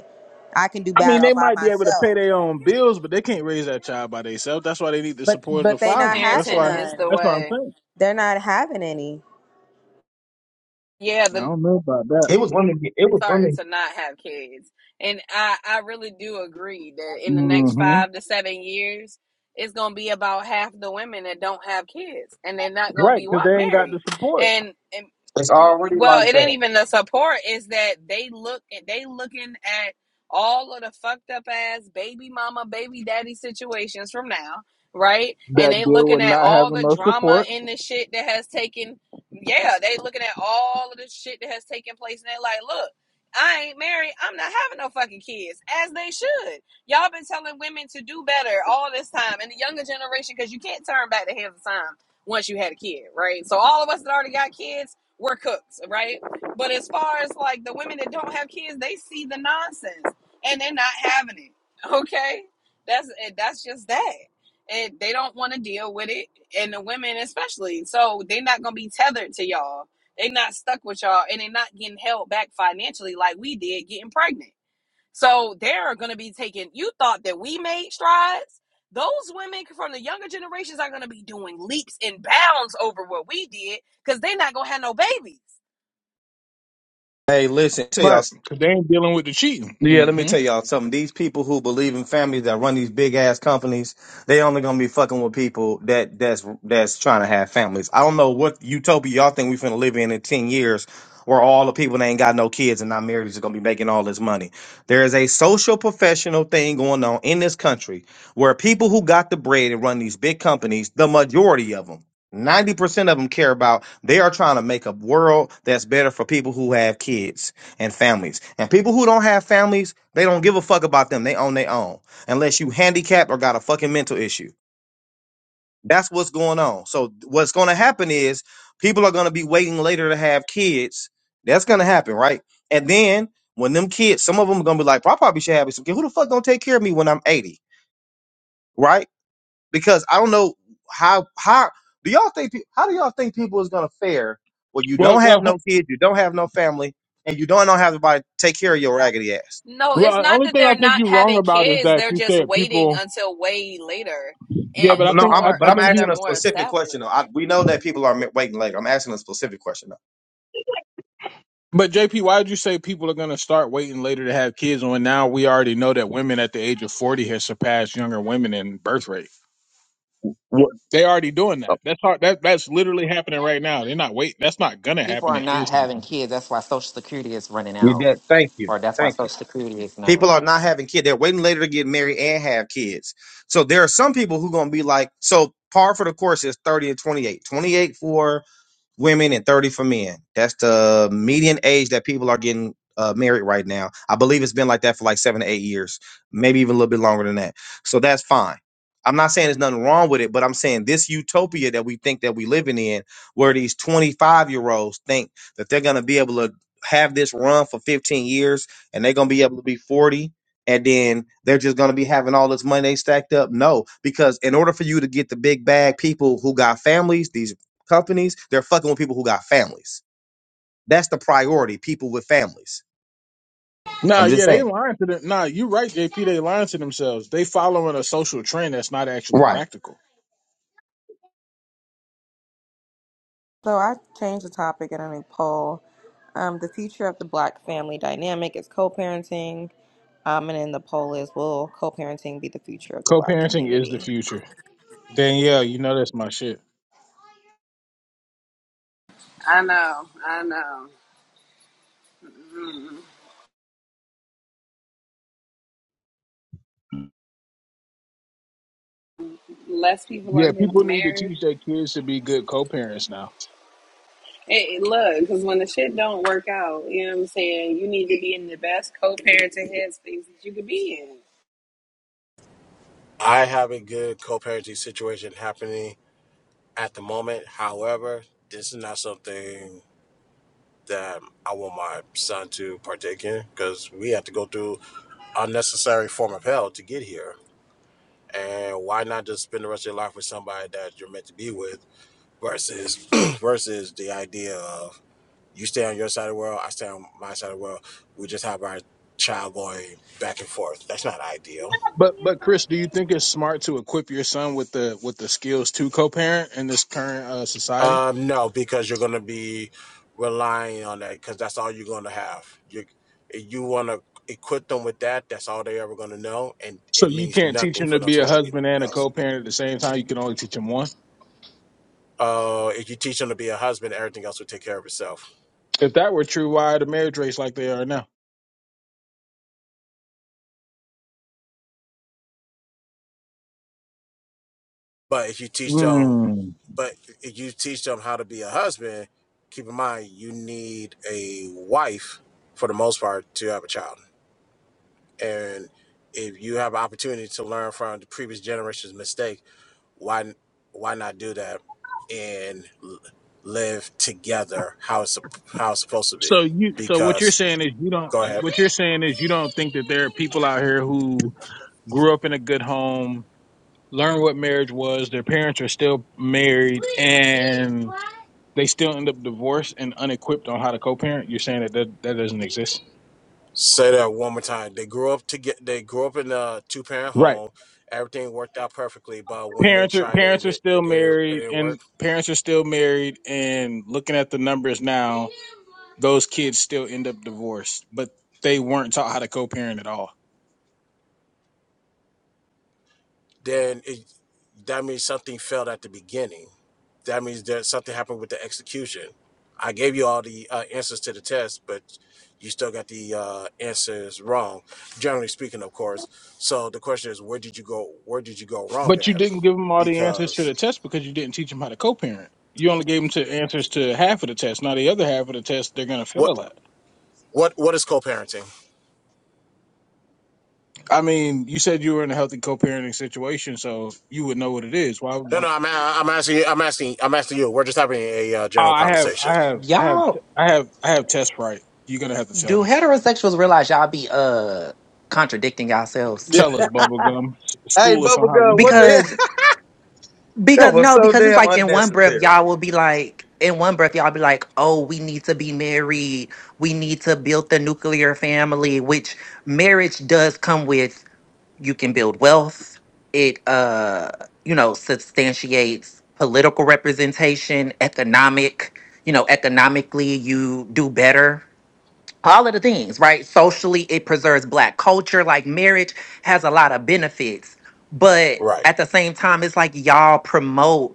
I can do I mean, bad all they by might be able to pay myself, their own bills, but they can't raise that child by themselves. That's why they need the but support of the but they not father. That's having why Parenting is none. the that's what I'm way. saying. They're not having any. Yeah, I the don't know about that. It was women. It was starting women. to not have kids. And I, I really do agree that in the next Mm-hmm. five to seven years, it's gonna be about half the women that don't have kids, and they're not gonna Right, be because what they ain't got the married. support. And, and It's mm, already well, like it ain't that. even the support; is that they look they looking at all of the fucked up ass baby mama, baby daddy situations from now, right? And That they deal looking with at not all having the no drama support. in the shit that has taken yeah, they looking at all of the shit that has taken place, and they like, look. I ain't married. I'm not having no fucking kids, as they should. Y'all been telling women to do better all this time, and the younger generation, because you can't turn back the hands of time once you had a kid, right? So all of us that already got kids, we're cooked, right? But as far as like the women that don't have kids, they see the nonsense and they're not having it. [laughs] Okay, that's eh, that's just that. And they don't want to deal with it, and the women especially. So they're not gonna be tethered to y'all they not stuck with y'all and they're not getting held back financially like we did getting pregnant. So they're going to be taking, you thought that we made strides. Those women from the younger generations are going to be doing leaps and bounds over what we did because they're not going to have no babies. Hey, listen. Tell Right, y'all. because they ain't dealing with the cheating. Yeah, let me Mm-hmm. tell y'all something. These people who believe in families that run these big ass companies, they only gonna be fucking with people that that's that's trying to have families. I don't know what utopia y'all think we finna live in in ten years, where all the people that ain't got no kids and not married is gonna be making all this money. There is a social professional thing going on in this country where people who got the bread and run these big companies, the majority of them. 90% of them care about they are trying to make a world that's better for people who have kids and families. And people who don't have families, they don't give a fuck about them. They own their own, unless you handicapped or got a fucking mental issue. That's what's going on. So what's going to happen is people are going to be waiting later to have kids. That's going to happen, right? And then when them kids, some of them are going to be like, "Well, I probably should have some kids. Who the fuck going to take care of me when I'm 80, right? Because I don't know how how do y'all think pe- how do y'all think people is going to fare when you Well, don't have uh, no kids, you don't have no family, and you don't, don't have anybody to take care of your raggedy ass? No, Well, it's the not only that thing I they're think not you're wrong having about is kids. that They're you just said waiting people. until way later Yeah, I'm- but I and No, think I'm, I, more but I I'm think until they're asking he. a more specific established. question. Though. I, we know that people are mi- waiting later. I'm asking a specific question. Though. But JP, why did you say people are going to start waiting later to have kids when now we already know that women at the age of forty has surpassed younger women in birth rate? What? They already doing oh, that. That's hard. That that's literally happening right now. They're not waiting. That's not gonna People happen. are It not is. having happening. kids. That's why Social Security is running You out, did. Thank you. or that's why Thank Social you. Security is not. People are not having kids. They're waiting later to get married and have kids. So there are some people who going to be like, so par for the course is 30 and 28. 28 for women and 30 for men. That's the median age that people are getting uh, married right now. I believe it's been like that for like seven to eight years, maybe even a little bit longer than that. So that's fine. I'm not saying there's nothing wrong with it, but I'm saying this utopia that we think that we living in, where these 25 year olds think that they're gonna be able to have this run for 15 years and they're gonna be able to be 40 and then they're just gonna be having all this money they stacked up. No, because in order for you to get the big bag, people who got families, these companies, they're fucking with people who got families. That's the priority, people with families. Nah, I'm just yeah, they saying. lying to them. Nah, you're right, JP. They lying to themselves. They following a social trend that's not actually Right. practical. So I changed the topic and I made poll. Um, the future of the black family dynamic is co-parenting. Um, and then the poll is, will co-parenting be the future of the black Co-parenting is the community? future. Danielle, you know that's my shit. I know. I know. Mm. Less people are Yeah, people getting need to married. teach their kids to be good co-parents now. Hey, look, because when the shit don't work out, you know what I'm saying, you need to be in the best co-parenting headspace that you could be in. I have a good co-parenting situation happening at the moment. However, this is not something that I want my son to partake in because we have to go through unnecessary form of hell to get here. And why not just spend the rest of your life with somebody that you're meant to be with versus [clears throat] versus the idea of you stay on your side of the world, I stay on my side of the world. We just have our child going back and forth. That's not ideal But but Chris, do you think it's smart to equip your son with the with the skills to co-parent in this current uh, society? Um, no, because you're going to be relying on that because that's all you're going to have. You you want to equip them with that. That's all they're ever going to know, and So it you means can't teach nothing him for to them be to a learn anything husband and a else. co-parent at the same time. You can only teach him one. Uh, if you teach them to be a husband, everything else will take care of itself. If that were true, why are the marriage rates like they are now? But if you teach them, Mm. but if you teach them how to be a husband, keep in mind you need a wife for the most part to have a child, and if you have an opportunity to learn from the previous generation's mistakes why why not do that and live together how it's how it's supposed to be So you so what you're because saying is you don't go ahead what you're saying is you don't think that there are people out here who grew up in a good home learn what marriage was. Their parents are still married, and they still end up divorced and unequipped on how to co-parent. You're saying that that, that doesn't exist, say that one more time they grew up to get they grew up in a two parent right? home everything worked out perfectly but when they Parents are tried it it, parents are it, still it, didn't- it, married, didn't work and parents are still married. And looking at the numbers now, those kids still end up divorced, but they weren't taught how to co-parent at all. then it that means something failed at the beginning. That means that something happened with the execution. I gave you all the uh, answers to the test, but you still got the uh, answers wrong. Generally speaking, of course. So the question is, where did you go? Where did you go wrong But you at? didn't give them all the answers to Because the test because you didn't teach them how to co-parent. You only gave them to answers to half of the test. Now the other half of the test they're gonna fail what at. what what is co-parenting? I mean, you said you were in a healthy co-parenting situation, so you would know what it is. Why? No, why? no, I'm a- I'm asking you. I'm asking I'm asking you. We're just having a uh, Oh, general I have, conversation, I have, I have, Y'all, I have, I have test right. You're gonna have to tell do me. heterosexuals realize y'all be uh contradicting yourselves? Yeah. Tell us, bubblegum. S- Hey, School us on how we're Bubblegum, what doing the that. hell? [laughs] Because That because was no, so because it's damn like in one breath unnecessary. y'all will be like in one breath y'all be like, "Oh, we need to be married. We need to build the nuclear family," which marriage does come with you can build wealth it uh you know substantiates political representation economic you know economically you do better all of the things right socially it preserves black culture like marriage has a lot of benefits but right? at the same time it's like y'all promote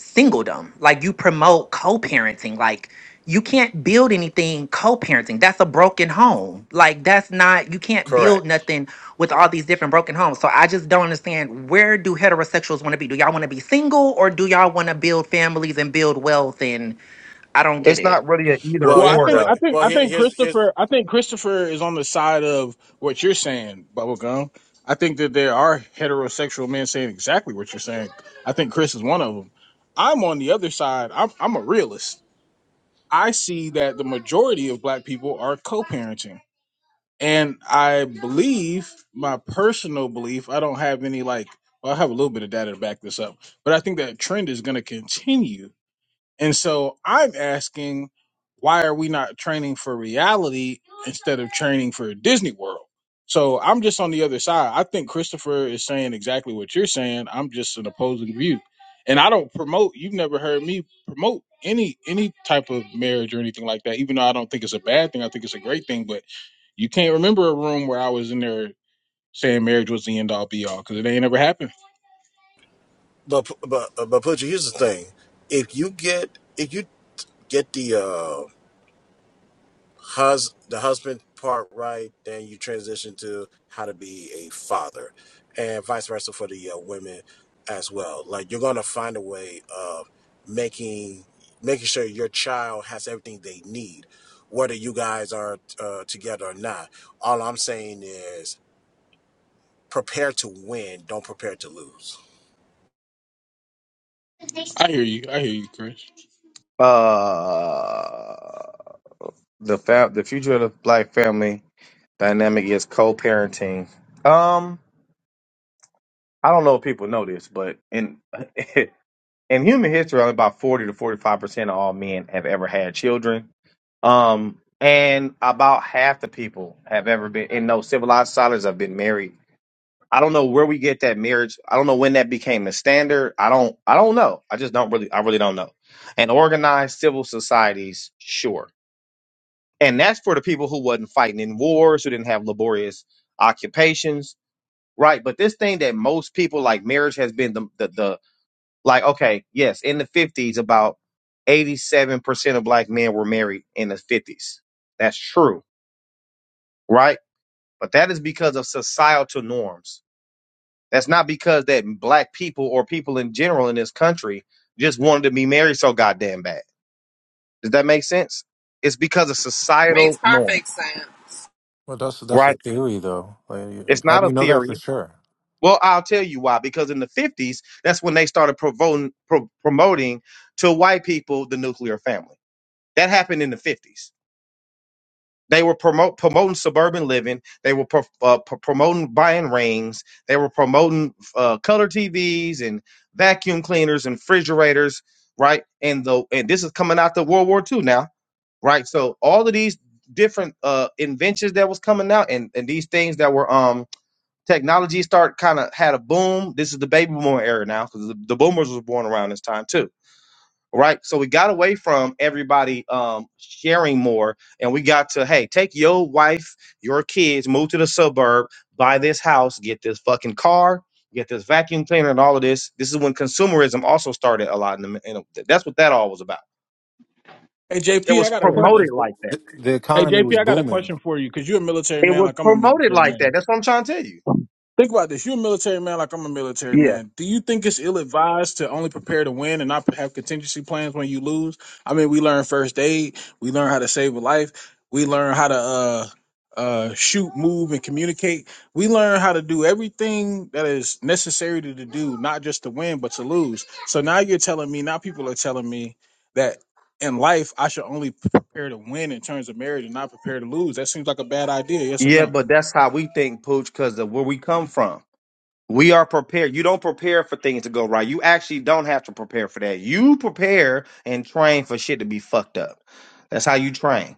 singledom. Like you promote co-parenting. Like you can't build anything co-parenting. That's a broken home. Like that's not you can't Correct. build nothing with all these different broken homes. So I just don't understand where do heterosexuals want to be? Do y'all want to be single or do y'all want to build families and build wealth and I don't get It's not it. really an either Well, Well, he, I or think, well, I though. think, well. I Here, think here's here's Christopher, I think Christopher is on the side of what you're saying, bubblegum. I think that there are heterosexual men saying exactly what you're saying. I think Chris is one of them. I'm on the other side. I'm, I'm a realist. I see that the majority of black people are co-parenting. And I believe my personal belief, I don't have any like well, I have a little bit of data to back this up, but I think that trend is gonna continue. And so I'm asking, why are we not training for reality instead of training for Disney World? So I'm just on the other side. I think Christopher is saying exactly what you're saying. I'm just an opposing view. And I don't promote, you've never heard me promote any any type of marriage or anything like that, even though I don't think it's a bad thing. I think it's a great thing. But you can't remember a room where I was in there saying marriage was the end all be all because it ain't ever happened. But but uh, but Pooja, here's the thing: if you get if you get the uh, hus the husband part right, then you transition to how to be a father, and vice versa for the uh, women as well. Like you're gonna find a way of making making sure your child has everything they need, whether you guys are uh, together or not. All I'm saying is prepare to win, don't prepare to lose. I hear you. I hear you, Chris. Uh the fa- the future of the black family dynamic is co-parenting. Um, I don't know if people know this, but in [laughs] in human history, only about forty to forty-five percent of all men have ever had children Um, and about half the people have ever been, and no civilized scholars have been married. I don't know where we get that marriage. I don't know when that became the standard. I don't. I don't know. I just don't really. I really don't know. And organized civil societies, sure. And that's for the people who wasn't fighting in wars, who didn't have laborious occupations, right? But this thing that most people like marriage has been the the, the like okay, yes, in the fifties, about eighty seven percent of black men were married in the fifties. That's true right? But that is because of societal norms. That's not because that black people or people in general in this country just wanted to be married so goddamn bad. Does that make sense? It's because of Makes societal norm, perfect sense. Well, that's that's a right? theory though. Like, It's how not do a you know that for theory. sure? Well, I'll tell you why. Because in the 50s, that's when they started provoting, pro- promoting to white people the nuclear family. That happened in the 50s They were promote, promoting suburban living. They were pro, uh, pro- promoting buying rings. They were promoting uh, color TVs and vacuum cleaners and refrigerators, right? And the and this is coming out the World War II now, right? So all of these different uh, inventions that was coming out and, and these things that were um technology start kind of had a boom. This is the baby boomer era now because the, the boomers was born around this time too right? So we got away from everybody um, sharing more, and we got to hey, take your wife, your kids, move to the suburb, buy this house, get this fucking car, get this vacuum cleaner, and all of this. This is when consumerism also started a lot, in the, in the- that's what that all was about. Hey It JP, I was got a Yeah, question. that's promoted good. like that. The, the Hey economy JP, was I got a booming. question for you because you're a military It man, was like I'm a promoted military like man. that. That's what I'm trying to tell you. Think about this. You're a military man, like I'm a military Yeah, man. Do you think it's ill advised to only prepare to win and not have contingency plans when you lose? I mean, we learn first aid, we learn how to save a life, we learn how to uh, uh, shoot, move, and communicate. We learn how to do everything that is necessary to, to do, not just to win, but to lose. So now you're telling me, now people are telling me. that in life, I should only prepare to win in terms of marriage and not prepare to lose. That seems like a bad idea. Yes or yeah, no? but that's how we think, Pooch, because of where we come from. We are prepared. You don't prepare for things to go right. You actually don't have to prepare for that. You prepare and train for shit to be fucked up. That's how you train,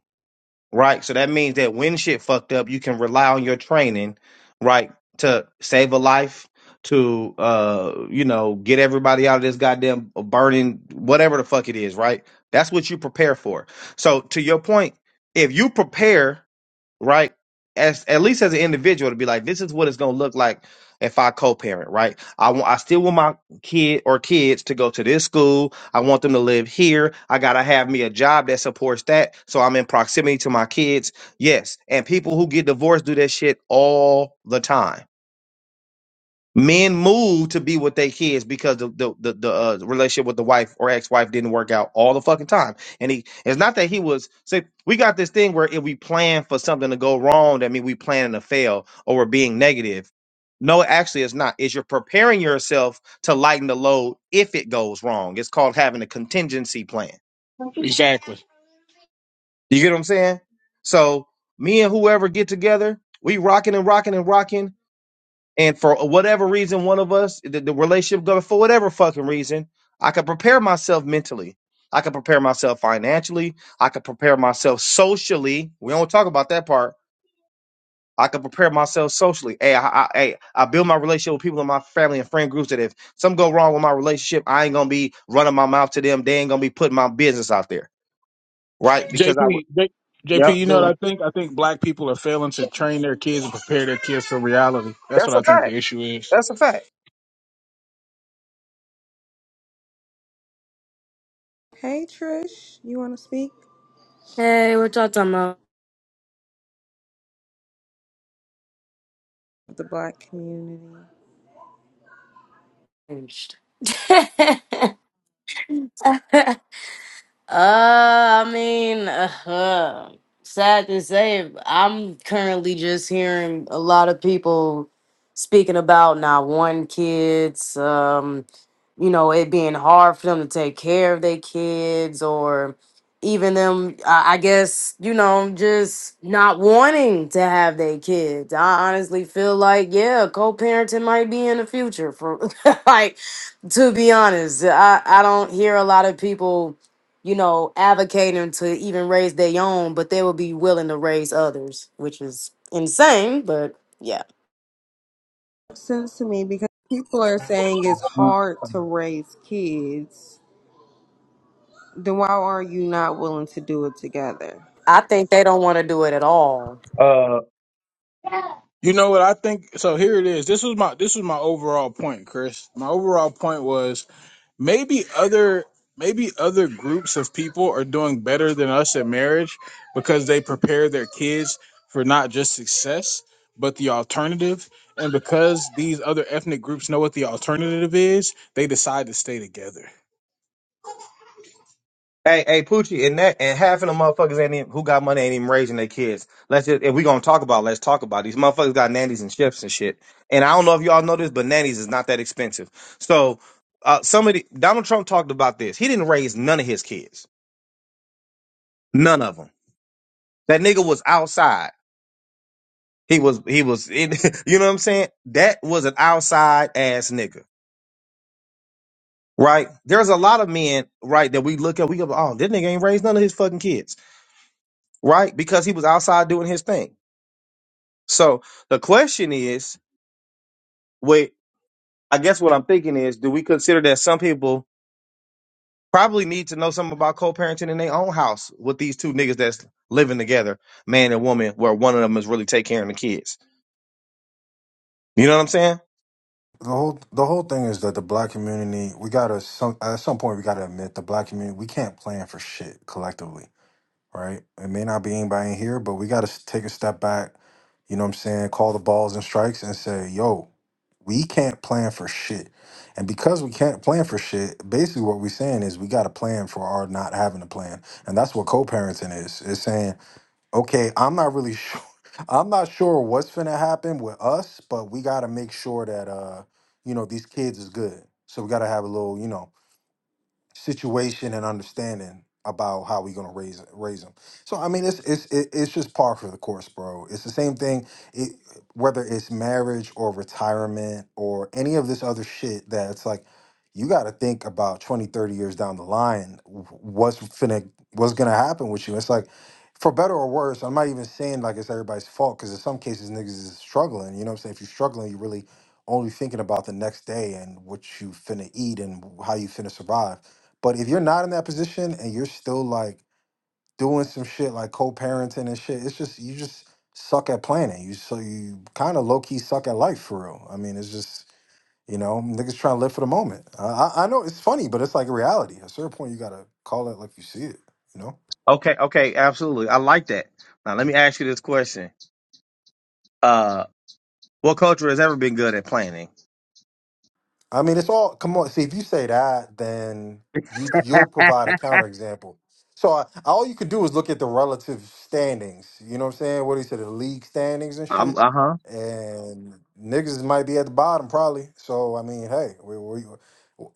right? So that means that when shit fucked up, you can rely on your training, right, to save a life, to uh, you know, get everybody out of this goddamn burning whatever the fuck it is, right? That's what you prepare for. So to your point, if you prepare right? As at least as an individual to be like, this is what it's gonna look like if I co-parent, right? I want I still want my kid or kids to go to this school. I want them to live here. I gotta have me a job that supports that, so I'm in proximity to my kids. Yes, and people who get divorced do that shit all the time Men move to be with their kids because the the the, the uh, relationship with the wife or ex-wife didn't work out all the fucking time. And he it's not that he was say we got this thing where if we plan for something to go wrong, that means we planning to fail or we're being negative. No, actually, it's not. Is you're preparing yourself to lighten the load if it goes wrong. It's called having a contingency plan. Exactly. You get what I'm saying? So me and whoever get together, we rocking and rocking and rocking and for whatever reason, one of us, the, the relationship, go for whatever fucking reason, I could prepare myself mentally. I could prepare myself financially. I could prepare myself socially. We don't talk about that part. I could prepare myself socially. Hey, I, I, hey, I build my relationship with people in my family and friend groups that if something go wrong with my relationship, I ain't gonna be running my mouth to them. They ain't gonna be putting my business out there, right? Because I would. JP, Yep, JP, you know what No. I think? I think black people are failing to train their kids and prepare their kids for reality. That's what that's I a think the fact. issue is. That's a fact. Hey, Trish, you want to speak? Hey, we're talking about Of the black community. changed. [laughs] [laughs] Hey, Uh, I mean, uh, sad to say, I'm currently just hearing a lot of people speaking about not wanting kids, um, you know, it being hard for them to take care of their kids, or even them, I I guess, you know, just not wanting to have their kids. I honestly feel like, yeah, co parenting might be in the future for [laughs] like, to be honest, I, I don't hear a lot of people you know, advocating to even raise their own, but they will be willing to raise others, which is insane. But yeah, Makes Sense to me because people are saying it's hard to raise kids. Then why are you not willing to do it together? I think they don't want to do it at all. Uh. You know what I think? So here it is. This was my this was my overall point, Chris. My overall point was maybe other maybe other groups of people are doing better than us at marriage because they prepare their kids for not just success but the alternative and because these other ethnic groups know what the alternative is they decide to stay together Hey, hey, Poochie, and that and half of the motherfuckers ain't even, who got money ain't even raising their kids. Let's just if we gonna talk about, it, let's talk about it. these motherfuckers got nannies and chefs and shit. And I don't know if y'all know this, but nannies is not that expensive. So uh, somebody Donald Trump talked about this. He didn't raise none of his kids, none of them. That nigga was outside. He was he was [laughs] you know what I'm saying. That was an outside ass nigga, right? There's a lot of men, right, that we look at. We go, oh, this nigga ain't raised none of his fucking kids, right? Because he was outside doing his thing. So the question is, wait, I guess what I'm thinking is, do we consider that some people probably need to know something about co-parenting in their own house with these two niggas that's living together, man and woman, where one of them is really take care of the kids? You know what I'm saying? the whole the whole thing is that the black community we gotta some at some point we gotta admit the black community we can't plan for shit collectively right? It may not be anybody in here, but we got to take a step back. You know what I'm saying? Call the balls and strikes and say, yo, we can't plan for shit. And because we can't plan for shit, basically what we're saying is we got to plan for our not having a plan. And that's what co parenting is. It's saying, okay, I'm not really [laughs] sure. I'm not sure what's finna happen with us, but we gotta make sure that uh, you know, these kids is good. So we gotta have a little, you know situation and understanding about how we're gonna raise raise them. So I mean, it's it's it- it's just par for the course, bro. It's the same thing. It, whether it's marriage or retirement or any of this other shit that it's like you got to think about 20 30 years down the line wh- what's finna what's gonna happen with you it's like for better or worse i'm not even saying like it's everybody's fault because in some cases niggas is struggling you know what i'm saying if you're struggling you really only thinking about the next day and what you finna eat and how you finna survive but if you're not in that position and you're still like doing some shit like co-parenting and shit, it's just you just suck at planning. You so you kind of low key suck at life for real. I mean, it's just you know niggas trying to live for the moment. I, I I know it's funny, but it's like a reality. At a certain point, you gotta call it like you see it. You know. Okay, okay, absolutely. I like that. Now let me ask you this question: uh, What culture has ever been good at planning? I mean, it's all. Come on, see if you say that, then you you'll provide a counterexample. So I, all you could do is look at the relative standings. You know what I'm saying? What do you say, the league standings and I'm shit. uh huh. And niggas might be at the bottom probably. So I mean, hey, we, we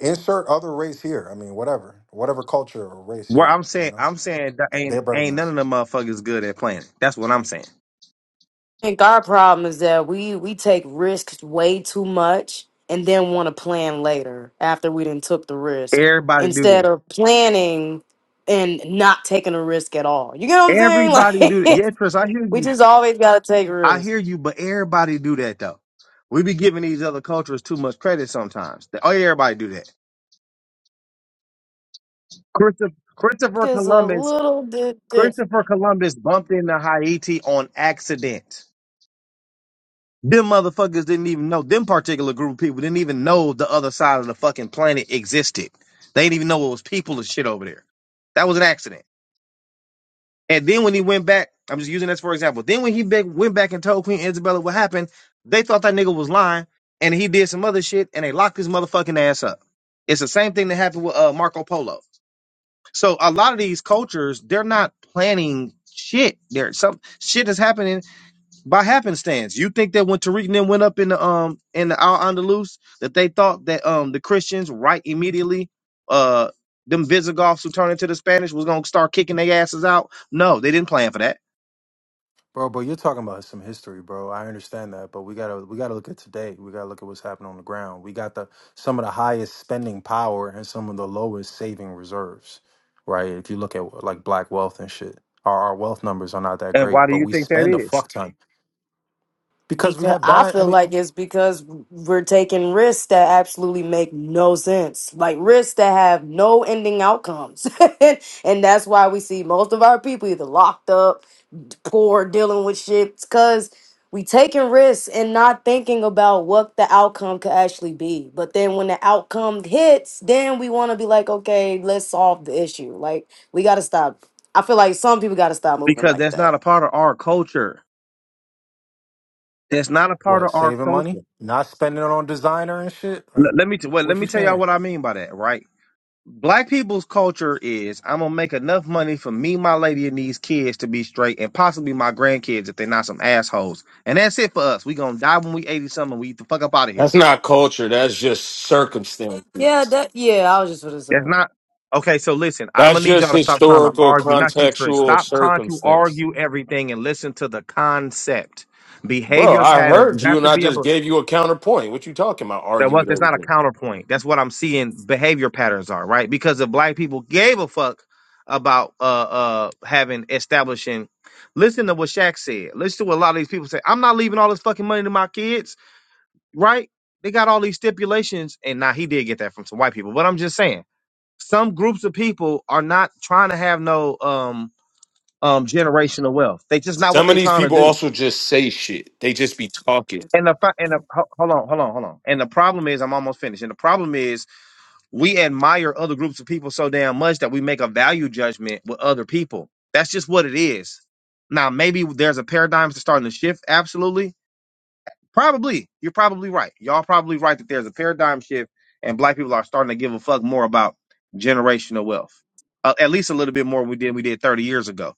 insert other race here. I mean, whatever, whatever culture or race Where here. I'm You saying, know, I'm saying, that Th- ain't they're better than ain't none us. of them motherfuckers good at planning. That's what I'm saying. I think our problem is that we we take risks way too much and then want to plan later after we didn't took the risk Everybody do instead that. of planning and not taking a risk at all. You get what I'm Everybody saying? do that. [laughs] Like Yeah, Chris, I hear we you. just always gotta take I risks. hear you, but everybody do that though. We be giving these other cultures too much credit sometimes. They- Oh, yeah, everybody do that. Christopher, Christopher Is a Columbus, little bit Christopher different. Columbus bumped into Haiti on accident. Them motherfuckers didn't even know. Them particular group of people didn't even know the other side of the fucking planet existed. They didn't even know it was people and shit over there. That was an accident. And then when he went back, I'm just using this for example. Then when he back, went back and told Queen Isabella what happened, they thought that nigga was lying, and he did some other shit, and they locked his motherfucking ass up. It's the same thing that happened with uh, Marco Polo. So a lot of these cultures, they're not planning shit. There, some shit is happening by happenstance. You think that when Tariq and them went up in the um in the Al Andalus, that they thought that um the Christians right immediately, uh them Visigoths who turned into the Spanish was gonna start kicking their asses out? No, they didn't plan for that. Bro, but you're talking about some history, bro. I understand that, but we gotta we gotta look at today. We gotta look at what's happening on the ground. We got the some of the highest spending power and some of the lowest saving reserves, right? If you look at like black wealth and shit, our, our wealth numbers are not that And great, why do but you we think that spend a is? fuck ton because we Because have I bad. I feel mean, like it's because we're taking risks that absolutely make no sense. Like risks that have no ending outcomes. [laughs] and that's why we see most of our people either locked up, d- poor, dealing with shit. Because we taking risks and not thinking about what the outcome could actually be. But then when the outcome hits, then we want to be like, okay, let's solve the issue. Like, we got to stop. I feel like some people got to stop moving Because like that's that. not a part of our culture. That's not a part what of our saving money, culture. not spending it on designer and shit. Like, L- let me t- well, let what you me tell y'all saying? what I mean by that, right? Black people's culture is I'm gonna make enough money for me, my lady, and these kids to be straight, and possibly my grandkids if they're not some assholes. And that's it for us. We gonna die when we eighty something. We the fuck up out of here. That's not culture. That's just Yeah, circumstances. that, yeah, I was just going to That's say. not okay. So listen, I'm That's gonna need just y'all to stop trying to historical, argue. Not you, Trish. contextual Stop trying to circumstance. argue everything and listen to the concept, Bro, behavior I patterns. You heard you have and to I be just able. gave you a counterpoint. What you talking about? That Argue was with that's not a everything. counterpoint. That's what I'm seeing behavior patterns are, right? Because if black people gave a fuck about uh uh having establishing listen to what Shaq said. Listen to what a lot of these people say. I'm not leaving all this fucking money to my kids, right? They got all these stipulations, and now he did get that from some white people. But I'm just saying, some groups of people are not trying to have no um um generational wealth. They just not what Some of they these trying to people do. also just say shit. They just be talking. And the fi- and the, ho- hold on, hold on, hold on. And the problem is, I'm almost finished. And the problem is we admire other groups of people so damn much that we make a value judgment with other people. That's just what it is. Now, maybe there's a paradigm that's starting to shift. Absolutely. Probably. You're probably right. Y'all probably right that there's a paradigm shift and black people are starting to give a fuck more about generational wealth. Uh, at least a little bit more than we did we did 30 years ago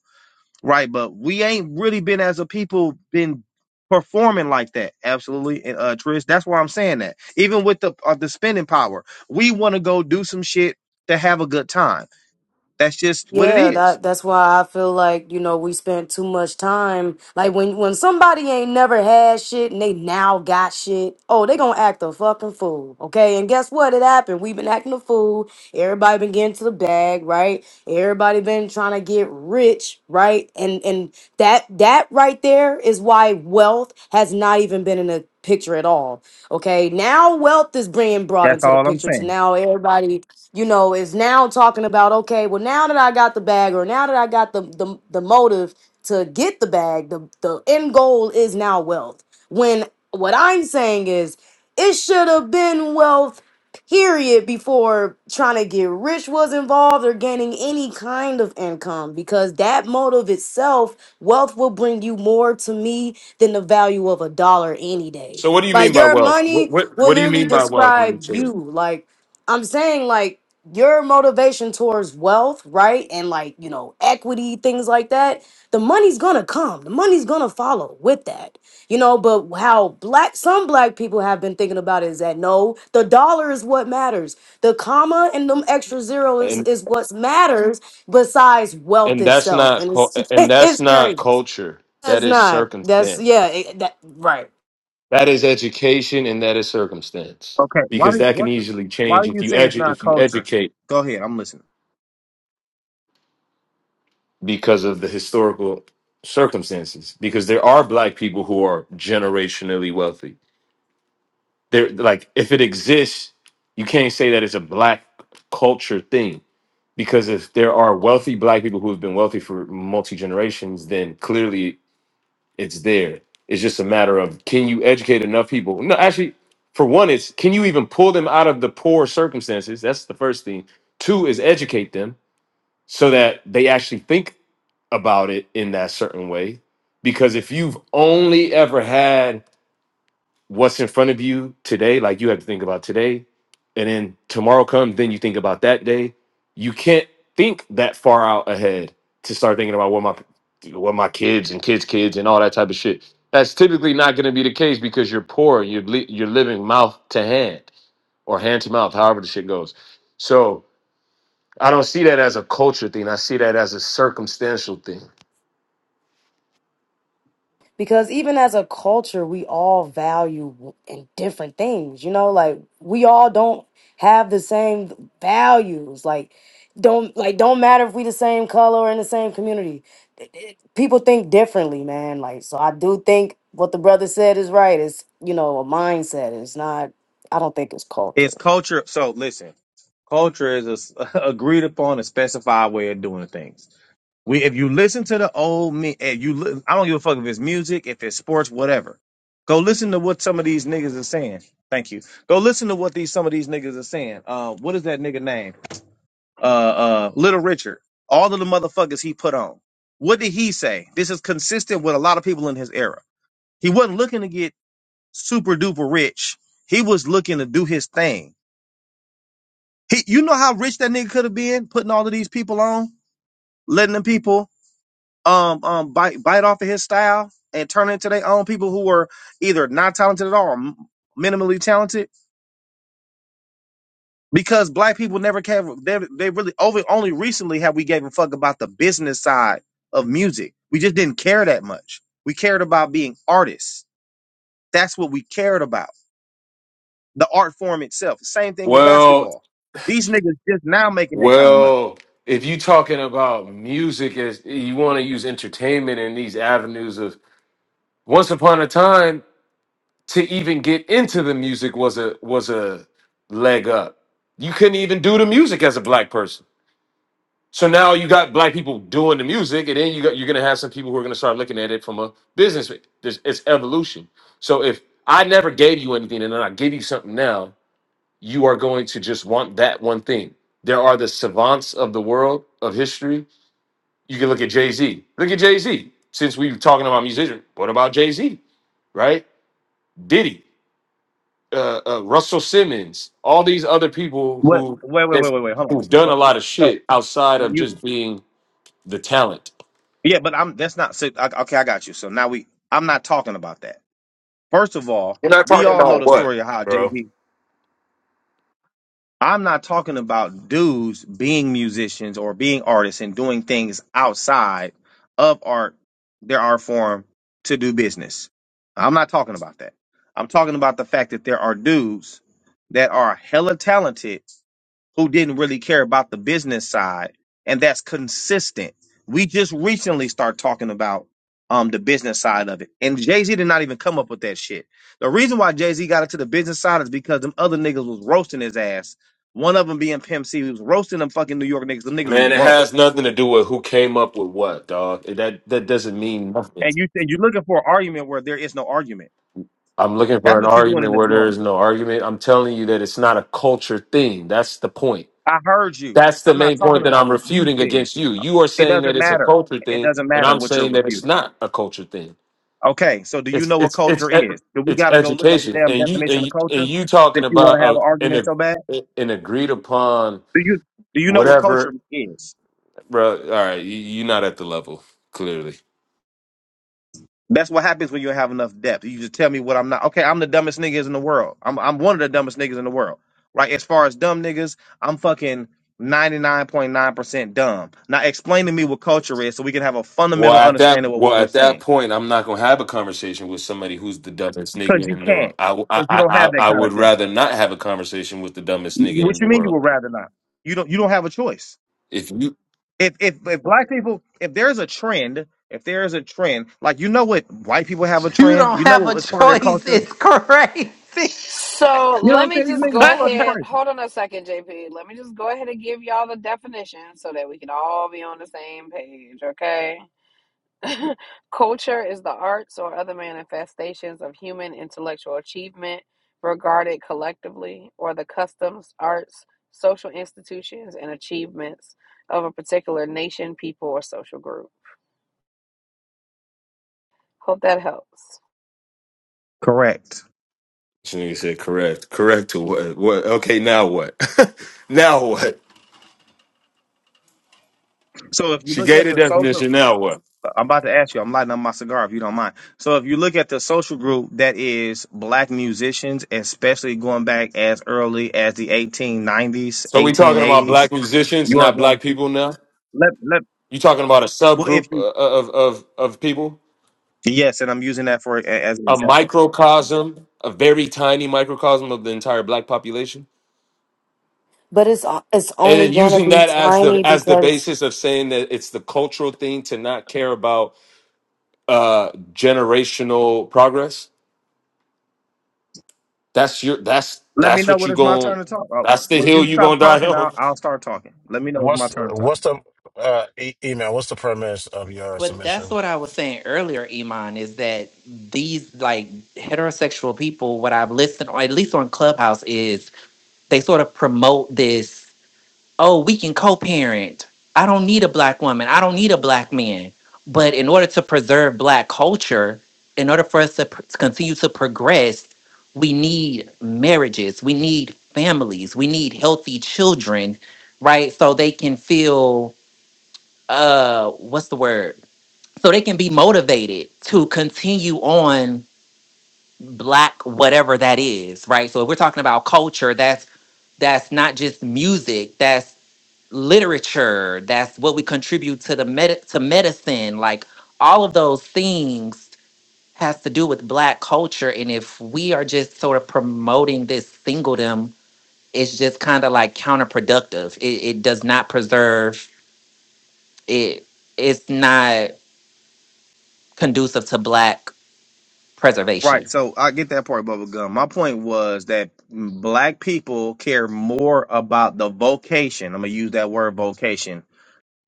Right, but we ain't really been as a people been performing like that. Absolutely, and uh, Trish, that's why I'm saying that. Even with the uh, the spending power, we want to go do some shit to have a good time. That's just what it Yeah, is. that that's why I feel like, you know, we spent too much time. Like when when somebody ain't never had shit and they now got shit, oh, they gonna act a fucking fool. Okay. And guess what? It happened. We've been acting a fool. Everybody been getting to the bag, right? Everybody been trying to get rich, right? And and that that right there is why wealth has not even been in the picture at all. Okay. Now wealth is being brought That's into the all I'm picture So saying. now everybody you know, is now talking about, okay, well, now that I got the bag or now that I got the the, the motive to get the bag, the, the end goal is now wealth. When what I'm saying is it should have been wealth, period, before trying to get rich was involved or gaining any kind of income because that motive itself, wealth will bring you more to me than the value of a dollar any day. So what do you mean Like by your wealth? What money what, what will do you literally mean by wealth when you describe say it? you. Like I'm saying, like your motivation towards wealth, right? And like, you know, equity, things like that, the money's gonna come. The money's gonna follow with that. You know, but how black some black people have been thinking about is that no, the dollar is what matters. The comma and them extra zero is, And is what matters besides wealth and that's itself. not And cul- it's [laughs] and that's it's not crazy. culture. That's That is not. That's circumstance. yeah, it, that right. That is education and that is circumstance. Okay, why Because do that can what the easily why change do if you you say it's edu- not if you culture? educate Go ahead, I'm listening. because of the historical circumstances because there are black people who are generationally wealthy they're like if it exists you can't say that it's a black culture thing because if there are wealthy black people who have been wealthy for multi generations then clearly it's there it's just a matter of can you educate enough people no actually for one it's can you even pull them out of the poor circumstances that's the first thing two is educate them so that they actually think about it in that certain way. Because if you've only ever had what's in front of you today, like you have to think about today, and then tomorrow comes, then you think about that day, you can't think that far out ahead to start thinking about what my what my kids and kids' kids and all that type of shit. That's typically not going to be the case because you're poor. You're li- you're living mouth to hand or hand to mouth, however the shit goes. So I don't see that as a culture thing. I see that as a circumstantial thing. because even as a culture we all value w- in different things you know like we all don't have the same values like don't like don't matter if we the same color or in the same community It- it- people think differently man like so i do think what the brother said is right it's you know a mindset it's not i don't think it's It's culture culture. So listen, culture is a s- [laughs] agreed upon and specified way of doing things. We, if you listen to the old me, if you, li- I don't give a fuck if it's music, if it's sports, whatever. Go listen to what some of these niggas are saying. Thank you. Go listen to what these some of these niggas are saying. Uh, what is that nigga name? Uh, uh, Little Richard. All of the motherfuckers he put on. What did he say? This is consistent with a lot of people in his era. He wasn't looking to get super duper rich. He was looking to do his thing. He, you know how rich that nigga could have been putting all of these people on, letting them people um um bite bite off of his style and turn it into their own people who were either not talented at all or m- minimally talented because black people never care they, they really over only recently have we gave a fuck about the business side of music we just didn't care that much we cared about being artists that's what we cared about the art form itself same thing with Well. basketball these niggas just now making that kind of money Well, if you're talking about music as you want to use entertainment in these avenues of once upon a time to even get into the music was a was a leg up. You couldn't even do the music as a black person. So now you got black people doing the music, and then you got you're gonna have some people who are gonna start looking at it from a business. There's, it's evolution. So if I never gave you anything, and then I give you something now, you are going to just want that one thing. There are the savants of the world of history You can look at Jay Z. Look at Jay Z. Since we were talking about musicians, what about Jay Z? Right? Diddy, uh, uh, Russell Simmons, all these other people what who wait wait have, wait wait wait hold on who've done a Hold- lot of so, shit outside of you just being the talent. Yeah, but I'm that's not si- I- okay. I got you. So now we I'm not talking about that. First of all, You're not we talking all know about the what, story of how Jay bro? Z. I'm not talking about dudes being musicians or being artists and doing things outside of art, their art form to do business. I'm not talking about that. I'm talking about the fact that there are dudes that are hella talented who didn't really care about the business side, and that's consistent. We just recently start talking about um the business side of it, and Jay Z did not even come up with that shit. The reason why Jay Z got into the business side is because them other niggas was roasting his ass. One of them being Pimp C, he was roasting them fucking New York niggas. Them niggas was Man, it broke, has nothing to do with who came up with what, dog. That that doesn't mean nothing. and you and you're looking for an argument where there is no argument. I'm looking for That's an what you're doing in argument this where there is moment. no argument. I'm telling you that it's not a culture thing. That's the point. I heard you. That's the I'm not main talking point that about I'm what you refuting said. against you. You are It saying that doesn't it's a matter. culture It thing, doesn't but matter I'm what you're saying that it's refuting. not a culture thing. Okay, so do you It's know what it's it's culture e- is? Do we it's gotta go look up the education, damn and you definition and of you, and culture you talking since you want about to have a, an an argument so bad? ag- an agreed upon Do you do you know what culture whatever, is? bro. All right, you, you're not at the level clearly. That's what happens when you have enough depth. You just tell me what I'm not. Okay, I'm the dumbest niggas in the world. I'm I'm one of the dumbest niggas in the world. Right? As far as dumb niggas, I'm fucking 99.9% dumb. Now explain to me what culture is so we can have a Well, fundamental at that understanding of well what we're at that saying. point, I'm not gonna have a conversation with somebody who's the dumbest Cause nigga you in the world. can't. I I Cause you I, don't I have that I kind would of depth. rather not have a conversation with the dumbest nigga What in the you mean you world. would rather not? You don't you don't have a choice If you if if if black people if there's a trend if there's a trend like you know what white people have a You trend don't you know have a what it's part of their choice. culture It's crazy. So you know what let i'm me saying these just niggas [laughs] go is fucking ahead. crazy Hold on a second, JP. Let me just go ahead and give y'all the definition so that we can all be on the same page, okay? [laughs] Culture is the arts or other manifestations of human intellectual achievement regarded collectively, or the customs, arts, social institutions, and achievements of a particular nation, people, or social group. Hope that helps. correct She nigga said correct. Correct to what? What? Okay, now what? [laughs] now what? so if you She look gave at the the social definition. Now what? i'm about to ask you i'm lighting up my cigar if you don't mind so if you look at the social group that is black musicians especially going back as early as the 1890s So we talking about 1880s black musicians, you are not going to black see people. Now let let you talking about a well if subgroup you uh, uh, of of of people, yes and i'm using that for a- as an a example microcosm, a very tiny microcosm of the entire black population, but it's o- it's and only then going to using be that as the tiny as the because basis of saying that it's the cultural thing to not care about uh generational progress. That's your. That's Let me that's know what when you it's my turn going. to talk. Uh, That's wh- the When hill you you stop gonna [laughs] die talking, on. I'll, I'll start talking. Let me know it's my What's turn to talk. what's the uh, e- email? What's the premise of your but that's submission? what I was saying earlier, Iman, is that these like heterosexual people, what I've listened, or at least on Clubhouse, is they sort of promote this oh we can co-parent i don't need a black woman i don't need a black man but in order to preserve black culture in order for us to pr- continue to progress we need marriages we need families we need healthy children right so they can feel uh what's the word so they can be motivated to continue on black whatever that is right so if we're talking about culture that's that's not just music literature that's what we contribute to the med- to medicine like all of those things has to do with black culture and if we are just sort of promoting this singledom it's just kind of like counterproductive it, it does not preserve it it's not conducive to black Right. preservation So I get that part, Bubba Gum. My point was that black people care more about the vocation. I'm gonna use that word vocation,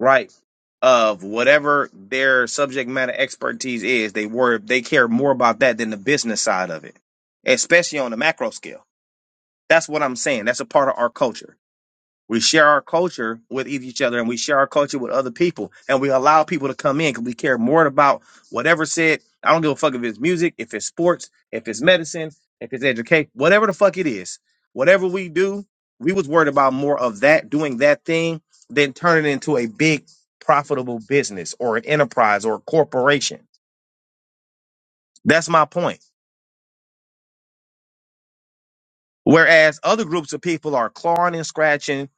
right? Of whatever their subject matter expertise is, they were they care more about that than the business side of it, especially on the macro scale. That's what I'm saying. That's a part of our culture We share our culture with each other and we share our culture with other people and we allow people to come in because we care more about whatever said. I don't give a fuck if it's music, if it's sports, if it's medicine, if it's education, whatever the fuck it is. Whatever we do, we was worried about more of that, doing that thing, than turning it into a big profitable business or an enterprise or a corporation. That's my point. Whereas other groups of people are clawing and scratching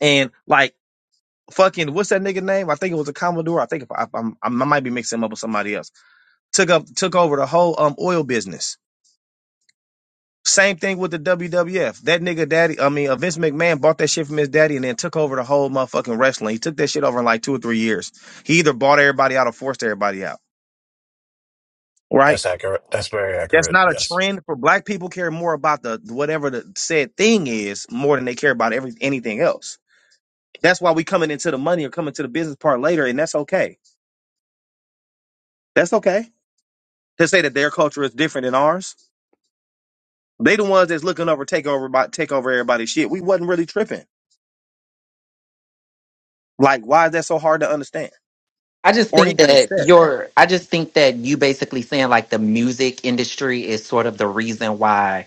and like fucking what's that nigga name? I think it was a Commodore. I think if I, I'm, I'm- I might be mixing him up with somebody else. Took up took over the whole um oil business. Same thing with the WWF. That nigga daddy, I mean, uh, Vince McMahon bought that shit from his daddy and then took over the whole motherfucking wrestling. He took that shit over in like two or three years. He either bought everybody out or forced everybody out. Right? That's accurate. That's very That's accurate. not a Yes. trend for black people care more about the whatever the said thing is more than they care about every anything else. That's why we coming into the money or coming to the business part later, and that's okay. That's okay to say that their culture is different than ours. They the ones that's looking over take over by take over everybody's shit. We wasn't really tripping. Like, why is that so hard to understand i just or think even that accept? your i just think that you basically saying like the music industry is sort of the reason why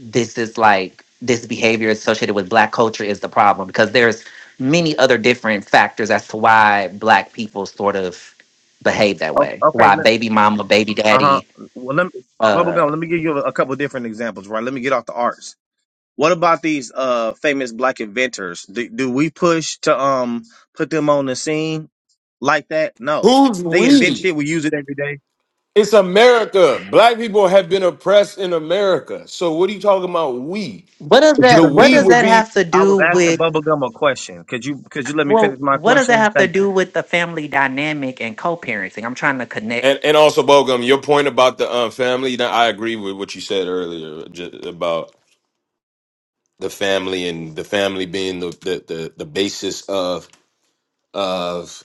this is like this behavior associated with black culture is the problem because there's many other different factors as to why black people sort of behave that O- way Okay, why baby mama baby uh huh. daddy Well, let me uh bubblegum. Let me give you a, a couple different examples. Right. Let me get off the arts. What about these uh famous black inventors? Do, do we push to um put them on the scene like that? No, Who's they invent we? shit. We use it every day. It's America. Black people have been oppressed in America. So what are you talking about? We. what does Could you The let that me? what we Finish? does would that be. have to I was do asking with bubblegum a question. Could you could you let me well finish my what does that question? have to Thank you. do with the family dynamic and co-parenting i'm trying to connect And and also Bogum, your point about the um, family. Now, I agree with what you said earlier ju- about the family and the family being the the the, the basis of of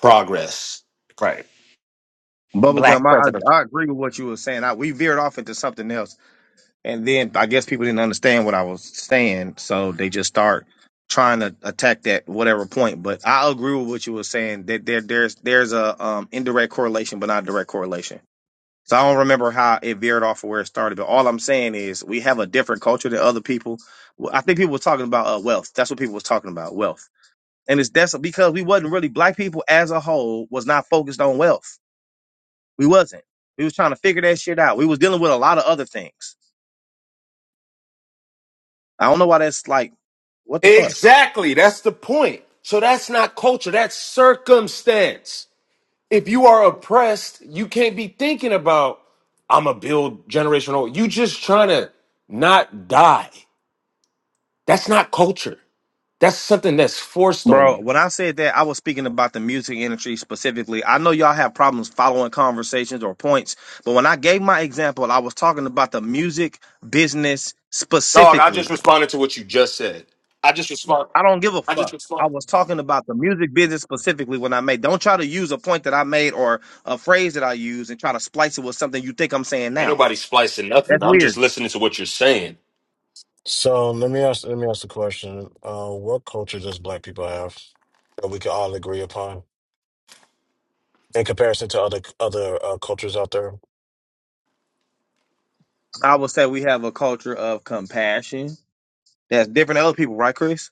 progress. Right. black Bubblegum, I, president I I agree with what you were saying. I, we veered off into something else, and then I guess people didn't understand what I was saying, so they just start trying to attack that whatever point. But I agree with what you were saying that there there's there's a um, indirect correlation, but not direct correlation. So I don't remember how it veered off or where it started, but all I'm saying is we have a different culture than other people. Well, I think people were talking about uh, wealth. That's what people was talking about, wealth, and it's that's because we wasn't really black people as a whole was not focused on wealth we wasn't. We was trying to figure that shit out. We was dealing with a lot of other things. I don't know why that's like, what the fuck? Exactly. That's the point. So that's not culture. That's circumstance. if you are oppressed, you can't be thinking about I'm a build generational. You just trying to not die. That's not culture. That's something that's forced on Bro, you. when I said that, I was speaking about the music industry specifically. I know y'all have problems following conversations or points, but when I gave my example, I was talking about the music business Dog, I just specifically. responded to what you just said. I just respond. I don't give a I just fuck. I respond. was talking about the music business specifically when I made. Don't try to use a point that I made or a phrase that I used and try to splice it with something you think I'm saying Ain't now. nobody splicing nothing. That's I'm just weird. listening to what you're saying. So let me ask let me ask the question. Uh, what culture does Black people have that we can all agree upon in comparison to other other uh, cultures out there? I would say we have a culture of compassion That's different than other people, right, Chris?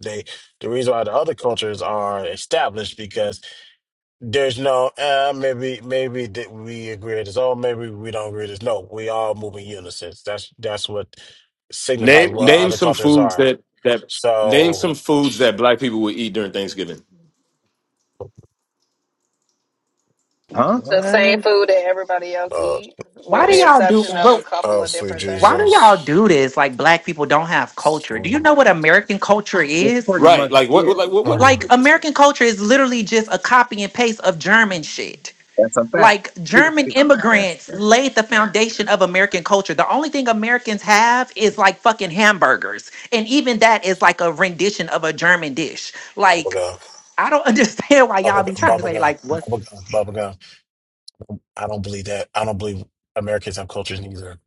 They the reason why the other cultures are established There's no uh, maybe maybe that we agree with this. Oh, maybe we don't agree with this. No, we all move in unison. That's that's what signifies Name what name other some cultures foods are. that that name So, some foods that black people would eat during Thanksgiving. Huh? The same what? food that everybody else uh, eat, why with oh do the It's sweet, y'all do exception of a well, couple oh of sweet different why do things. y'all Jesus, do this like black people don't have culture do you mm. know what american culture It's is pretty right. much Like what yeah. like what, what Mm. Like American culture is literally just a copy and paste of German shit. That's a fact. Like [laughs] that's German Okay. that's immigrants a laid the fact. foundation of American culture. The only thing Americans have is like fucking hamburgers. And even that is like a rendition of a German dish. Like bubblegum, I don't [laughs] understand why y'all be bubblegum, trying to say bubblegum, like what's bubblegum, bubblegum. I don't believe that. I don't believe Americans have cultures neither.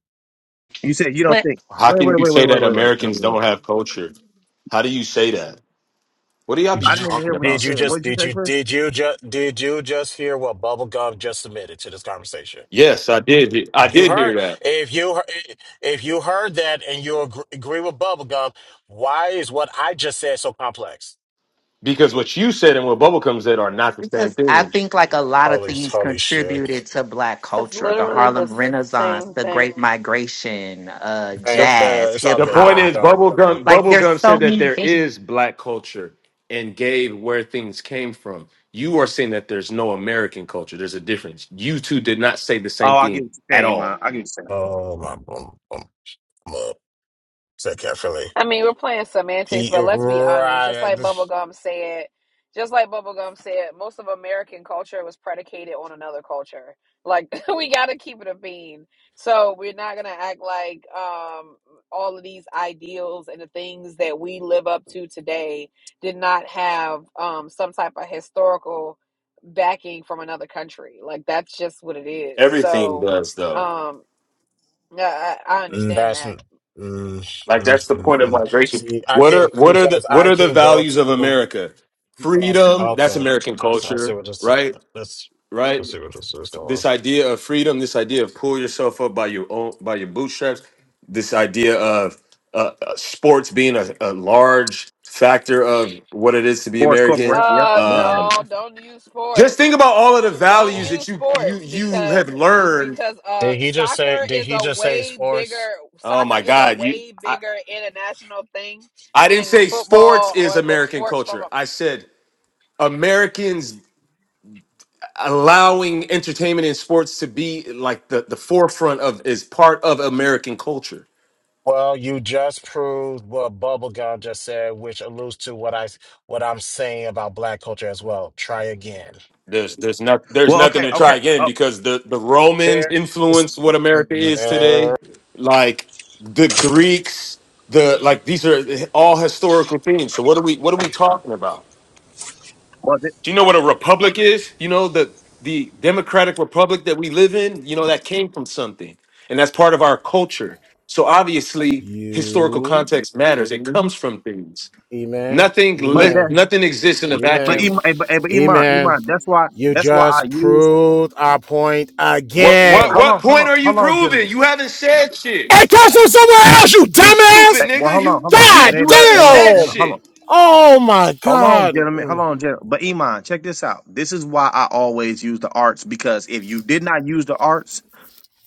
You said you don't what think. how Wait, can wait, you wait, wait, say wait, that wait, wait, wait, wait. Americans wait. don't have culture? How do you say that? What do y'all Did be I you didn't just? even talking hear what he about Did you said. sometimes? What just? did you Did say, you? Chris? Did you just? Did you just hear what bubblegum just submitted to this conversation? Yes, I did. he- I You did hear heard that. if you he- if you heard that and you agree, agree with Bubblegum, why is what I just said so complex? Because what you said and what Bubblegum said are not the same because I thing. think like a lot of Holy things holy shit! contributed to black That's culture. The literally the Harlem Renaissance, same the thing. Great Migration, uh The Damn, jazz, damn, it's all hip the good. point Don't hop. is don't don't. Bubblegum Like there's Bubblegum said so that many there things. is black culture and gave where things came from. You are saying that there's no American culture. There's a difference. You two did not say the same Oh, I get thing what you're at saying, man. I get all. what you're saying. Oh my, um, um, um, say carefully. I mean, we're playing semantics, E- but let's be honest. Just Right, like this- Bubblegum said, just like Bubblegum said, most of American culture was predicated on another culture. Like [laughs] we got to keep it a bean. So we're not gonna act like um, all of these ideals and the things that we live up to today did not have um, some type of historical backing from another country. Like that's just what it is. Everything So does though. um, yeah, I, I mm, understand that's that. mm, mm, Like mm, that's the mm. point of mm. migration. see. I What are can't what are the because what I are the can go values to of America? because Freedom, that's okay. American I, s- I see culture, what this. right? Let's Right? let's see what this is going. this idea of freedom, this idea of pull yourself up by your own by your bootstraps, this idea of uh, uh, sports being a, a large factor of what it is to be Forest American. Corporate. Yep, Uh yep. no, Um, don't use just sports. think about all of the Don't on. values that use you you sports you have because learned. because uh Did he just say? soccer Did is he a just say way sports? bigger Oh soccer my is a God, you way I, bigger international thing I didn't than say sports football is or the American sports from culture. a I said Americans allowing entertainment and sports to be like the, the forefront of is part of American culture Well, you just proved what Bubblegum just said, which alludes to what I what I'm saying about Black culture as well. Try again. There's there's not there's Well, nothing okay, to okay. try again Oh, because the the Romans There is influenced what America is no today. Like the Greeks, the like these are all historical things. So what are we what are we talking about? But th- Do you know what a republic is? You know the the democratic republic that we live in, you know that came from something. And that's part of our culture. So obviously historical you. context matters. It comes from things. Amen. Nothing but li- Amen. that's nothing exists in a but Amen. vacuum. Iman, eh, but, eh, but Iman, Amen. Iman. That's why You that's why I just use. proved our point What what again. Hold what on, hold point on, are you hold on, proving? gentlemen. You haven't said shit. It comes from somewhere else, you You stupid Eh, dumbass. Well, nigga. hold on, You hold on. you It God ain't you no, haven't ain't no, said ain't no. damn. Hold on. shit. Oh my Hold on, God. gentlemen. Hold Mm. on, gentlemen. But Iman, check this out. This is why I always use the arts because if you did not use the arts,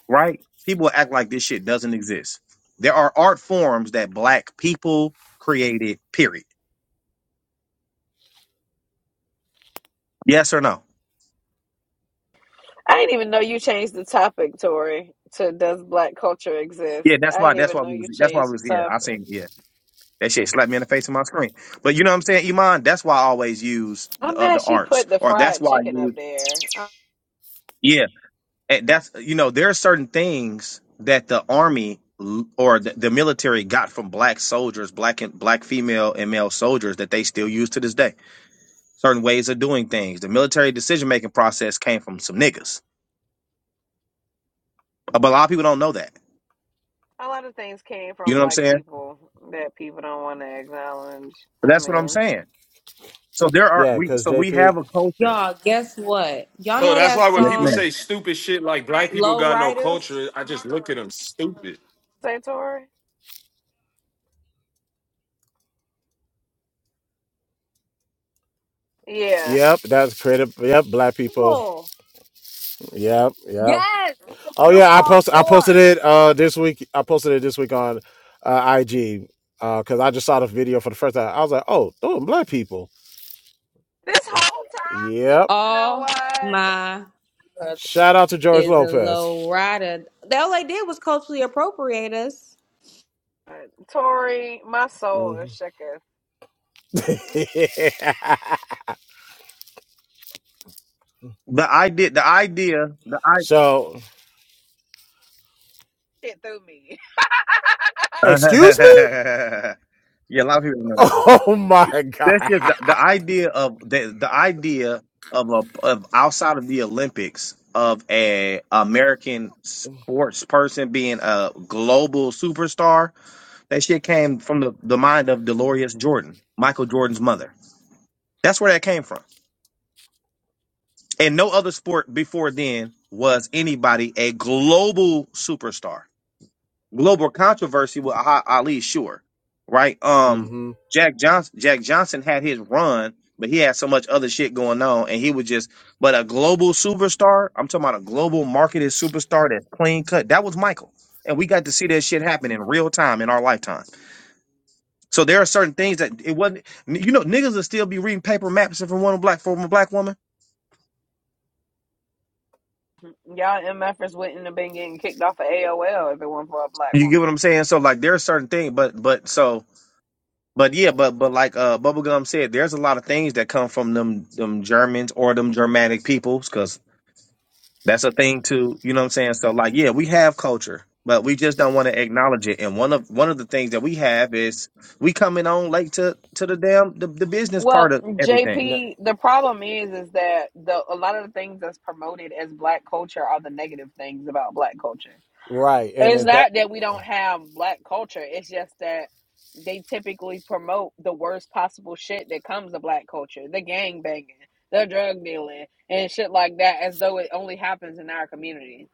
right, people will act like this shit doesn't exist. There are art forms that black people created, period. Yes or no? I didn't even know you changed the topic, Tori, to does black culture exist? Yeah, that's I why didn't that's even why know we you was that's why we changed the was here. I topic. seen yeah. That shit slapped me in the face on my screen. But you know what I'm saying, Iman? That's why I always use I'm the, uh, the mad she arts. put the Or that's fried why I chicken up use there. A yeah, And that's you know there are certain things that the army l- or the, the military got from black soldiers, black and black female and male soldiers that they still use to this day. Certain ways of doing things. The military decision making process came from some niggas, but a lot of people don't know that. a lot of things came You from know what I'm black saying? people that people don't want to acknowledge. But I that's what I'm mean. saying. So there are Yeah, we. because So we JP. have a culture. Y'all, guess what? Y'all So know that's that why when Yes, people song, man. say stupid shit like black people Low got no culture, Riders? I just look at them stupid. Say Tori? Yeah. Yep, that's creative. Yep, black people. People. Yep, yep. Yes, it's a Oh group yeah, I called post I posted War. it uh this week. I posted it this week on uh, IG because I just saw the video for the first time. I was like, oh, those are black people. This whole time, Yep. you know All what? my brother Shout out to George is a Lopez. low rider. They all they did was culturally appropriate us. Uh, Tori, my soul is Mhm. shook as [laughs] The idea. The idea. The I. so, shit through me. excuse me? [laughs] [laughs] yeah, a lot of people don't know that. Oh my god. That's just the, the idea of the the idea of a of outside of the Olympics of a American sports person being a global superstar. That shit came from the, the mind of Dolores Jordan, Michael Jordan's mother. That's where that came from. And no other sport before then was anybody a global superstar. global controversy with Ah- Ali, sure, right? Um, hmm Jack Johnson, Jack Johnson had his run, but he had so much other shit going on, and he was just. But a global superstar, I'm talking about a global marketed superstar that's clean cut. That was Michael, and we got to see that shit happen in real time in our lifetime. So there are certain things that it wasn't. You know, niggas will still be reading paper maps from one black from a black woman. [laughs] Y'all MFers wouldn't have been getting kicked off of AOL if it weren't for a black You get woman. what I'm saying? So like, there are certain things, but but so But yeah, but but like uh, Bubblegum said, there's a lot of things that come from them them Germans or them Germanic peoples, because that's a thing too. You know what I'm saying? So like, yeah, we have culture, but we just don't want to acknowledge it. And one of one of the things that we have is we coming on late to to the damn the, the business part Well, of everything. JP, the problem is is that the a lot of the things that's promoted as black culture are the negative things about black culture. Right, and It's if that not that we don't have black culture. It's just that they typically promote the worst possible shit that comes to black culture. The gang banging, the drug dealing, and shit like that as though it only happens in our communities.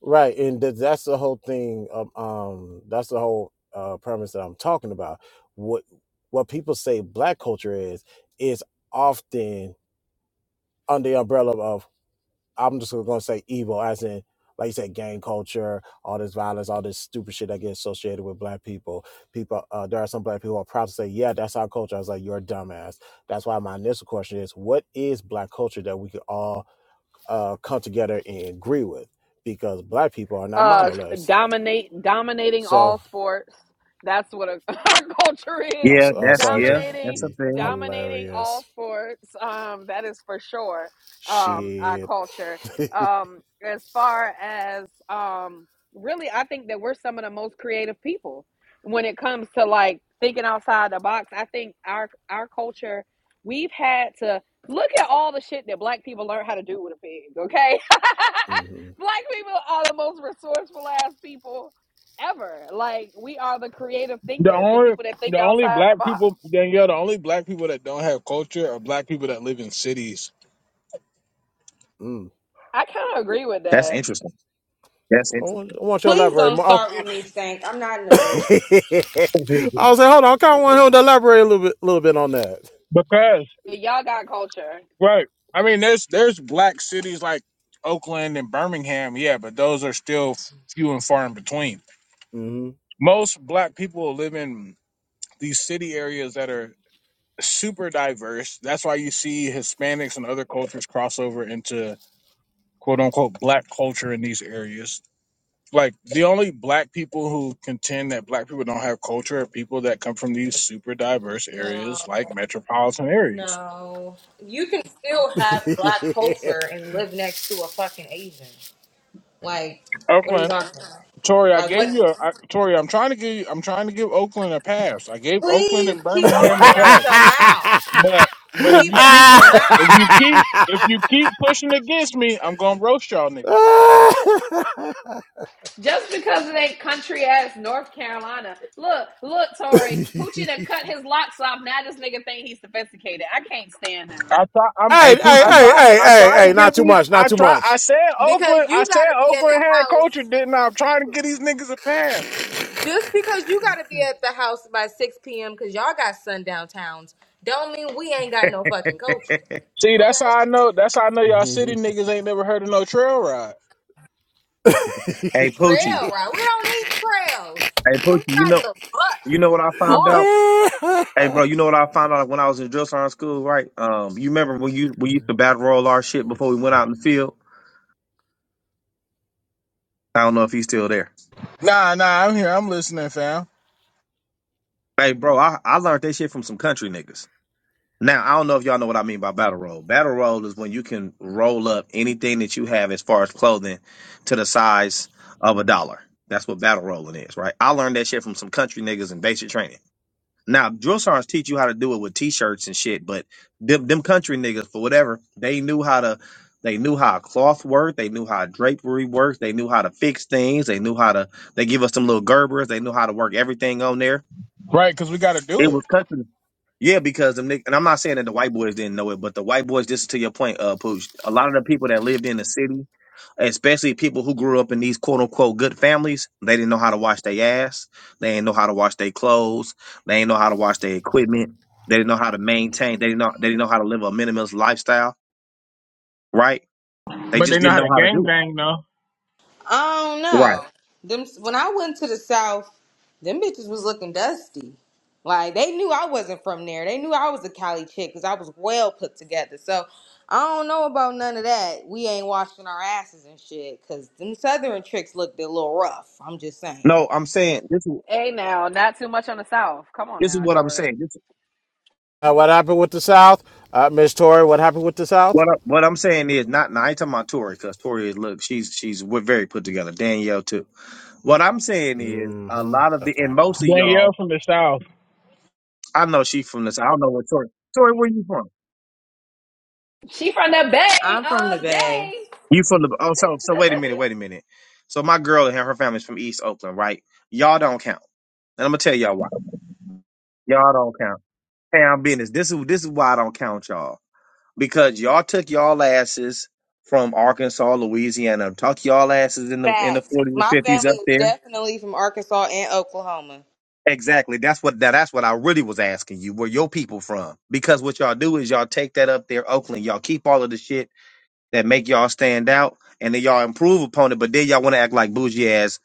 Right, and that, that's the whole thing. Um, um that's the whole uh, premise that I'm talking about. What what people say black culture is is often under the umbrella of I'm just going to say evil, as in like you said, gang culture, all this violence, all this stupid shit that gets associated with black people. People, uh, there are some black people who are proud to say, "Yeah, that's our culture." I was like, "You're a dumbass." That's why my initial question is, what is black culture that we could all uh, come together and agree with? Because black people are not uh monoliths dominate dominating all so sports that's what a, [laughs] our culture is I Yeah, saw, I that's saw it. yeah, dominating that's a He thing. dominating all hilarious sports um that is for sure um our shit. culture um as far as um really i think that we're some of the most creative people when it comes to like thinking outside the box i think our our culture we've had to look at all the shit that black people learned how to do with a pig okay [laughs] hmm Black people are the most resourceful ass people ever. Like we are the creative The thinkers, the only people that the think only outside the black box. people Danielle, the only black people that don't have culture are black people that live in cities. Mm. I kind of agree with That's that. interesting. That's I, want, interesting. I want you to Please elaborate don't more. Oh. start with me, Stank. I'm not in the mood. [laughs] I was like, hold on, I kind of want him to elaborate a little bit, little bit on that. because Y'all got culture. right i mean there's there's black cities like oakland and birmingham yeah but those are still few and far in between hmm most black people live in these city areas that are super diverse. That's why you see Hispanics and other cultures cross over into quote unquote black culture in these areas. Like the only black people who contend that black people don't have culture are people that come from these super diverse No, areas like metropolitan areas. no. You can still have black [laughs] culture and live next to a fucking Asian. Like, what are you Oakland, talking about? Tori, I Like, gave what? you a I, Tori, I'm trying to give you, I'm trying to give Oakland a pass. I gave Oakland Please and keep Birmingham a opening pass. out your mouth. But but if Keep you it keep out your if mouth. you keep if you keep pushing against me, I'm gonna roast y'all niggas. Just because it ain't country ass North Carolina. Look, look, Tory [laughs] Poochie [laughs] done cut his locks off. Now this nigga think he's sophisticated. I can't stand him. I try I'm [laughs] hey hey, hey, I Poochie. hey, try hey, I hey, tried to hey! Not give too these much, not I too try I much. said Oakland Because I you got said to be in the Oakland had house. culture, didn't I? I'm trying to get these niggas a pass. Just because you gotta be at the house by 6 p.m. because y'all got sundown towns, don't mean we ain't got no [laughs] fucking culture. hey See, that's Okay? how I know that's how I know y'all city niggas ain't never heard of no trail ride. Poochie. Trail ride. We don't need trails. Hey You can Poochie. we You ride know the you know what I found bus, out? Hey, [laughs] bro, you know what I found out when I was in drill sergeant school, right? Um, you remember when you we used to battle roll our shit before we went out in the field? I don't know if he's still there. Nah, nah, I'm here, I'm listening, fam. Hey, bro, I, I learned that shit from some country niggas. Now I don't know if y'all know what I mean by battle roll. Battle roll is when you can roll up anything that you have as far as clothing to the size of a dollar. That's what battle rolling is, right? I learned that shit from some country niggas in basic training. Now, drill sergeants teach you how to do it with t-shirts and shit, but them them country niggas for whatever they knew how to. They knew how cloth worked. They knew how drapery worked. They knew how to fix things. They knew how to. They give us some little Gerbers. They knew how to work everything on there. Right, cause we gotta do It it. was cussing. Yeah, because them nick and I'm not saying that the white boys didn't know it, but the white boys, just to your point, uh, Pooch, a lot of the people that lived in the city, especially people who grew up in these quote unquote good families, they didn't know how to wash their ass. They didn't know how to wash their clothes. They didn't know how to wash their equipment. They didn't know how to maintain. They didn't know. They didn't know how to live a minimalist lifestyle. Right? They But they just know didn't how know to how to gang do it. bang though. I don't Right. know. Them when I went to the South, them bitches was looking dusty. Like they knew I wasn't from there. They knew I was a Cali chick because I was well put together. So I don't know about none of that. We ain't washing our asses and shit because them Southern tricks looked a little rough. I'm just saying. No, I'm saying this. is Hey now, not too much on the South. Come on This is now, what I'm Tory. saying. Uh, what happened with the South, uh, Miss Tory? What happened with the South? What I, what I'm saying is not. Now I ain't talking about Tori because Tori is look. She's she's we're very put together. Danielle too. What I'm saying is a hmm lot of the That's what and I most of thought. Danielle y'all. from the south. I know she from this. I don't know where Tori. Tori, where you from? She from the Bay I'm from the all Bay. day. You from the? Oh, so so wait a minute. Wait a minute. So my girl and her, her family's from East Oakland, right? Y'all don't count, and I'm gonna tell y'all why. Y'all don't count. Hey, I'm business. This is this is why I don't count y'all because y'all took y'all asses from Arkansas, Louisiana, took y'all asses in the in the Facts. 40s and My 50s family up is there definitely from Arkansas and Oklahoma. Exactly. That's what that, that's what I really was asking you. Where your people from? Because what y'all do is y'all take that up there, Oakland. Y'all keep all of the shit that make y'all stand out, and then y'all improve upon it. But then y'all want to act like bougie ass,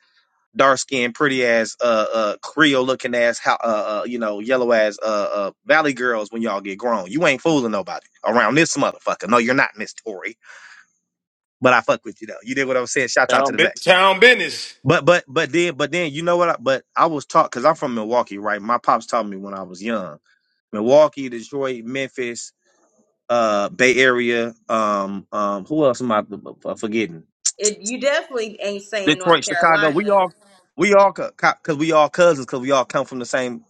dark skinned, pretty ass, uh, uh, Creole looking ass, how, uh, uh, you know, yellow ass, uh, uh, Valley girls when y'all get grown. You ain't fooling nobody around this motherfucker. No, you're not Miss Tory. But I fuck with you though. You did what I was saying. Shout out to Town, the bu- back. town business. But but but then but then you know what? I, but I was taught because I'm from Milwaukee, right? My pops taught me when I was young Milwaukee, Detroit, Memphis, uh, Bay Area. Um, um, who else am I uh, forgetting? It, you definitely ain't saying North Detroit, Chicago. Carolina. We all, we all, co- co- cause we all cousins, cause we all come from the same.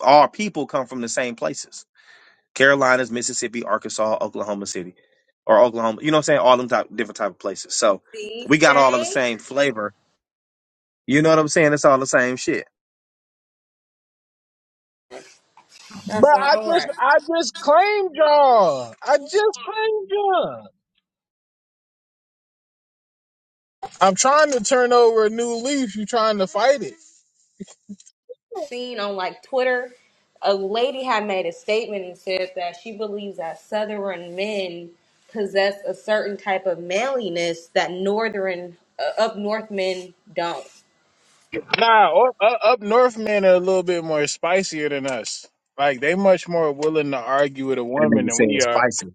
Our people come from the same places: Carolinas, Mississippi, Arkansas, Oklahoma City, or Oklahoma. You know what I'm saying? All them type, different type of places. So See, we got all of the stank. same flavor. You know what I'm saying? It's all the same shit. But That's I all just right. I just claimed y'all. I just claimed y'all. I'm trying to turn over a new leaf. You trying to fight it? seen on like Twitter, a lady had made a statement and said that she believes that Southern men possess a certain type of manliness that Northern uh, up North men don't. Nah, up, up north men are a little bit more spicier than us. Like they much more willing to argue with a That woman nigga than said we are. spicy.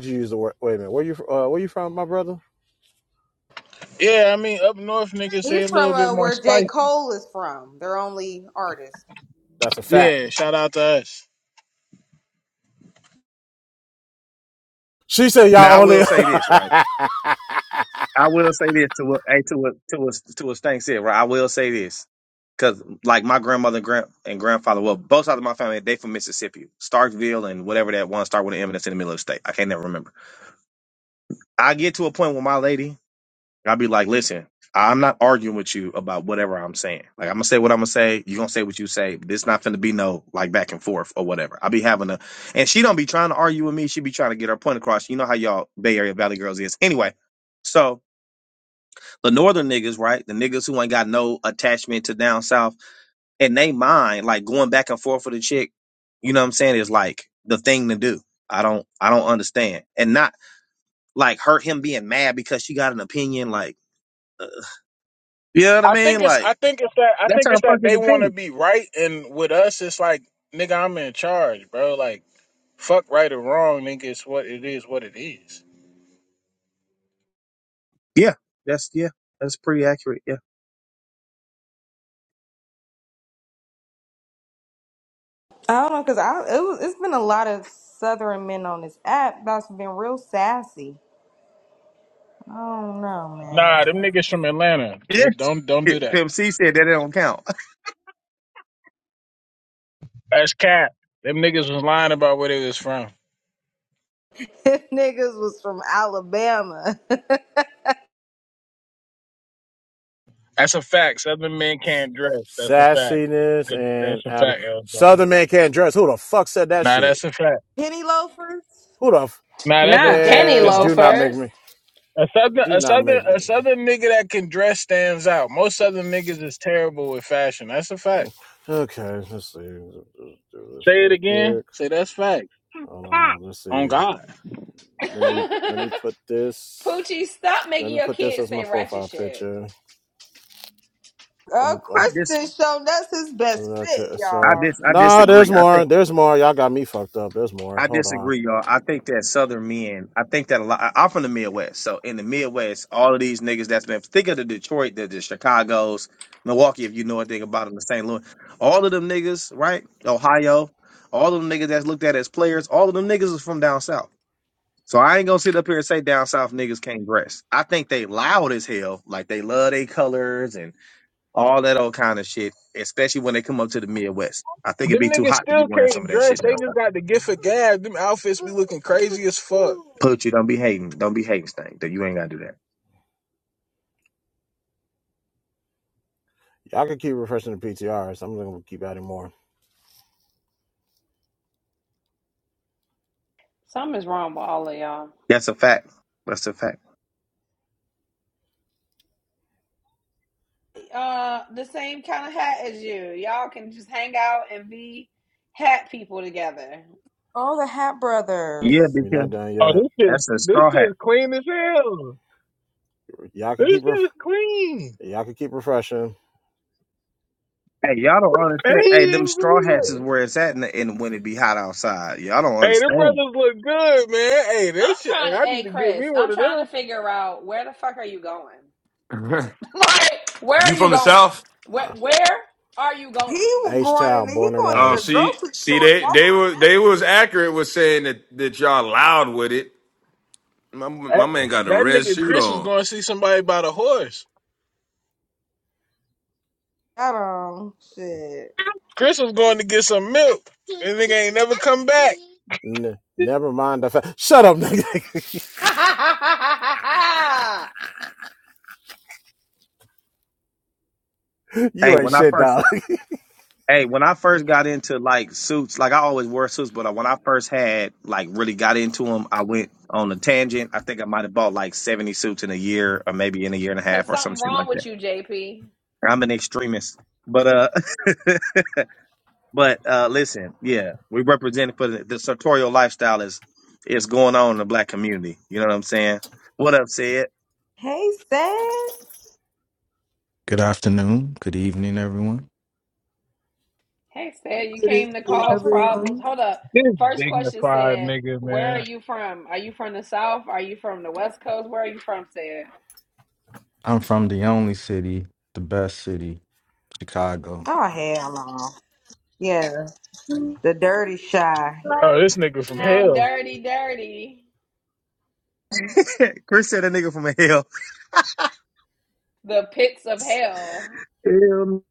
Did you use the word? Wait a minute. Where you? Uh, where you from, my brother? Yeah, I mean up north niggas they a He's from little bit uh, more where J. spicy. Cole is from. They're only artists. That's a fact. Yeah, shout out to us. She said Now I y'all will only say this, right? I will say this to what hey, to what to what to what Stank said, right? I will say this. Cause like my grandmother and grand and grandfather, well, both sides of my family, they from Mississippi. Starkville and whatever that one start with an M that's in the middle of the state. I can't never remember. I get to a point with my lady, I'll be like, listen, I'm not arguing with you about whatever I'm saying. Like I'm gonna say what I'm gonna say, you gonna say what you say. This not gonna be no like back and forth or whatever. I'll be having a and she don't be trying to argue with me, she be trying to get her point across. You know how y'all Bay Area Valley girls is. Anyway, so the northern niggas, right? The niggas who ain't got no attachment to down south, and they mind like going back and forth with a chick. You know what I'm saying? Is like the thing to do. I don't, I don't understand, and not like hurt him being mad because she got an opinion. Like, you know what I I mean? think it's Like I think it's that I that's think her it's that fucking they want to opinion. be right, and with us it's like nigga I'm in charge, bro. Like fuck right or wrong, nigga. It's what it is, what it is. Yeah, that's yeah, that's pretty accurate. Yeah, I don't know, cause I it was, it's been a lot of Southern men on this app that's been real sassy. I don't know, Nah, them man. niggas from Atlanta, yeah. they don't don't [laughs] do that. Pimp C said that it don't count. That's cap. Them niggas was lying about where they was from. [laughs] Niggas was from Alabama. That's a fact. Southern men can't dress. [laughs] That's a fact. sassiness Good. That's and a ab- fact, Elzo. Southern man can't dress. Who the fuck said that Nah, shit? that's a fact. [laughs] Penny loafers. Who the f- Nah, that's a Not fact. penny man? That's a Do not fact. make loafers. me. A southern, Do a not southern, make a me. southern nigga that can dress stands out. Most southern niggas is terrible with fashion. That's a fact. Okay, let's see. Let's do this Say it real again. quick. Say that's fact. Hold on. Let's On see. God. Let me let [laughs] me put this. Poochie, stop Let making me your put this kids as my say ratchet profile shit. picture. Uh, Um, I I dis, Kristen shown that's his So best that's fit, it. It's, I uh, y'all. dis, I nah, disagree. there's I think. more. There's more. Y'all got me fucked up. There's more. I Hold on. disagree, y'all. I think that Southern men, I think that a lot. I- I'm from the Midwest, so in the Midwest, all of these niggas that's been think of the Detroit, the, the Chicago's, Milwaukee, if you know anything about them, the St. Louis, all of them niggas, right? Ohio, all of them niggas that's looked at as players, all of them niggas is from down south. So I ain't gonna sit up here and say down south niggas can't dress. I think they loud as hell, like they love their colors and all that old kind of shit, especially when they come up to the Midwest. I think it'd Them be too niggas hot to be still wearing some can't of that shit dress. They down south. just got the gift of gab. Them outfits be looking crazy as fuck. Poochie, don't be hating. Don't be hating, Stank. That you ain't gotta do that. Y'all can keep refreshing the PTRs. I'm gonna keep adding more. Something is wrong with all of y'all. That's a fact. That's a fact. Uh, the same kind of hat as you. Y'all can just hang out and be hat people together. All the Hat Yeah, Brothers. We're not because done Oh, yet. this is that's a this straw is hat. clean as hell. Y'all can This keep is ref- clean. y'all can keep refreshing. Hey, y'all don't Man, understand. Hey, them straw Hmm. hats is where it's at, in the, in when it be hot outside. Y'all don't Hey, them understand. brothers look good, man. Hey, I'm that shit. trying hey, to, I need hey to get me Chris, one I'm of trying them. to figure out where the fuck are you going? [laughs] [laughs] Like, where are You you from the going? south? Where Uh, where are you He going? was H going in. Town, The, he born and going to Oh, the raised. see, grocery see, store. they That's they were they was accurate with saying that that y'all loud with it. My my That, Uh, man got a that red nigga suit Chris was on. going to see somebody about a horse. that um shit. Chris was going to get some milk. This nigga ain't never come back. N- never mind the fact. Shut up, nigga. [laughs] [laughs] Hey, you ain't when I shit, first, dog. hey, when I first got into like suits, like I always wore suits, but uh, when I first had like really got into them, I went on a tangent. I think I might have bought like seventy suits in a year, or maybe in a year and a Cause half, or some something shit wrong like that. with you, JP. I'm an extremist, but uh. [laughs] But uh, listen, yeah, we represent for the, the sartorial lifestyle is is going on in the black community. You know what I'm saying? What up, said Hey, Sad. Good afternoon, good evening, everyone. Hey said you Good came to evening, cause problems. everyone. Hold up. This First question dignified said, nigga, Where are man. you from? Are you from the South? Are you from the West Coast? Where are you from? Said. I'm from the only city, the best city, Chicago. Oh hell no. Yeah, the dirty shy. Oh, this nigga from Down hell. dirty, dirty. [laughs] Chris said a nigga from hell. The pits of hell. Hell.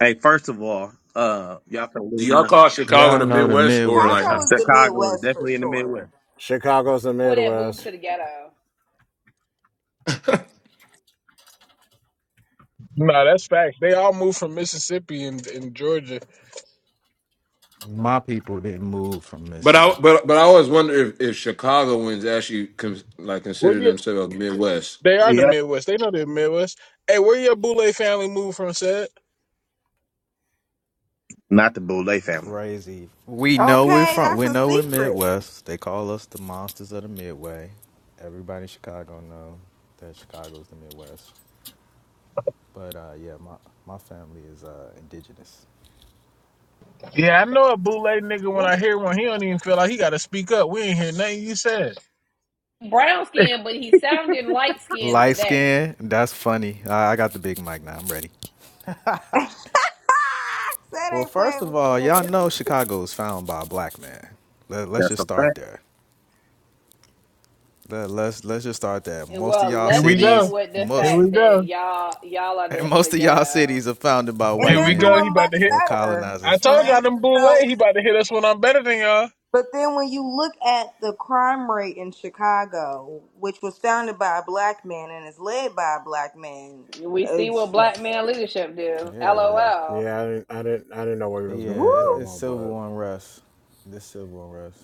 Hey, first of all, uh, y'all can Do leave y'all my call Chicago Y'all the know the Midwest or like? Midwest. Chicago is the Chicago is Midwest for definitely in the sure. Midwest. [laughs] Chicago's the People that moved Midwest. to the ghetto. Nah, that's facts. They all moved from Mississippi and, and Georgia. My people didn't move from But I Mississippi. but but I always wonder if, if Chicagoans actually con, like Where consider you? themselves Midwest. They are the Yep, Midwest. They know the Midwest. Hey, where your Boulay family moved from, said? not the Boulay family. Crazy. We know we're Okay, from. that's We a know we're secret. Midwest. They call us the monsters of the Midway. Everybody in Chicago know that Chicago's the Midwest. But uh, yeah, my my family is uh, indigenous. Yeah, I know a bootleg nigga when What I hear one, he don't even feel like he gotta speak up. We ain't hear nothing you said. brown skin, but he sounded light skinned Light today. skin. That's funny. I, I got the big mic now. I'm ready. [laughs] Sad Well, ain't first playing of with you all, y'all niggas, know Chicago is found by a black man. Let, let's That's just a start fact. there. Let, let's let's just start there. And Most of well, y'all Here let's we go. end cities, with the Here most we fact that go. y'all y'all are [laughs] the, the most of y'all ghetto. cities are founded by and Here white they're we go. men He doing about much to hit or better, I colonizers. told right? y'all them So. bootleg, he about to hit us when I'm better than y'all. But then when you look at the crime rate in Chicago, which was founded by a black man and is led by a black man, We uh, see what black man leadership do. Yeah, LOL. Yeah, I didn't, I didn't, I didn't know where he was woo! going with yeah, that it's one, but civil unrest. This civil unrest,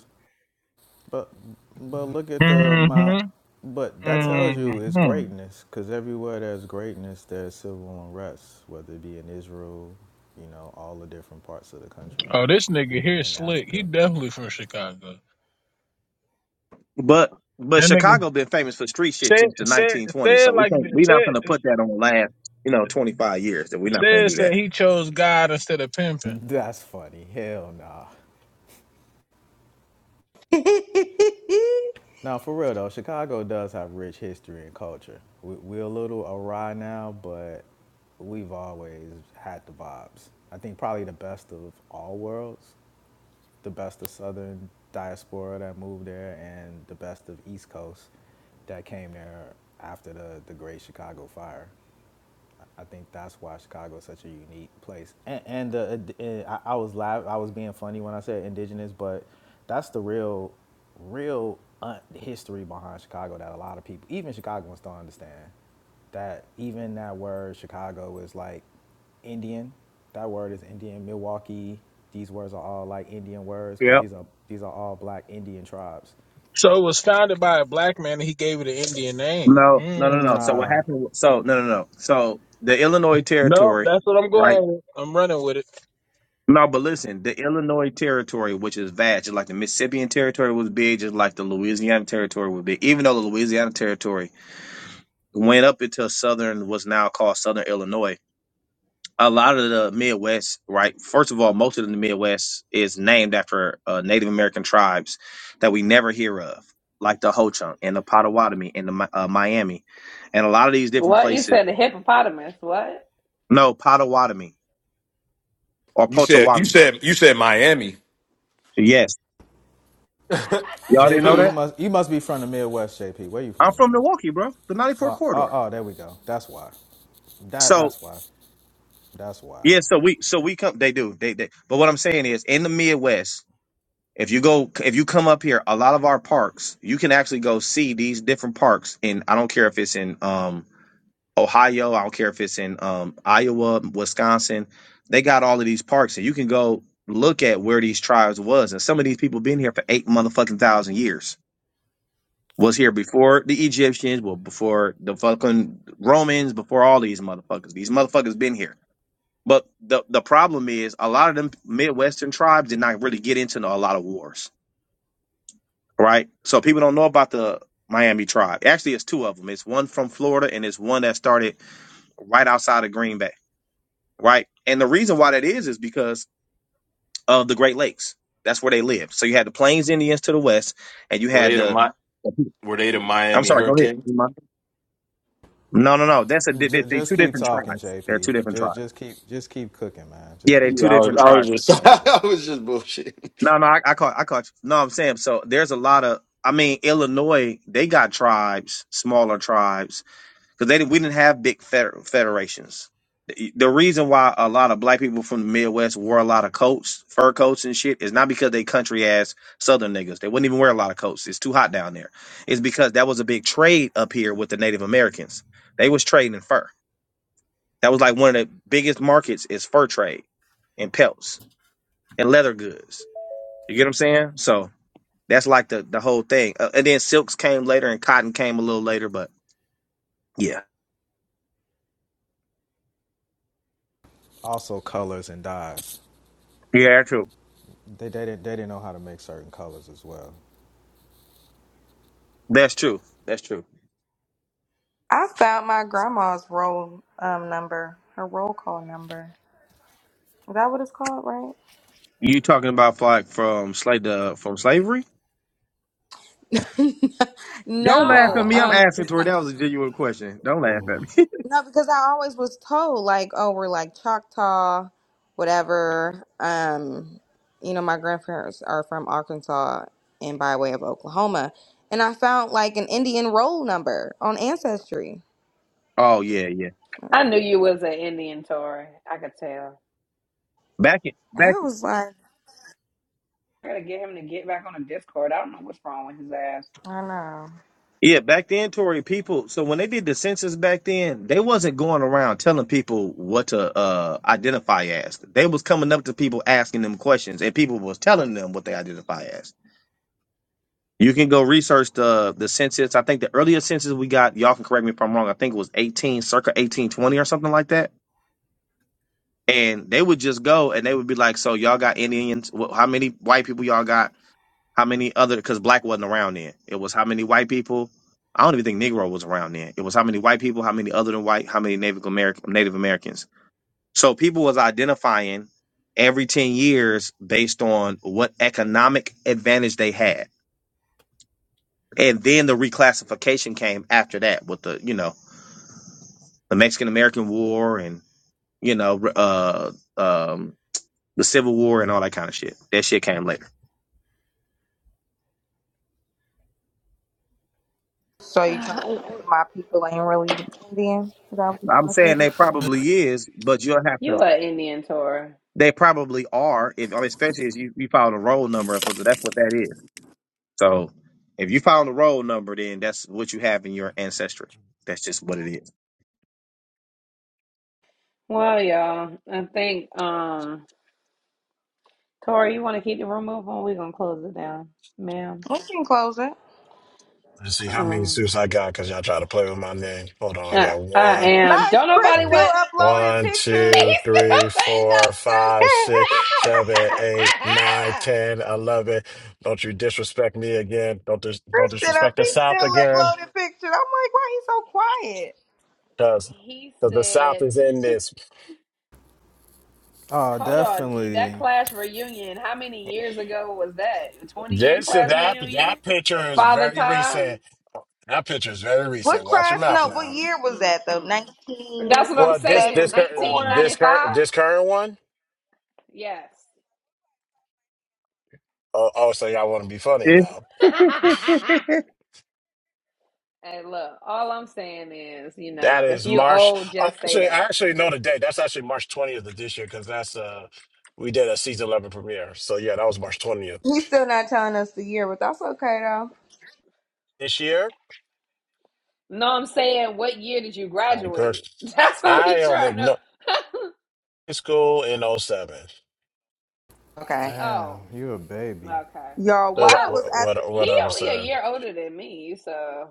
but but look at the amount. Mm-hmm. But that tells you it's Mm-hmm. greatness, because everywhere there's greatness, there's civil unrest, whether it be in Israel, you know, all the different parts of the country. Oh, this nigga even here is in slick. He Africa. definitely from Chicago. But but That nigga Chicago been famous for street shit said since the said 1920s, so said we like can't this- we not said gonna put that on the last you know 25 years. That we not gonna said do said that. he chose God instead of pimping. That's funny. Hell nah. [laughs] I Now, for real though, Chicago does have rich history and culture. We, we're a little awry now, but we've always had the vibes. I think probably the best of all worlds, the best of Southern diaspora that moved there, and the best of East Coast that came there after the, the Great Chicago Fire. I think that's why Chicago is such a unique place. And, and the, and I, I was live. I was being funny when I said indigenous, but that's the real, real uh, history behind Chicago that a lot of people, even Chicagoans, don't understand. That even that word Chicago is like Indian. That word is Indian. Milwaukee. These words are all like Indian words, Yep. but these are these are all black Indian tribes. So it was founded by a black man and he gave it an Indian name. No, no, no, no. So Mm. what Nah, happened? wa- So no, no, no. So the Illinois No, territory, that's what I'm right? going with. I'm running with it. No, but listen, the Illinois territory, which is vast, just like the Mississippian territory was big, just like the Louisiana territory was big. Even though the Louisiana territory went up into southern, what's now called southern Illinois, a lot of the Midwest, right? First of all, most of the Midwest is named after uh, Native American tribes that we never hear of, like the Ho Chunk and the Potawatomi and the Mi- uh, Miami, and a lot of these different What you places. said? The hippopotamus? What? No, Potawatomi or You said you Potawatomi. said you said Miami. Yes. [laughs] Y'all didn't know JP, you that? must you must be from the Midwest, JP. Where you I'm from, from man? Milwaukee, bro. The 94 Oh, oh, corridor. oh, there we go. That's why. That So that's why. That's why. yeah, so we so we come they do. They they but what I'm saying is in the Midwest, if you go if you come up here, a lot of our parks, you can actually go see these different parks in I don't care if it's in um Ohio, I don't care if it's in um Iowa, Wisconsin. They got all of these parks and you can go look at where these tribes was and some of these people been here for eight motherfucking thousand years. was here before the Egyptians, well, before the fucking Romans, before all these motherfuckers. These motherfuckers been here. But the the problem is a lot of them Midwestern tribes did not really get into a lot of wars, right? So people don't know about the Miami tribe. Actually, it's two of them. It's one from Florida and it's one that started right outside of Green Bay, right? And the reason why that is is because of the Great Lakes. That's where they live. So you had the Plains Indians to the west, and you Were had they the the. Mi- Were they the I'm Miami sorry. Go Hurricane? ahead. No, no, no. That's a they, they, J- they just two keep different talking, tribes. They're JP. two different tribes. just keep just keep cooking, man. Yeah, Just they're keep two Yeah, I was, talking, different I man. was tribes. just, That's [laughs] cool. I was just bullshit. No, no, I, I caught, I caught. You. No, I'm saying so. There's a lot of. I mean, Illinois, they got tribes, smaller tribes, because they didn't- we didn't have big feder- federations. The the reason why a lot of black people from the Midwest wore a lot of coats, fur coats and shit, is not because they country ass Southern niggas. They wouldn't even wear a lot of coats. It's too hot down there. It's because that was a big trade up here with the Native Americans. They was trading fur. That was like one of the biggest markets is fur trade and pelts and leather goods. You get what I'm saying? So that's like the the whole thing. Uh, and then silks came later and cotton came a little later, but yeah. Also, colors and dyes. Yeah, that's true. They they didn't they didn't know how to make certain colors as well. That's true. That's true. found my grandma's roll um, number, her roll call number. Is that what it's called, right? You talking about like from slave uh, from slavery? [laughs] Don't laugh at no, me. wow. I'm um, asking 'cause my, Tori. That was a genuine question. Don't laugh Mm. at me. No, because I always was told like, oh, we're like Choctaw, whatever. Um, you know, my grandparents are from Arkansas and by way of Oklahoma, and I found like an Indian roll number on Ancestry. [laughs] oh yeah, yeah. I knew you was an Indian Tory. I could tell. Back in back I was like, I gotta get him to get back on the Discord. I don't know what's wrong with his ass. I know. Yeah, back then, Tory, people. So when they did the census back then, they wasn't going around telling people what to uh, identify as. They was coming up to people asking them questions, and people was telling them what they identify as. You can go research the the census. I think the earliest census we got, y'all can correct me if I'm wrong. I think it was 18, circa 1820 or something like that. And they would just go and they would be like, "So y'all got Indians? Wh- How many white people y'all got? How many other? Because black wasn't around then. It was how many white people? I don't even think Negro was around then. It was how many white people? How many other than white? How many Native American Native Americans? So people was identifying every ten years based on what economic advantage they had, and then the reclassification came after that with the you know the Mexican American War and you know re- uh um the Civil War and all that kind of shit. That shit came later. So you trying [sighs] to Uh, say my people ain't really Indian? Is that what you I'm trying to say? saying Drew? they probably is, but you'll have to You are an Indian Tory? They probably are, if especially if you, you found a roll number, if that's what that is. So if you found a roll number, then that's what you have in your ancestry. That's just what it is. Well, y'all, I think um Tori, you want to keep the room open? We're gonna close it down, ma'am. We can close it. Let's see how many Um, suits I got because y'all try to play with my name. Hold on, I I, got I one. am. Not is Don't Chris nobody Mm. still want. uploading One, [laughs] pictures. He's two, three, four, still five, six, [laughs] seven, putting those suits. [laughs] eight, nine, ten, eleven. Don't you disrespect me again. Don't dis- don't Chris still up. disrespect the He's South still again. uploading pictures. I'm like, why he's so quiet? Cause, he Cause the South said, is in this. Oh, "Hold on, e- that definitely. class reunion. How many years ago was that? A twenty-year This class that reunion? that picture is Father very time? recent. That picture is very What recent. Watch your Christ? mm mouth No, what now. year hmm was mm that though? hmm That's what I'm Well, this saying. this Nineteen current 1974. this current ninety-five. this current one. Yes." Oh, oh so y'all want to be funny Yeah. now? [laughs] [laughs] Hey, look, all I'm saying is, you That know, if is you March. old, Oh, just say actually, I that. actually know the date. That's actually March 20th of this year because that's uh we did a season 11 premiere. So yeah, that was March 20th He's still not telling us the year, but that's okay though. this year. No, I'm saying, what year did you I graduate? [laughs] cursed. That's what I we am trying to. igno- high school in '07. Okay. Oh, Damn, you a baby. okay. Y'all, Does why that, I Well, was wha- at what he whatever only a said. year older than me, so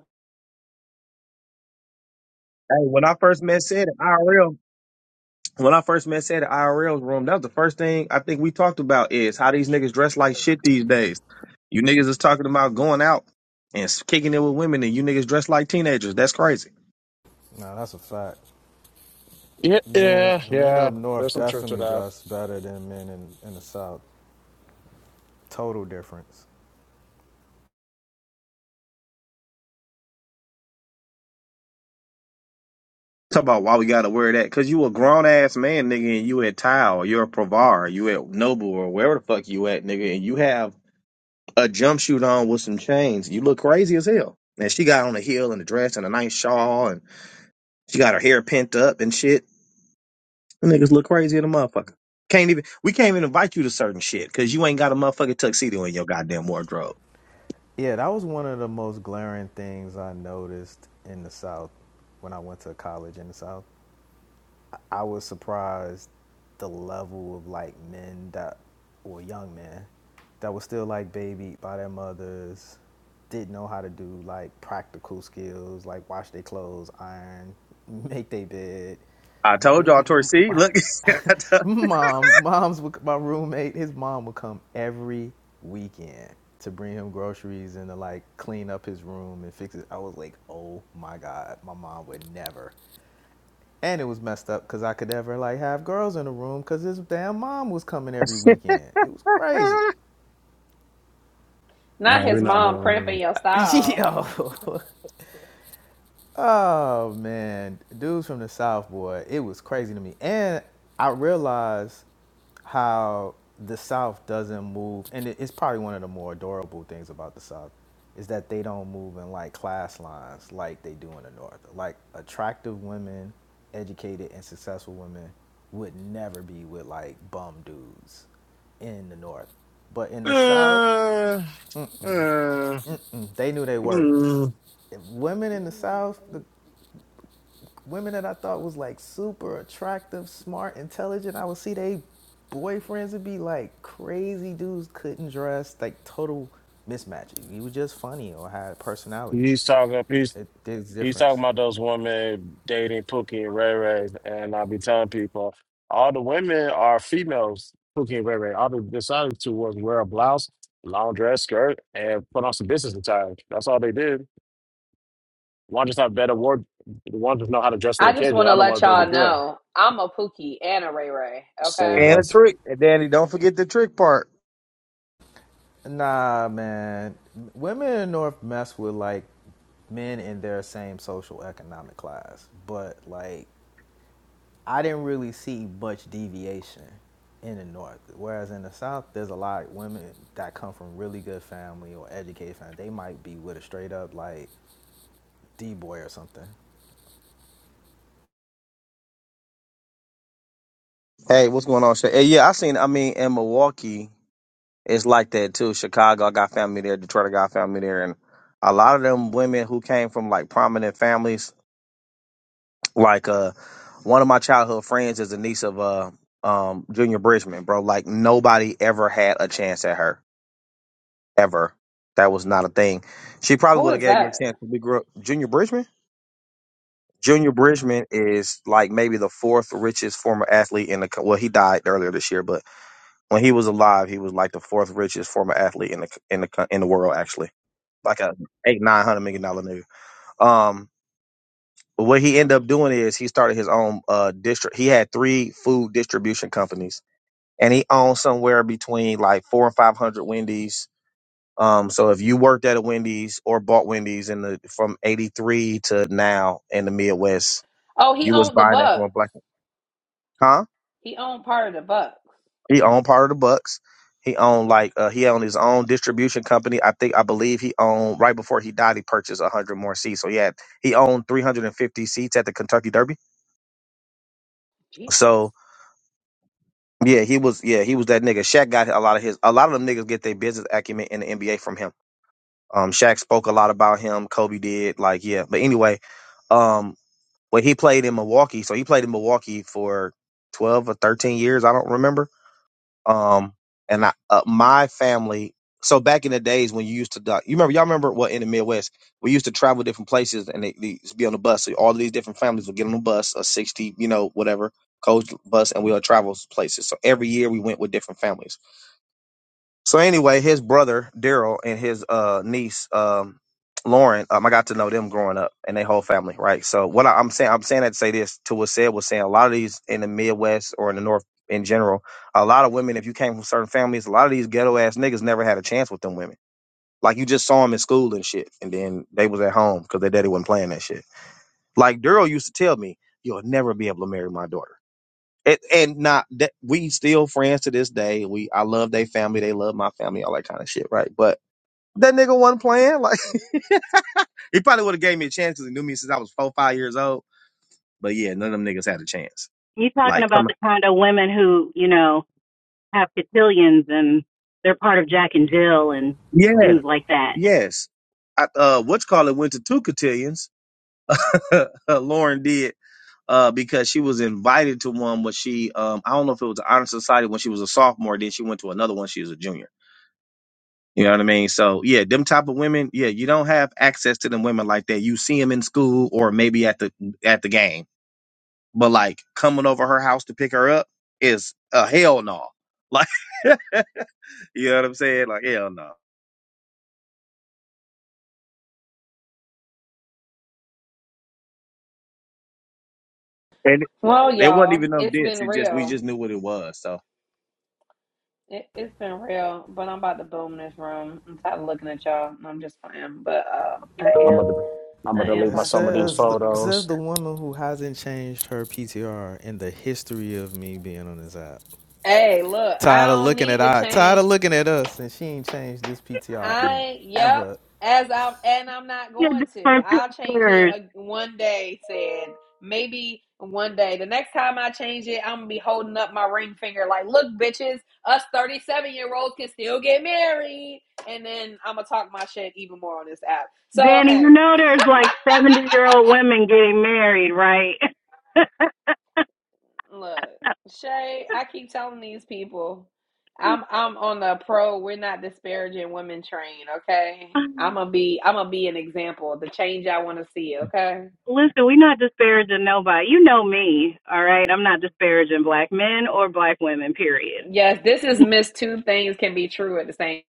Hey, when I first met said at IRL, when I first met said at IRL's room, that was the first thing I think we talked about is how these niggas dress like shit these days. You niggas is talking about going out and s- kicking it with women, and you niggas dress like teenagers. That's crazy. No, that's a fact. Yeah, Men yeah, men yeah. up There's north some truth to definitely that. dress better than men in, in the south. Total difference. Talk about why we gotta wear that. Cause you a grown ass man, nigga, and you at Tile, you're a Provar, you at Noble or wherever the fuck you at, nigga, and you have a jumpsuit on with some chains. You look crazy as hell. And she got on a heel and a dress and a nice shawl and she got her hair pent up and shit. The niggas look crazy in a motherfucker. Can't even we can't even invite you to certain shit because you ain't got a motherfucking tuxedo in your goddamn wardrobe. Yeah, that was one of the most glaring things I noticed in the South when I went to college in the South. I was surprised the level of like men that or young men that was still like babied by their mothers, didn't know how to do like practical skills like wash their clothes, iron, [laughs] make their bed. I Th- told y'all, Torcy, look, [laughs] I [laughs] Mom, mom's my roommate. His mom would come every weekend to bring him groceries and to like clean up his room and fix it. I was like, oh my god, my mom would never. And it was messed up because I could never like have girls in the room because his damn mom was coming every told- weekend. It was crazy. not Yeah, we're his not mom cramping doing your [laughs] style. Yo, Oh man, dudes from the South, boy, it was crazy to me. And I realized how the South doesn't move, and it- it's probably one of the more adorable things about the South is that they don't move in like class lines like they do in the North. Like attractive women, educated and successful women would never be with like bum dudes in the North. But in the Right. South, that. Uh, uh, mm-mm, they knew they worth mm. if women in the South, the women that I thought was like super attractive, smart, intelligent. I would see they boyfriends would be like crazy dudes, couldn't dress, like total mismatch. You were just funny or had personality. He's talking. It, there's a He's talking difference. about those women dating Pookie and Ray Ray, and I be telling people all the women are females. Pookie and Ray Ray. All they decided to was wear a blouse, long dress, skirt, and put on some business attire. That's all they did. One just have better ward. One just know how to dress for the I just occasion. want The to other let ones y'all doesn't care. know I'm a Pookie and a Ray Ray. Say, Okay, and "Well, a trick. And Danny, don't forget the trick part. Nah, man. Women in the North mess with like men in their same social economic class, but like I didn't really see much deviation in the North. Whereas in the South, there's a lot of women that come from really good family or educated family. They might be with a straight up like D boy or something. Hey, what's going on? Shay? Hey, yeah, I seen. I mean, in Milwaukee, it's like that too. Chicago, I got family there. Detroit, I got family there, and a lot of them women who came from like prominent families. Like, uh, one of my childhood friends is the niece of uh, um, Junior Bridgman, bro. Like, nobody ever had a chance at her ever. That was not a thing. She probably who would have is gave me a that? chance. when We grew up. Junior Bridgman. Junior Bridgman is like maybe the fourth richest former athlete in the. co- Well, he died earlier this year, but when he was alive, he was like the fourth richest former athlete in the in the co- in the world, actually, like a eight nine hundred million dollar nigga. Um, but what he ended up doing is he started his own uh district. He had three food distribution companies, and he owned somewhere between like four and five hundred Wendy's. Um, so if you worked at a Wendy's or bought Wendy's in the from eighty three to now in the Midwest, Oh, he you was owned the buying that from Bucks. a black. Huh? He owned part of the Bucks. He owned part of the Bucks. He owned like uh, he owned his own distribution company. I think I believe he owned right before he died. He purchased a hundred more seats. So yeah, he owned three hundred and fifty seats at the Kentucky Derby. Jesus. So yeah, he was yeah he was that nigga. Shaq got a lot of his a lot of them niggas get their business acumen in the NBA from him. Um, Shaq spoke a lot about him. Kobe did like yeah. But anyway, um, when he played in Milwaukee, so he played in Milwaukee for twelve or thirteen years. I don't remember Um, and I, uh, my family. So back in the days when you used to, doc- you remember, y'all remember what in the Midwest we used to travel different places and they, they used to be on the bus. So all of these different families would get on the bus, a sixty, you know, whatever coach bus, and we'll travel places. So every year we went with different families. So anyway, his brother Daryl and his uh niece um Lauren, um, I got to know them growing up and their whole family, right? So what I, I'm saying, I'm saying that to say this to what said was saying a lot of these in the Midwest or in the North in general, a lot of women, if you came from certain families, a lot of these ghetto ass niggas never had a chance with them women. Like you just saw them in school and shit, and then they was at home because their daddy wasn't playing that shit. Like Daryl used to tell me, "You'll never be able to marry my daughter." And, and not that we still friends to this day. We I love their family. They love my family. All that kind of shit, right? But that nigga wasn't playing. Like [laughs] he probably would have gave me a chance because he knew me since I was four, five years old. But yeah, none of them niggas had a chance. you talking Like about coming. the kind of women who, you know, have cotillions and they're part of Jack and Jill and Yeah. things Correct. like that. Yes. I, uh, what's called it went to two cotillions. [laughs] Lauren did. Uh, because she was invited to one when she, um, I don't know if it was the honor society when she was a sophomore. Then she went to another one. She was a junior You know what I mean? So yeah, them type of women, yeah, you don't have access to them women like that. You see them in school or maybe at the at the game, but like coming over her house to pick her up is a hell no. Like, [laughs] you know what I'm saying? Like hell no. And Well, it wasn't y'all, even no it's diss. been It just we real. just knew what it was. So It, it's been real, but I'm about to boom this room. I'm tired of looking at y'all. No, I'm just playing, but uh, I I'm gonna am. I'm gonna I am delete It my about to somebody. boom says the, this it room. says the woman who hasn't changed her PTR in the history of me being on this app. Hey, look, I Tired of don't looking need at to I, tired of change. looking at us, and she ain't changed this PTR in I yep. ever As I'm and I'm not Yeah, going to. different I'll change it pictures. uh, one day. Said maybe one day. The next time I change it, I'm gonna be holding up my ring finger like, look, bitches, us 37 year olds can still get married. And then I'm gonna talk my shit even more on this app. So Danny, you hey, know there's like 70 year old women getting married, right? Look, Shay, I keep telling these people, I'm I'm on the pro. We're not disparaging women train, okay? I'm [laughs] gonna be I'm gonna be an example, the change I want to see, okay? Listen, we're not disparaging nobody. You know me, all right? I'm not disparaging black men or black women, period. Yes, this is Miss Two Things Can Be True at the same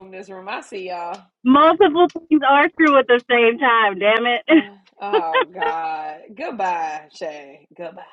in this room. I see y'all. [sighs] Multiple things are true at the same time, damn it. [laughs] Uh, Oh God, goodbye, Shay. Goodbye.